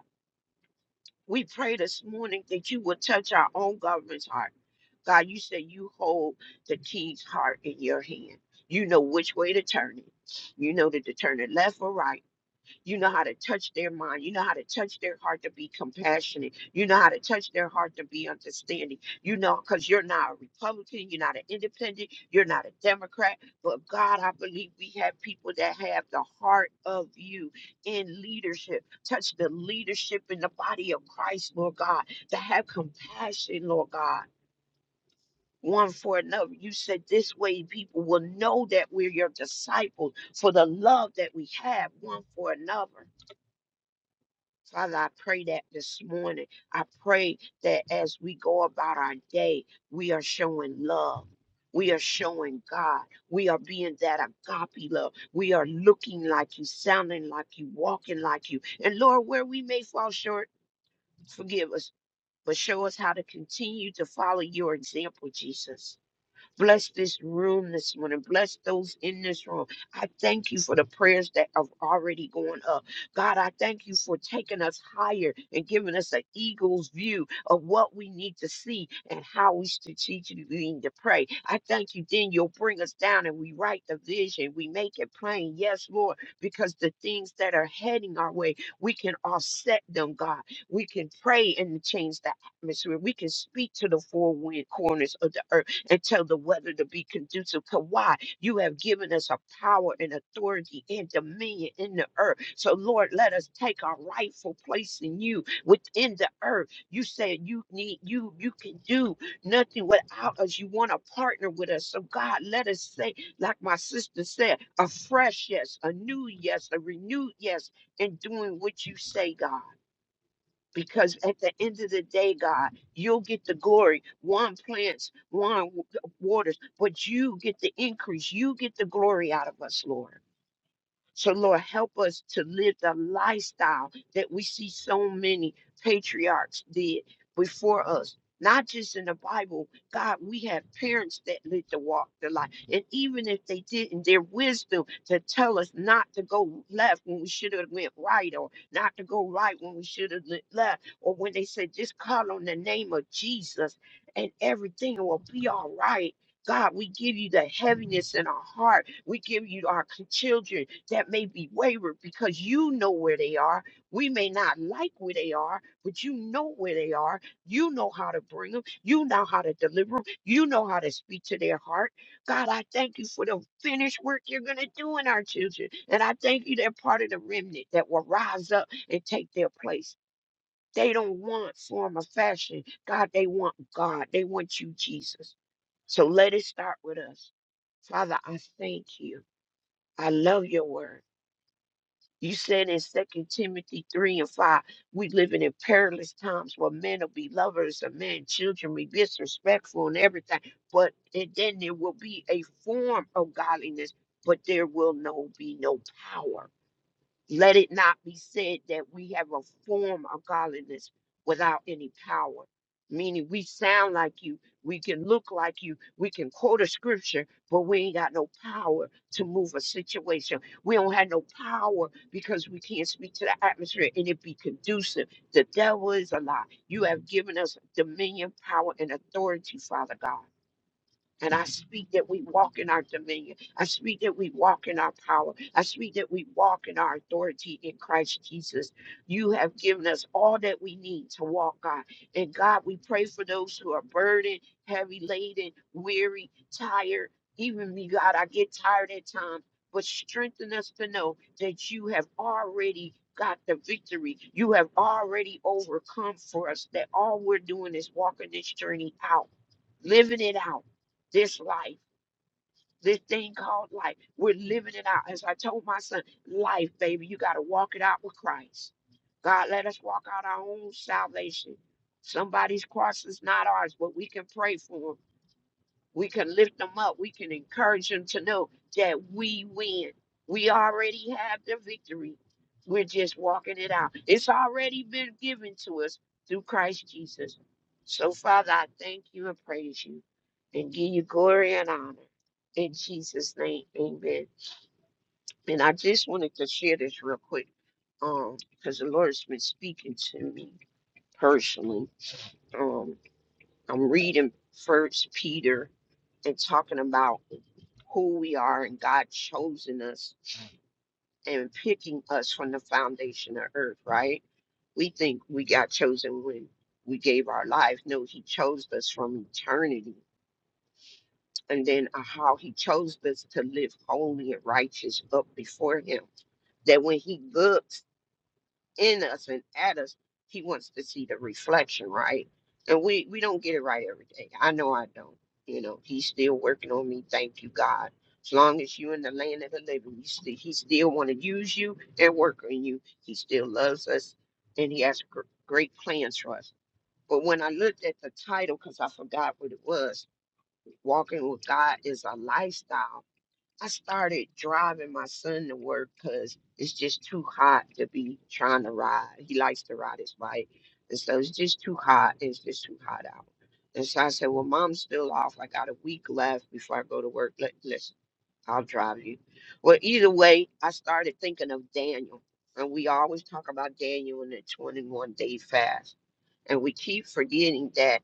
We pray this morning that you would touch our own government's heart. God, you said you hold the king's heart in your hand. You know which way to turn it. You know that to turn it left or right. You know how to touch their mind. You know how to touch their heart to be compassionate. You know how to touch their heart to be understanding. You know, because you're not a Republican, you're not an independent, you're not a Democrat. But God, I believe we have people that have the heart of you in leadership. Touch the leadership in the body of Christ, Lord God, to have compassion, Lord God. One for another. You said this way people will know that we're your disciples for the love that we have one for another. Father, I pray that this morning. I pray that as we go about our day, we are showing love. We are showing God. We are being that agape love. We are looking like you, sounding like you, walking like you. And Lord, where we may fall short, forgive us, but show us how to continue to follow your example, Jesus. Bless this room this morning. Bless those in this room. I thank you for the prayers that have already gone up. God, I thank you for taking us higher and giving us an eagle's view of what we need to see and how we strategically need to pray. I thank you. Then you'll bring us down and we write the vision. We make it plain. Yes, Lord, because the things that are heading our way, we can offset them, God. We can pray and change the atmosphere. We can speak to the four wind corners of the earth and tell the weather to be conducive to why you have given us a power and authority and dominion in the earth. So, Lord, let us take our rightful place in you within the earth. You said you need you, you can do nothing without us. You want to partner with us. So, God, let us say, like my sister said, a fresh yes, a new yes, a renewed yes, in doing what you say, God because at the end of the day, God, you'll get the glory. One plants, one w- waters, but you get the increase. You get the glory out of us, Lord. So, Lord, help us to live the lifestyle that we see so many patriarchs did before us. Not just in the Bible, God, we have parents that lived to walk the life. And even if they didn't, their wisdom to tell us not to go left when we should have went right, or not to go right when we should have le- left, or when they said, just call on the name of Jesus and everything will be all right God, we give you the heaviness in our heart. We give you our children that may be wayward because you know where they are. We may not like where they are, but you know where they are. You know how to bring them. You know how to deliver them. You know how to speak to their heart. God, I thank you for the finished work you're going to do in our children. And I thank you they're part of the remnant that will rise up and take their place. They don't want form of fashion. God, they want God. They want you, Jesus. So let it start with us. Father, I thank you. I love your word. You said in Second Timothy 3 and 5, we living in perilous times where men will be lovers of men, children will be disrespectful and everything. But and then there will be a form of godliness, but there will no be no power. Let it not be said that we have a form of godliness without any power. Meaning, we sound like you, we can look like you, we can quote a scripture, but we ain't got no power to move a situation. We don't have no power because we can't speak to the atmosphere and it be conducive. The devil is a lie. You have given us dominion, power, and authority, Father God. And I speak that we walk in our dominion. I speak that we walk in our power. I speak that we walk in our authority in Christ Jesus. You have given us all that we need to walk, God. And God, we pray for those who are burdened, heavy laden, weary, tired. Even me, God, I get tired at times, but strengthen us to know that you have already got the victory. You have already overcome for us, that all we're doing is walking this journey out, living it out this life, this thing called life. We're living it out. As I told my son, life, baby, you got to walk it out with Christ. God, let us walk out our own salvation. Somebody's cross is not ours, but we can pray for them. We can lift them up. We can encourage them to know that we win. We already have the victory. We're just walking it out. It's already been given to us through Christ Jesus. So, Father, I thank you and praise you and give you glory and honor. In Jesus' name, amen. And I just wanted to share this real quick um, because the Lord's been speaking to me personally. Um, I'm reading First Peter and talking about who we are and God chosen us and picking us from the foundation of earth, right? We think we got chosen when we gave our life. No, He chose us from eternity. And then uh, how He chose us to live holy and righteous up before Him. That when He looks in us and at us, he wants to see the reflection, right? And we we don't get it right every day. I know I don't. You know, he's still working on me. Thank you, God. As long as you're in the land of the living, he still, he still want to use you and work on you. He still loves us, and he has gr- great plans for us. But when I looked at the title, because I forgot what it was, walking with God is a lifestyle I started driving my son to work because it's just too hot to be trying to ride. He likes to ride his bike. And so it's just too hot. It's just too hot out. And so I said, Well, mom's still off. I got a week left before I go to work. Let, listen, I'll drive you. Well, either way, I started thinking of Daniel. And we always talk about Daniel in the 21 day fast. And we keep forgetting that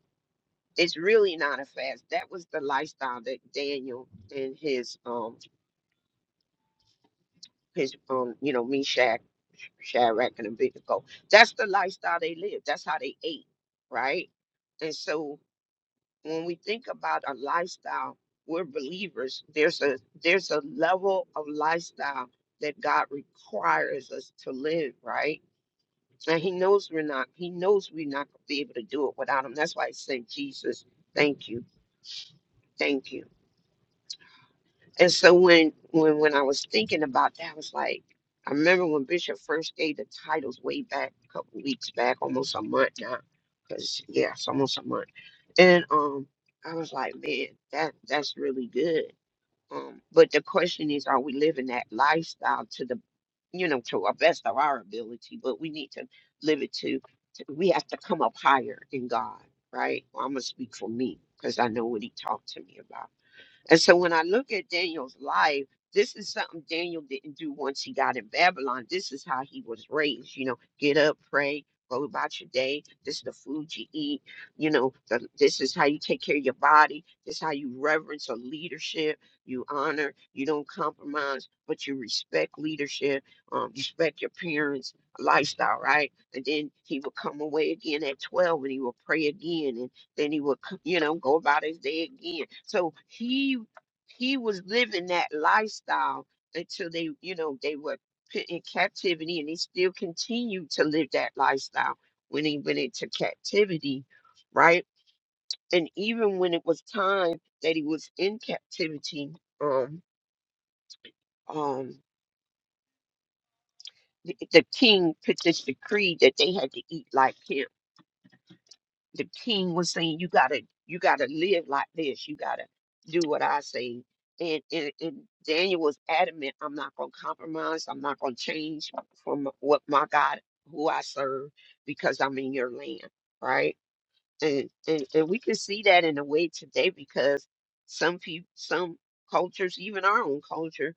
it's really not a fast. That was the lifestyle that Daniel and his um his um, you know, Meshach, Shadrach, and Abednego. That's the lifestyle they lived. That's how they ate, right? And so when we think about a lifestyle, we're believers. There's a there's a level of lifestyle that God requires us to live, right? And He knows we're not. He knows we're not gonna be able to do it without Him. That's why He sent Jesus. Thank you, thank you. And so when when when I was thinking about that, I was like, I remember when Bishop first gave the titles way back a couple weeks back, almost a month now, because yeah, it's almost a month. And um, I was like, man, that that's really good. Um, but the question is, are we living that lifestyle to the, you know, to our best of our ability? But we need to live it to, to we have to come up higher in God, right? Well, I'm gonna speak for me because I know what He talked to me about and so when I look at Daniel's life, this is something Daniel didn't do once he got in Babylon. This is how he was raised. You know, get up, pray, go about your day. This is the food you eat. You know, the, this is how you take care of your body. This is how you reverence a leadership. You honor. You don't compromise, but you respect leadership. Um, respect your parents' lifestyle, right? And then he would come away again at twelve, and he would pray again, then he would c- you know go about his day again so he he was living that lifestyle until they you know they were put in captivity and he still continued to live that lifestyle when he went into captivity right and even when it was time that he was in captivity um um the, the king put this decree that they had to eat like him the king was saying you gotta you gotta live like this you gotta do what i say and, and, and daniel was adamant i'm not gonna compromise i'm not gonna change from what my god who i serve because i'm in your land right and and, and we can see that in a way today because some people some cultures even our own culture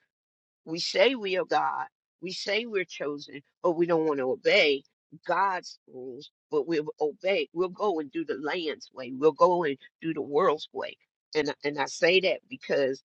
we say we are God. We say we're chosen, but we don't want to obey God's rules. But we'll obey. We'll go and do the land's way. We'll go and do the world's way. And and I say that because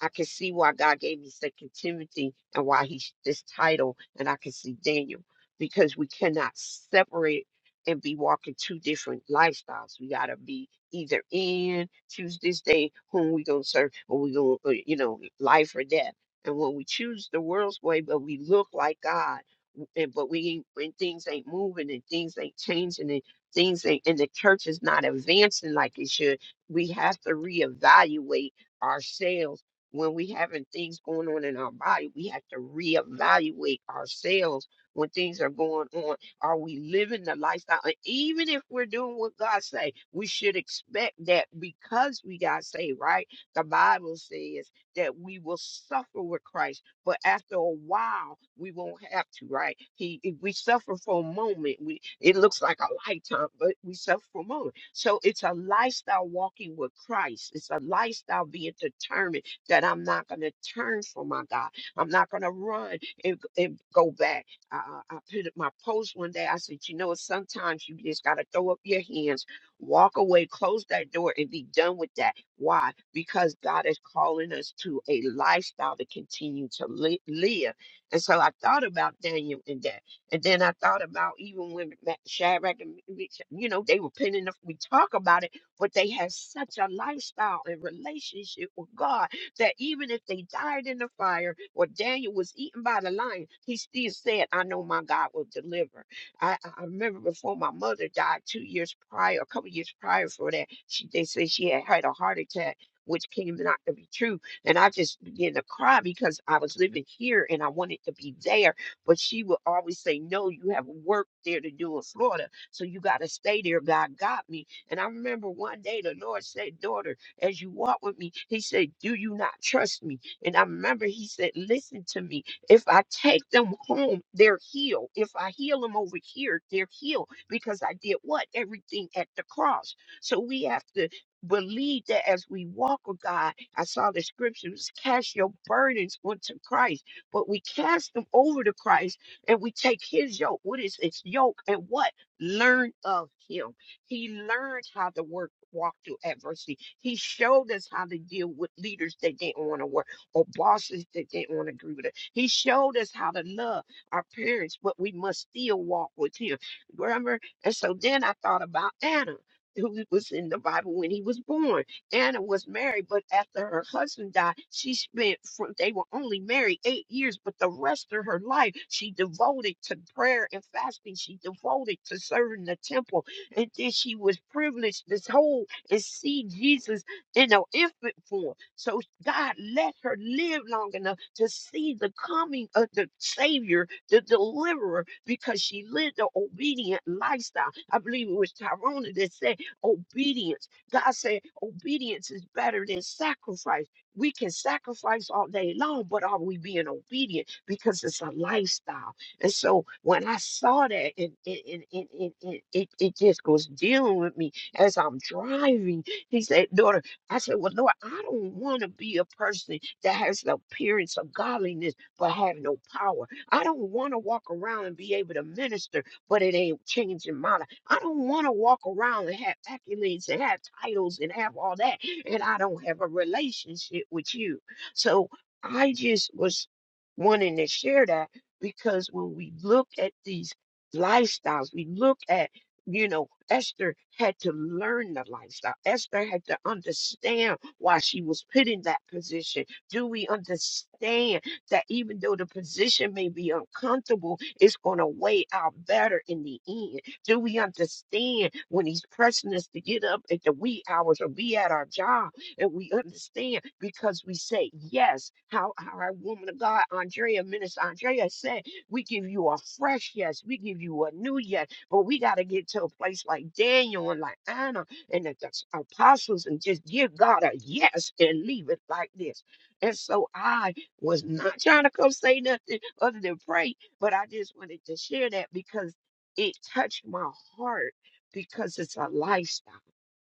I can see why God gave me Second Timothy and why he this title, and I can see Daniel because we cannot separate and be walking two different lifestyles. We gotta be either in choose this day whom we gonna serve, or we gonna uh, you know life or death. And when we choose the world's way, but we look like God, w- and but we ain't, when things ain't moving and things ain't changing and things ain't, and the church is not advancing like it should, we have to reevaluate ourselves when we having things going on in our body, we have to reevaluate ourselves when things are going on. Are we living the lifestyle? And even if we're doing what God say, we should expect that because we got saved, right? The Bible says that we will suffer with Christ but after a while we won't have to right he if we suffer for a moment we it looks like a lifetime but we suffer for a moment so it's a lifestyle walking with christ it's a lifestyle being determined that i'm not going to turn from my god i'm not going to run and, and go back I, I I put up my post one day i said you know sometimes you just got to throw up your hands walk away close that door and be done with that why? Because God is calling us to a lifestyle to continue to li- live. And so I thought about Daniel and that. And then I thought about even when Ma- Shadrach and, Meshach, you know, they were pinning up. We talk about it, but they had such a lifestyle and relationship with God that even if they died in the fire or Daniel was eaten by the lion, he still said, I know my God will deliver. I, I I remember before my mother died two years prior, a couple years prior for that, she, they say she had had a heart attack, which came not to be true. And I just began to cry because I was living here and I wanted to be there. But she would always say, No, you have work there to do in Florida. So you got to stay there. God got me. And I remember one day the Lord said, Daughter, as you walk with me, He said, Do you not trust me? And I remember He said, Listen to me. If I take them home, they're healed. If I heal them over here, they're healed because I did what? Everything at the cross. So we have to believe that as we walk with God, I saw the scriptures cast your burdens onto Christ, but we cast them over to Christ and we take his yoke. What is its yoke? And what? Learn of him. He learned how to work. Walk through adversity. He showed us how to deal with leaders that didn't want to work or bosses that didn't want to agree with us. He showed us how to love our parents, but we must still walk with him. Remember? And so then I thought about Anna. Who was in the Bible when he was born? Anna was married, but after her husband died, she spent from they were only married eight years, but the rest of her life she devoted to prayer and fasting. She devoted to serving the temple, and then she was privileged this whole and see Jesus in her infant form. So God let her live long enough to see the coming of the Savior, the deliverer, because she lived an obedient lifestyle. I believe it was Tyrone that said obedience. God said obedience is better than sacrifice. We can sacrifice all day long, but are we being obedient? Because it's a lifestyle. And so when I saw that, and it, it, it, it, it, it it just was dealing with me as I'm driving. He said, daughter, I said, Well, Lord, I don't want to be a person that has the appearance of godliness but have no power. I don't want to walk around and be able to minister, but it ain't changing my life. I don't want to walk around and have accolades and have titles and have all that, and I don't have a relationship with you. So I just was wanting to share that because when we look at these lifestyles, we look at you know, Esther had to learn the lifestyle. Esther had to understand why she was put in that position. Do we understand that even though the position may be uncomfortable, it's going to weigh out better in the end? Do we understand when he's pressing us to get up at the wee hours or be at our job? And we understand because we say yes, how how our woman of God, Andrea, Minister Andrea said, we give you a fresh yes, we give you a new yes but we got to get to a place like Daniel and like Anna and the the apostles and just give God a yes and leave it like this. And so I was not [LAUGHS] trying to come say nothing other than pray, but I just wanted to share that because it touched my heart because it's a lifestyle.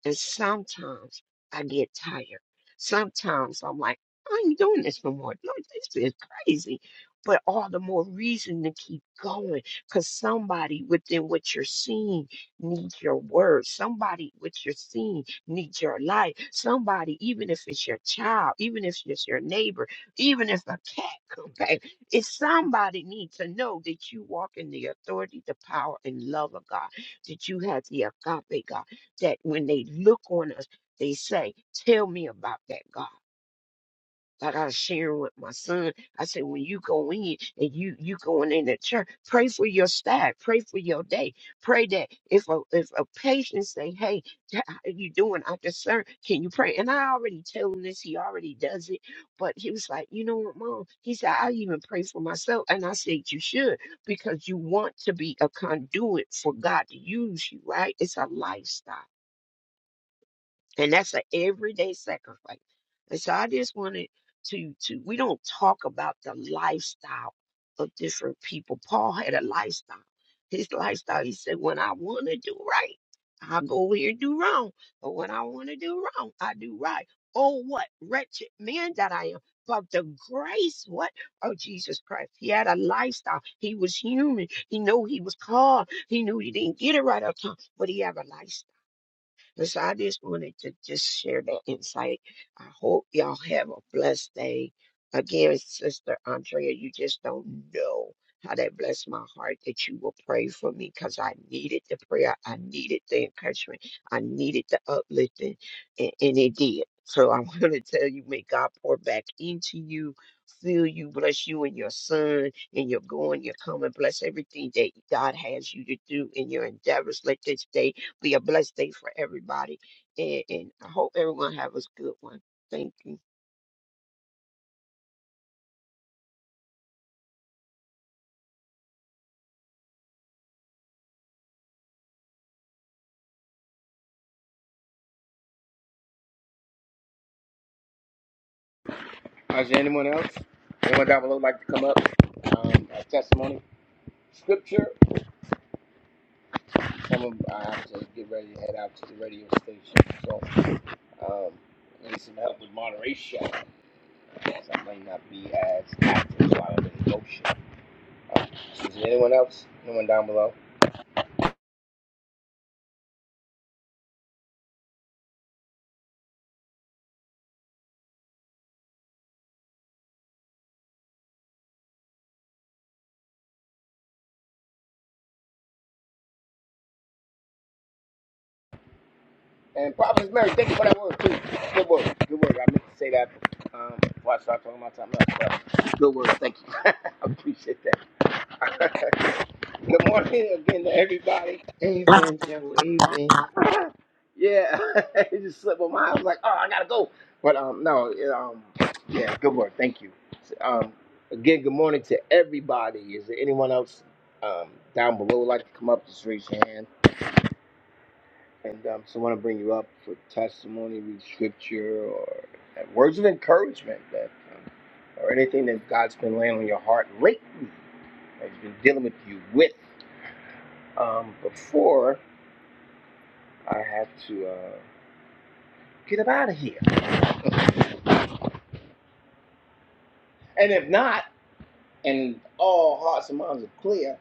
And sometimes I get tired. Sometimes I'm like, I ain't doing this no more. Lord, this is crazy. But all the more reason to keep going because somebody within what you're seeing needs your words. Somebody what you're seeing needs your light. Somebody, even if it's your child, even if it's your neighbor, even if a cat comes back, it's somebody needs to know that you walk in the authority, the power, and love of God, that you have the agape God that when they look on us, they say, Tell me about that God. Like I was sharing with my son, I said, when you go in and you you going in the church, pray for your staff, pray for your day, pray that if a if a patient say, hey, t- how you doing? I discern, can you pray? And I already told him this, he already does it, but he was like, you know what, mom? He said, I even pray for myself, and I said, you should because you want to be a conduit for God to use you, right? It's a lifestyle and that's an everyday sacrifice. And so I just wanted to to we don't talk about the lifestyle of different people. Paul had a lifestyle. His lifestyle, he said, when I want to do right, I go over here and do wrong. But when I want to do wrong, I do right. Oh, what wretched man that I am. But the grace, what? Oh, Jesus Christ. He had a lifestyle. He was human. He knew he was called. He knew he didn't get it right all the time, but he had a lifestyle. And so I just wanted to just share that insight. I hope y'all have a blessed day. Again, Sister Andrea, you just don't know how that blessed my heart that you will pray for me because I needed the prayer. I needed the encouragement. I needed the uplifting, and, and it did. So I [LAUGHS] want to tell you, may God pour back into you, fill you, bless you and your son, and your going, your coming. Bless everything that God has you to do in your endeavors. Let this day be a blessed day for everybody. And, and I hope everyone have a good one. Thank you. Is there anyone else? Anyone down below like to come up? Um, a testimony, scripture. Some of I have to get ready to head out to the radio station, so um, I need some help with moderation. Yes, I might not be as active, so I don't really go shit. Um, so is there anyone else? Anyone down below? And Prophetess Mary, thank you for that word too. Good word. Good word. I meant to say that um, before I start talking about something else. But good word. Thank you. [LAUGHS] I appreciate that. [LAUGHS] good morning again to everybody. Amen, Joe. Amen. Yeah, [LAUGHS] it just slipped my mind. I was like, oh, I gotta go. But um, no, it, um, yeah, good word. Thank you. Um, again, good morning to everybody. Is there anyone else um, down below would like to come up? Just raise your hand. And um, someone will bring you up for testimony, read scripture, or uh, words of encouragement, man. or anything that God's been laying on your heart lately, that He's been dealing with you with, um, before I have to uh, get up out of here. And if not, and all hearts and minds are clear,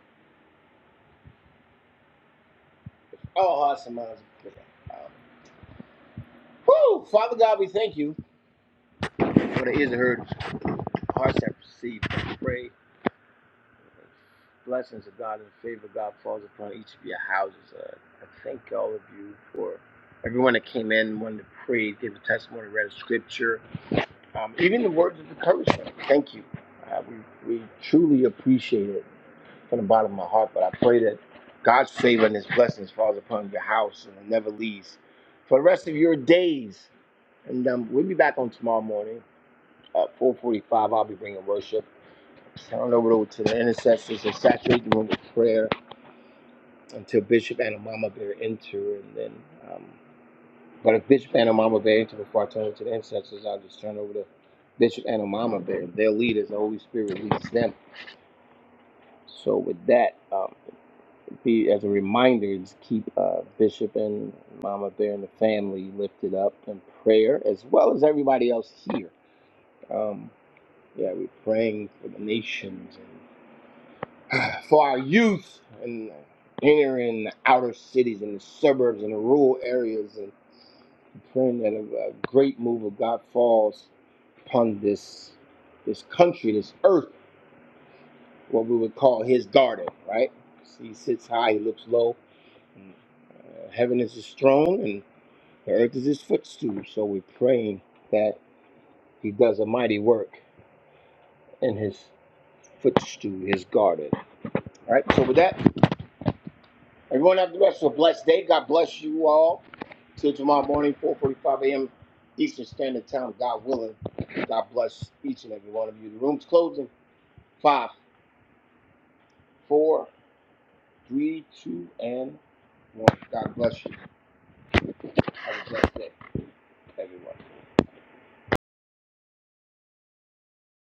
all hearts and minds. Woo! Father God, we thank you for the ears that heard, hearts that perceived. I pray blessings of God and the favor of God falls upon each of your houses. Uh, I thank all of you for everyone that came in, one that prayed, gave a testimony, read a scripture Um, even the words of encouragement. Thank you. Uh, we, we truly appreciate it from the bottom of my heart. But I pray that God's favor and His blessings falls upon your house and it never leaves for the rest of your days. And um, we'll be back on tomorrow morning at 4:45. I'll be bringing worship. Turn it over to the intercessors and saturate the room with prayer until Bishop and Mama bear enter, and then. um, But if Bishop and Mama Bear, before I turn it to the intercessors, I'll just turn over to Bishop and Mama Bear. Their leaders, the Holy Spirit leads them. So with that, um, be as a reminder, just keep uh, Bishop and Mama Bear and the family lifted up in prayer, as well as everybody else here. Um, yeah, we're praying for the nations, for our youth, and inner and outer cities, and the suburbs, and the rural areas, and praying that a, a great move of God falls upon this this country, this earth, what we would call his garden, right? He sits high, he looks low. And, uh, heaven is his throne, and the earth is his footstool. So we're praying that he does a mighty work in his footstool, his garden. All right. So with that, everyone have the rest of a blessed day. God bless you all. Till tomorrow morning, 4:45 a.m. Eastern Standard Time. God willing. God bless each and every one of you. The room's closing. Five, four, Three, two, and one. God bless you. Have a blessed day, everyone.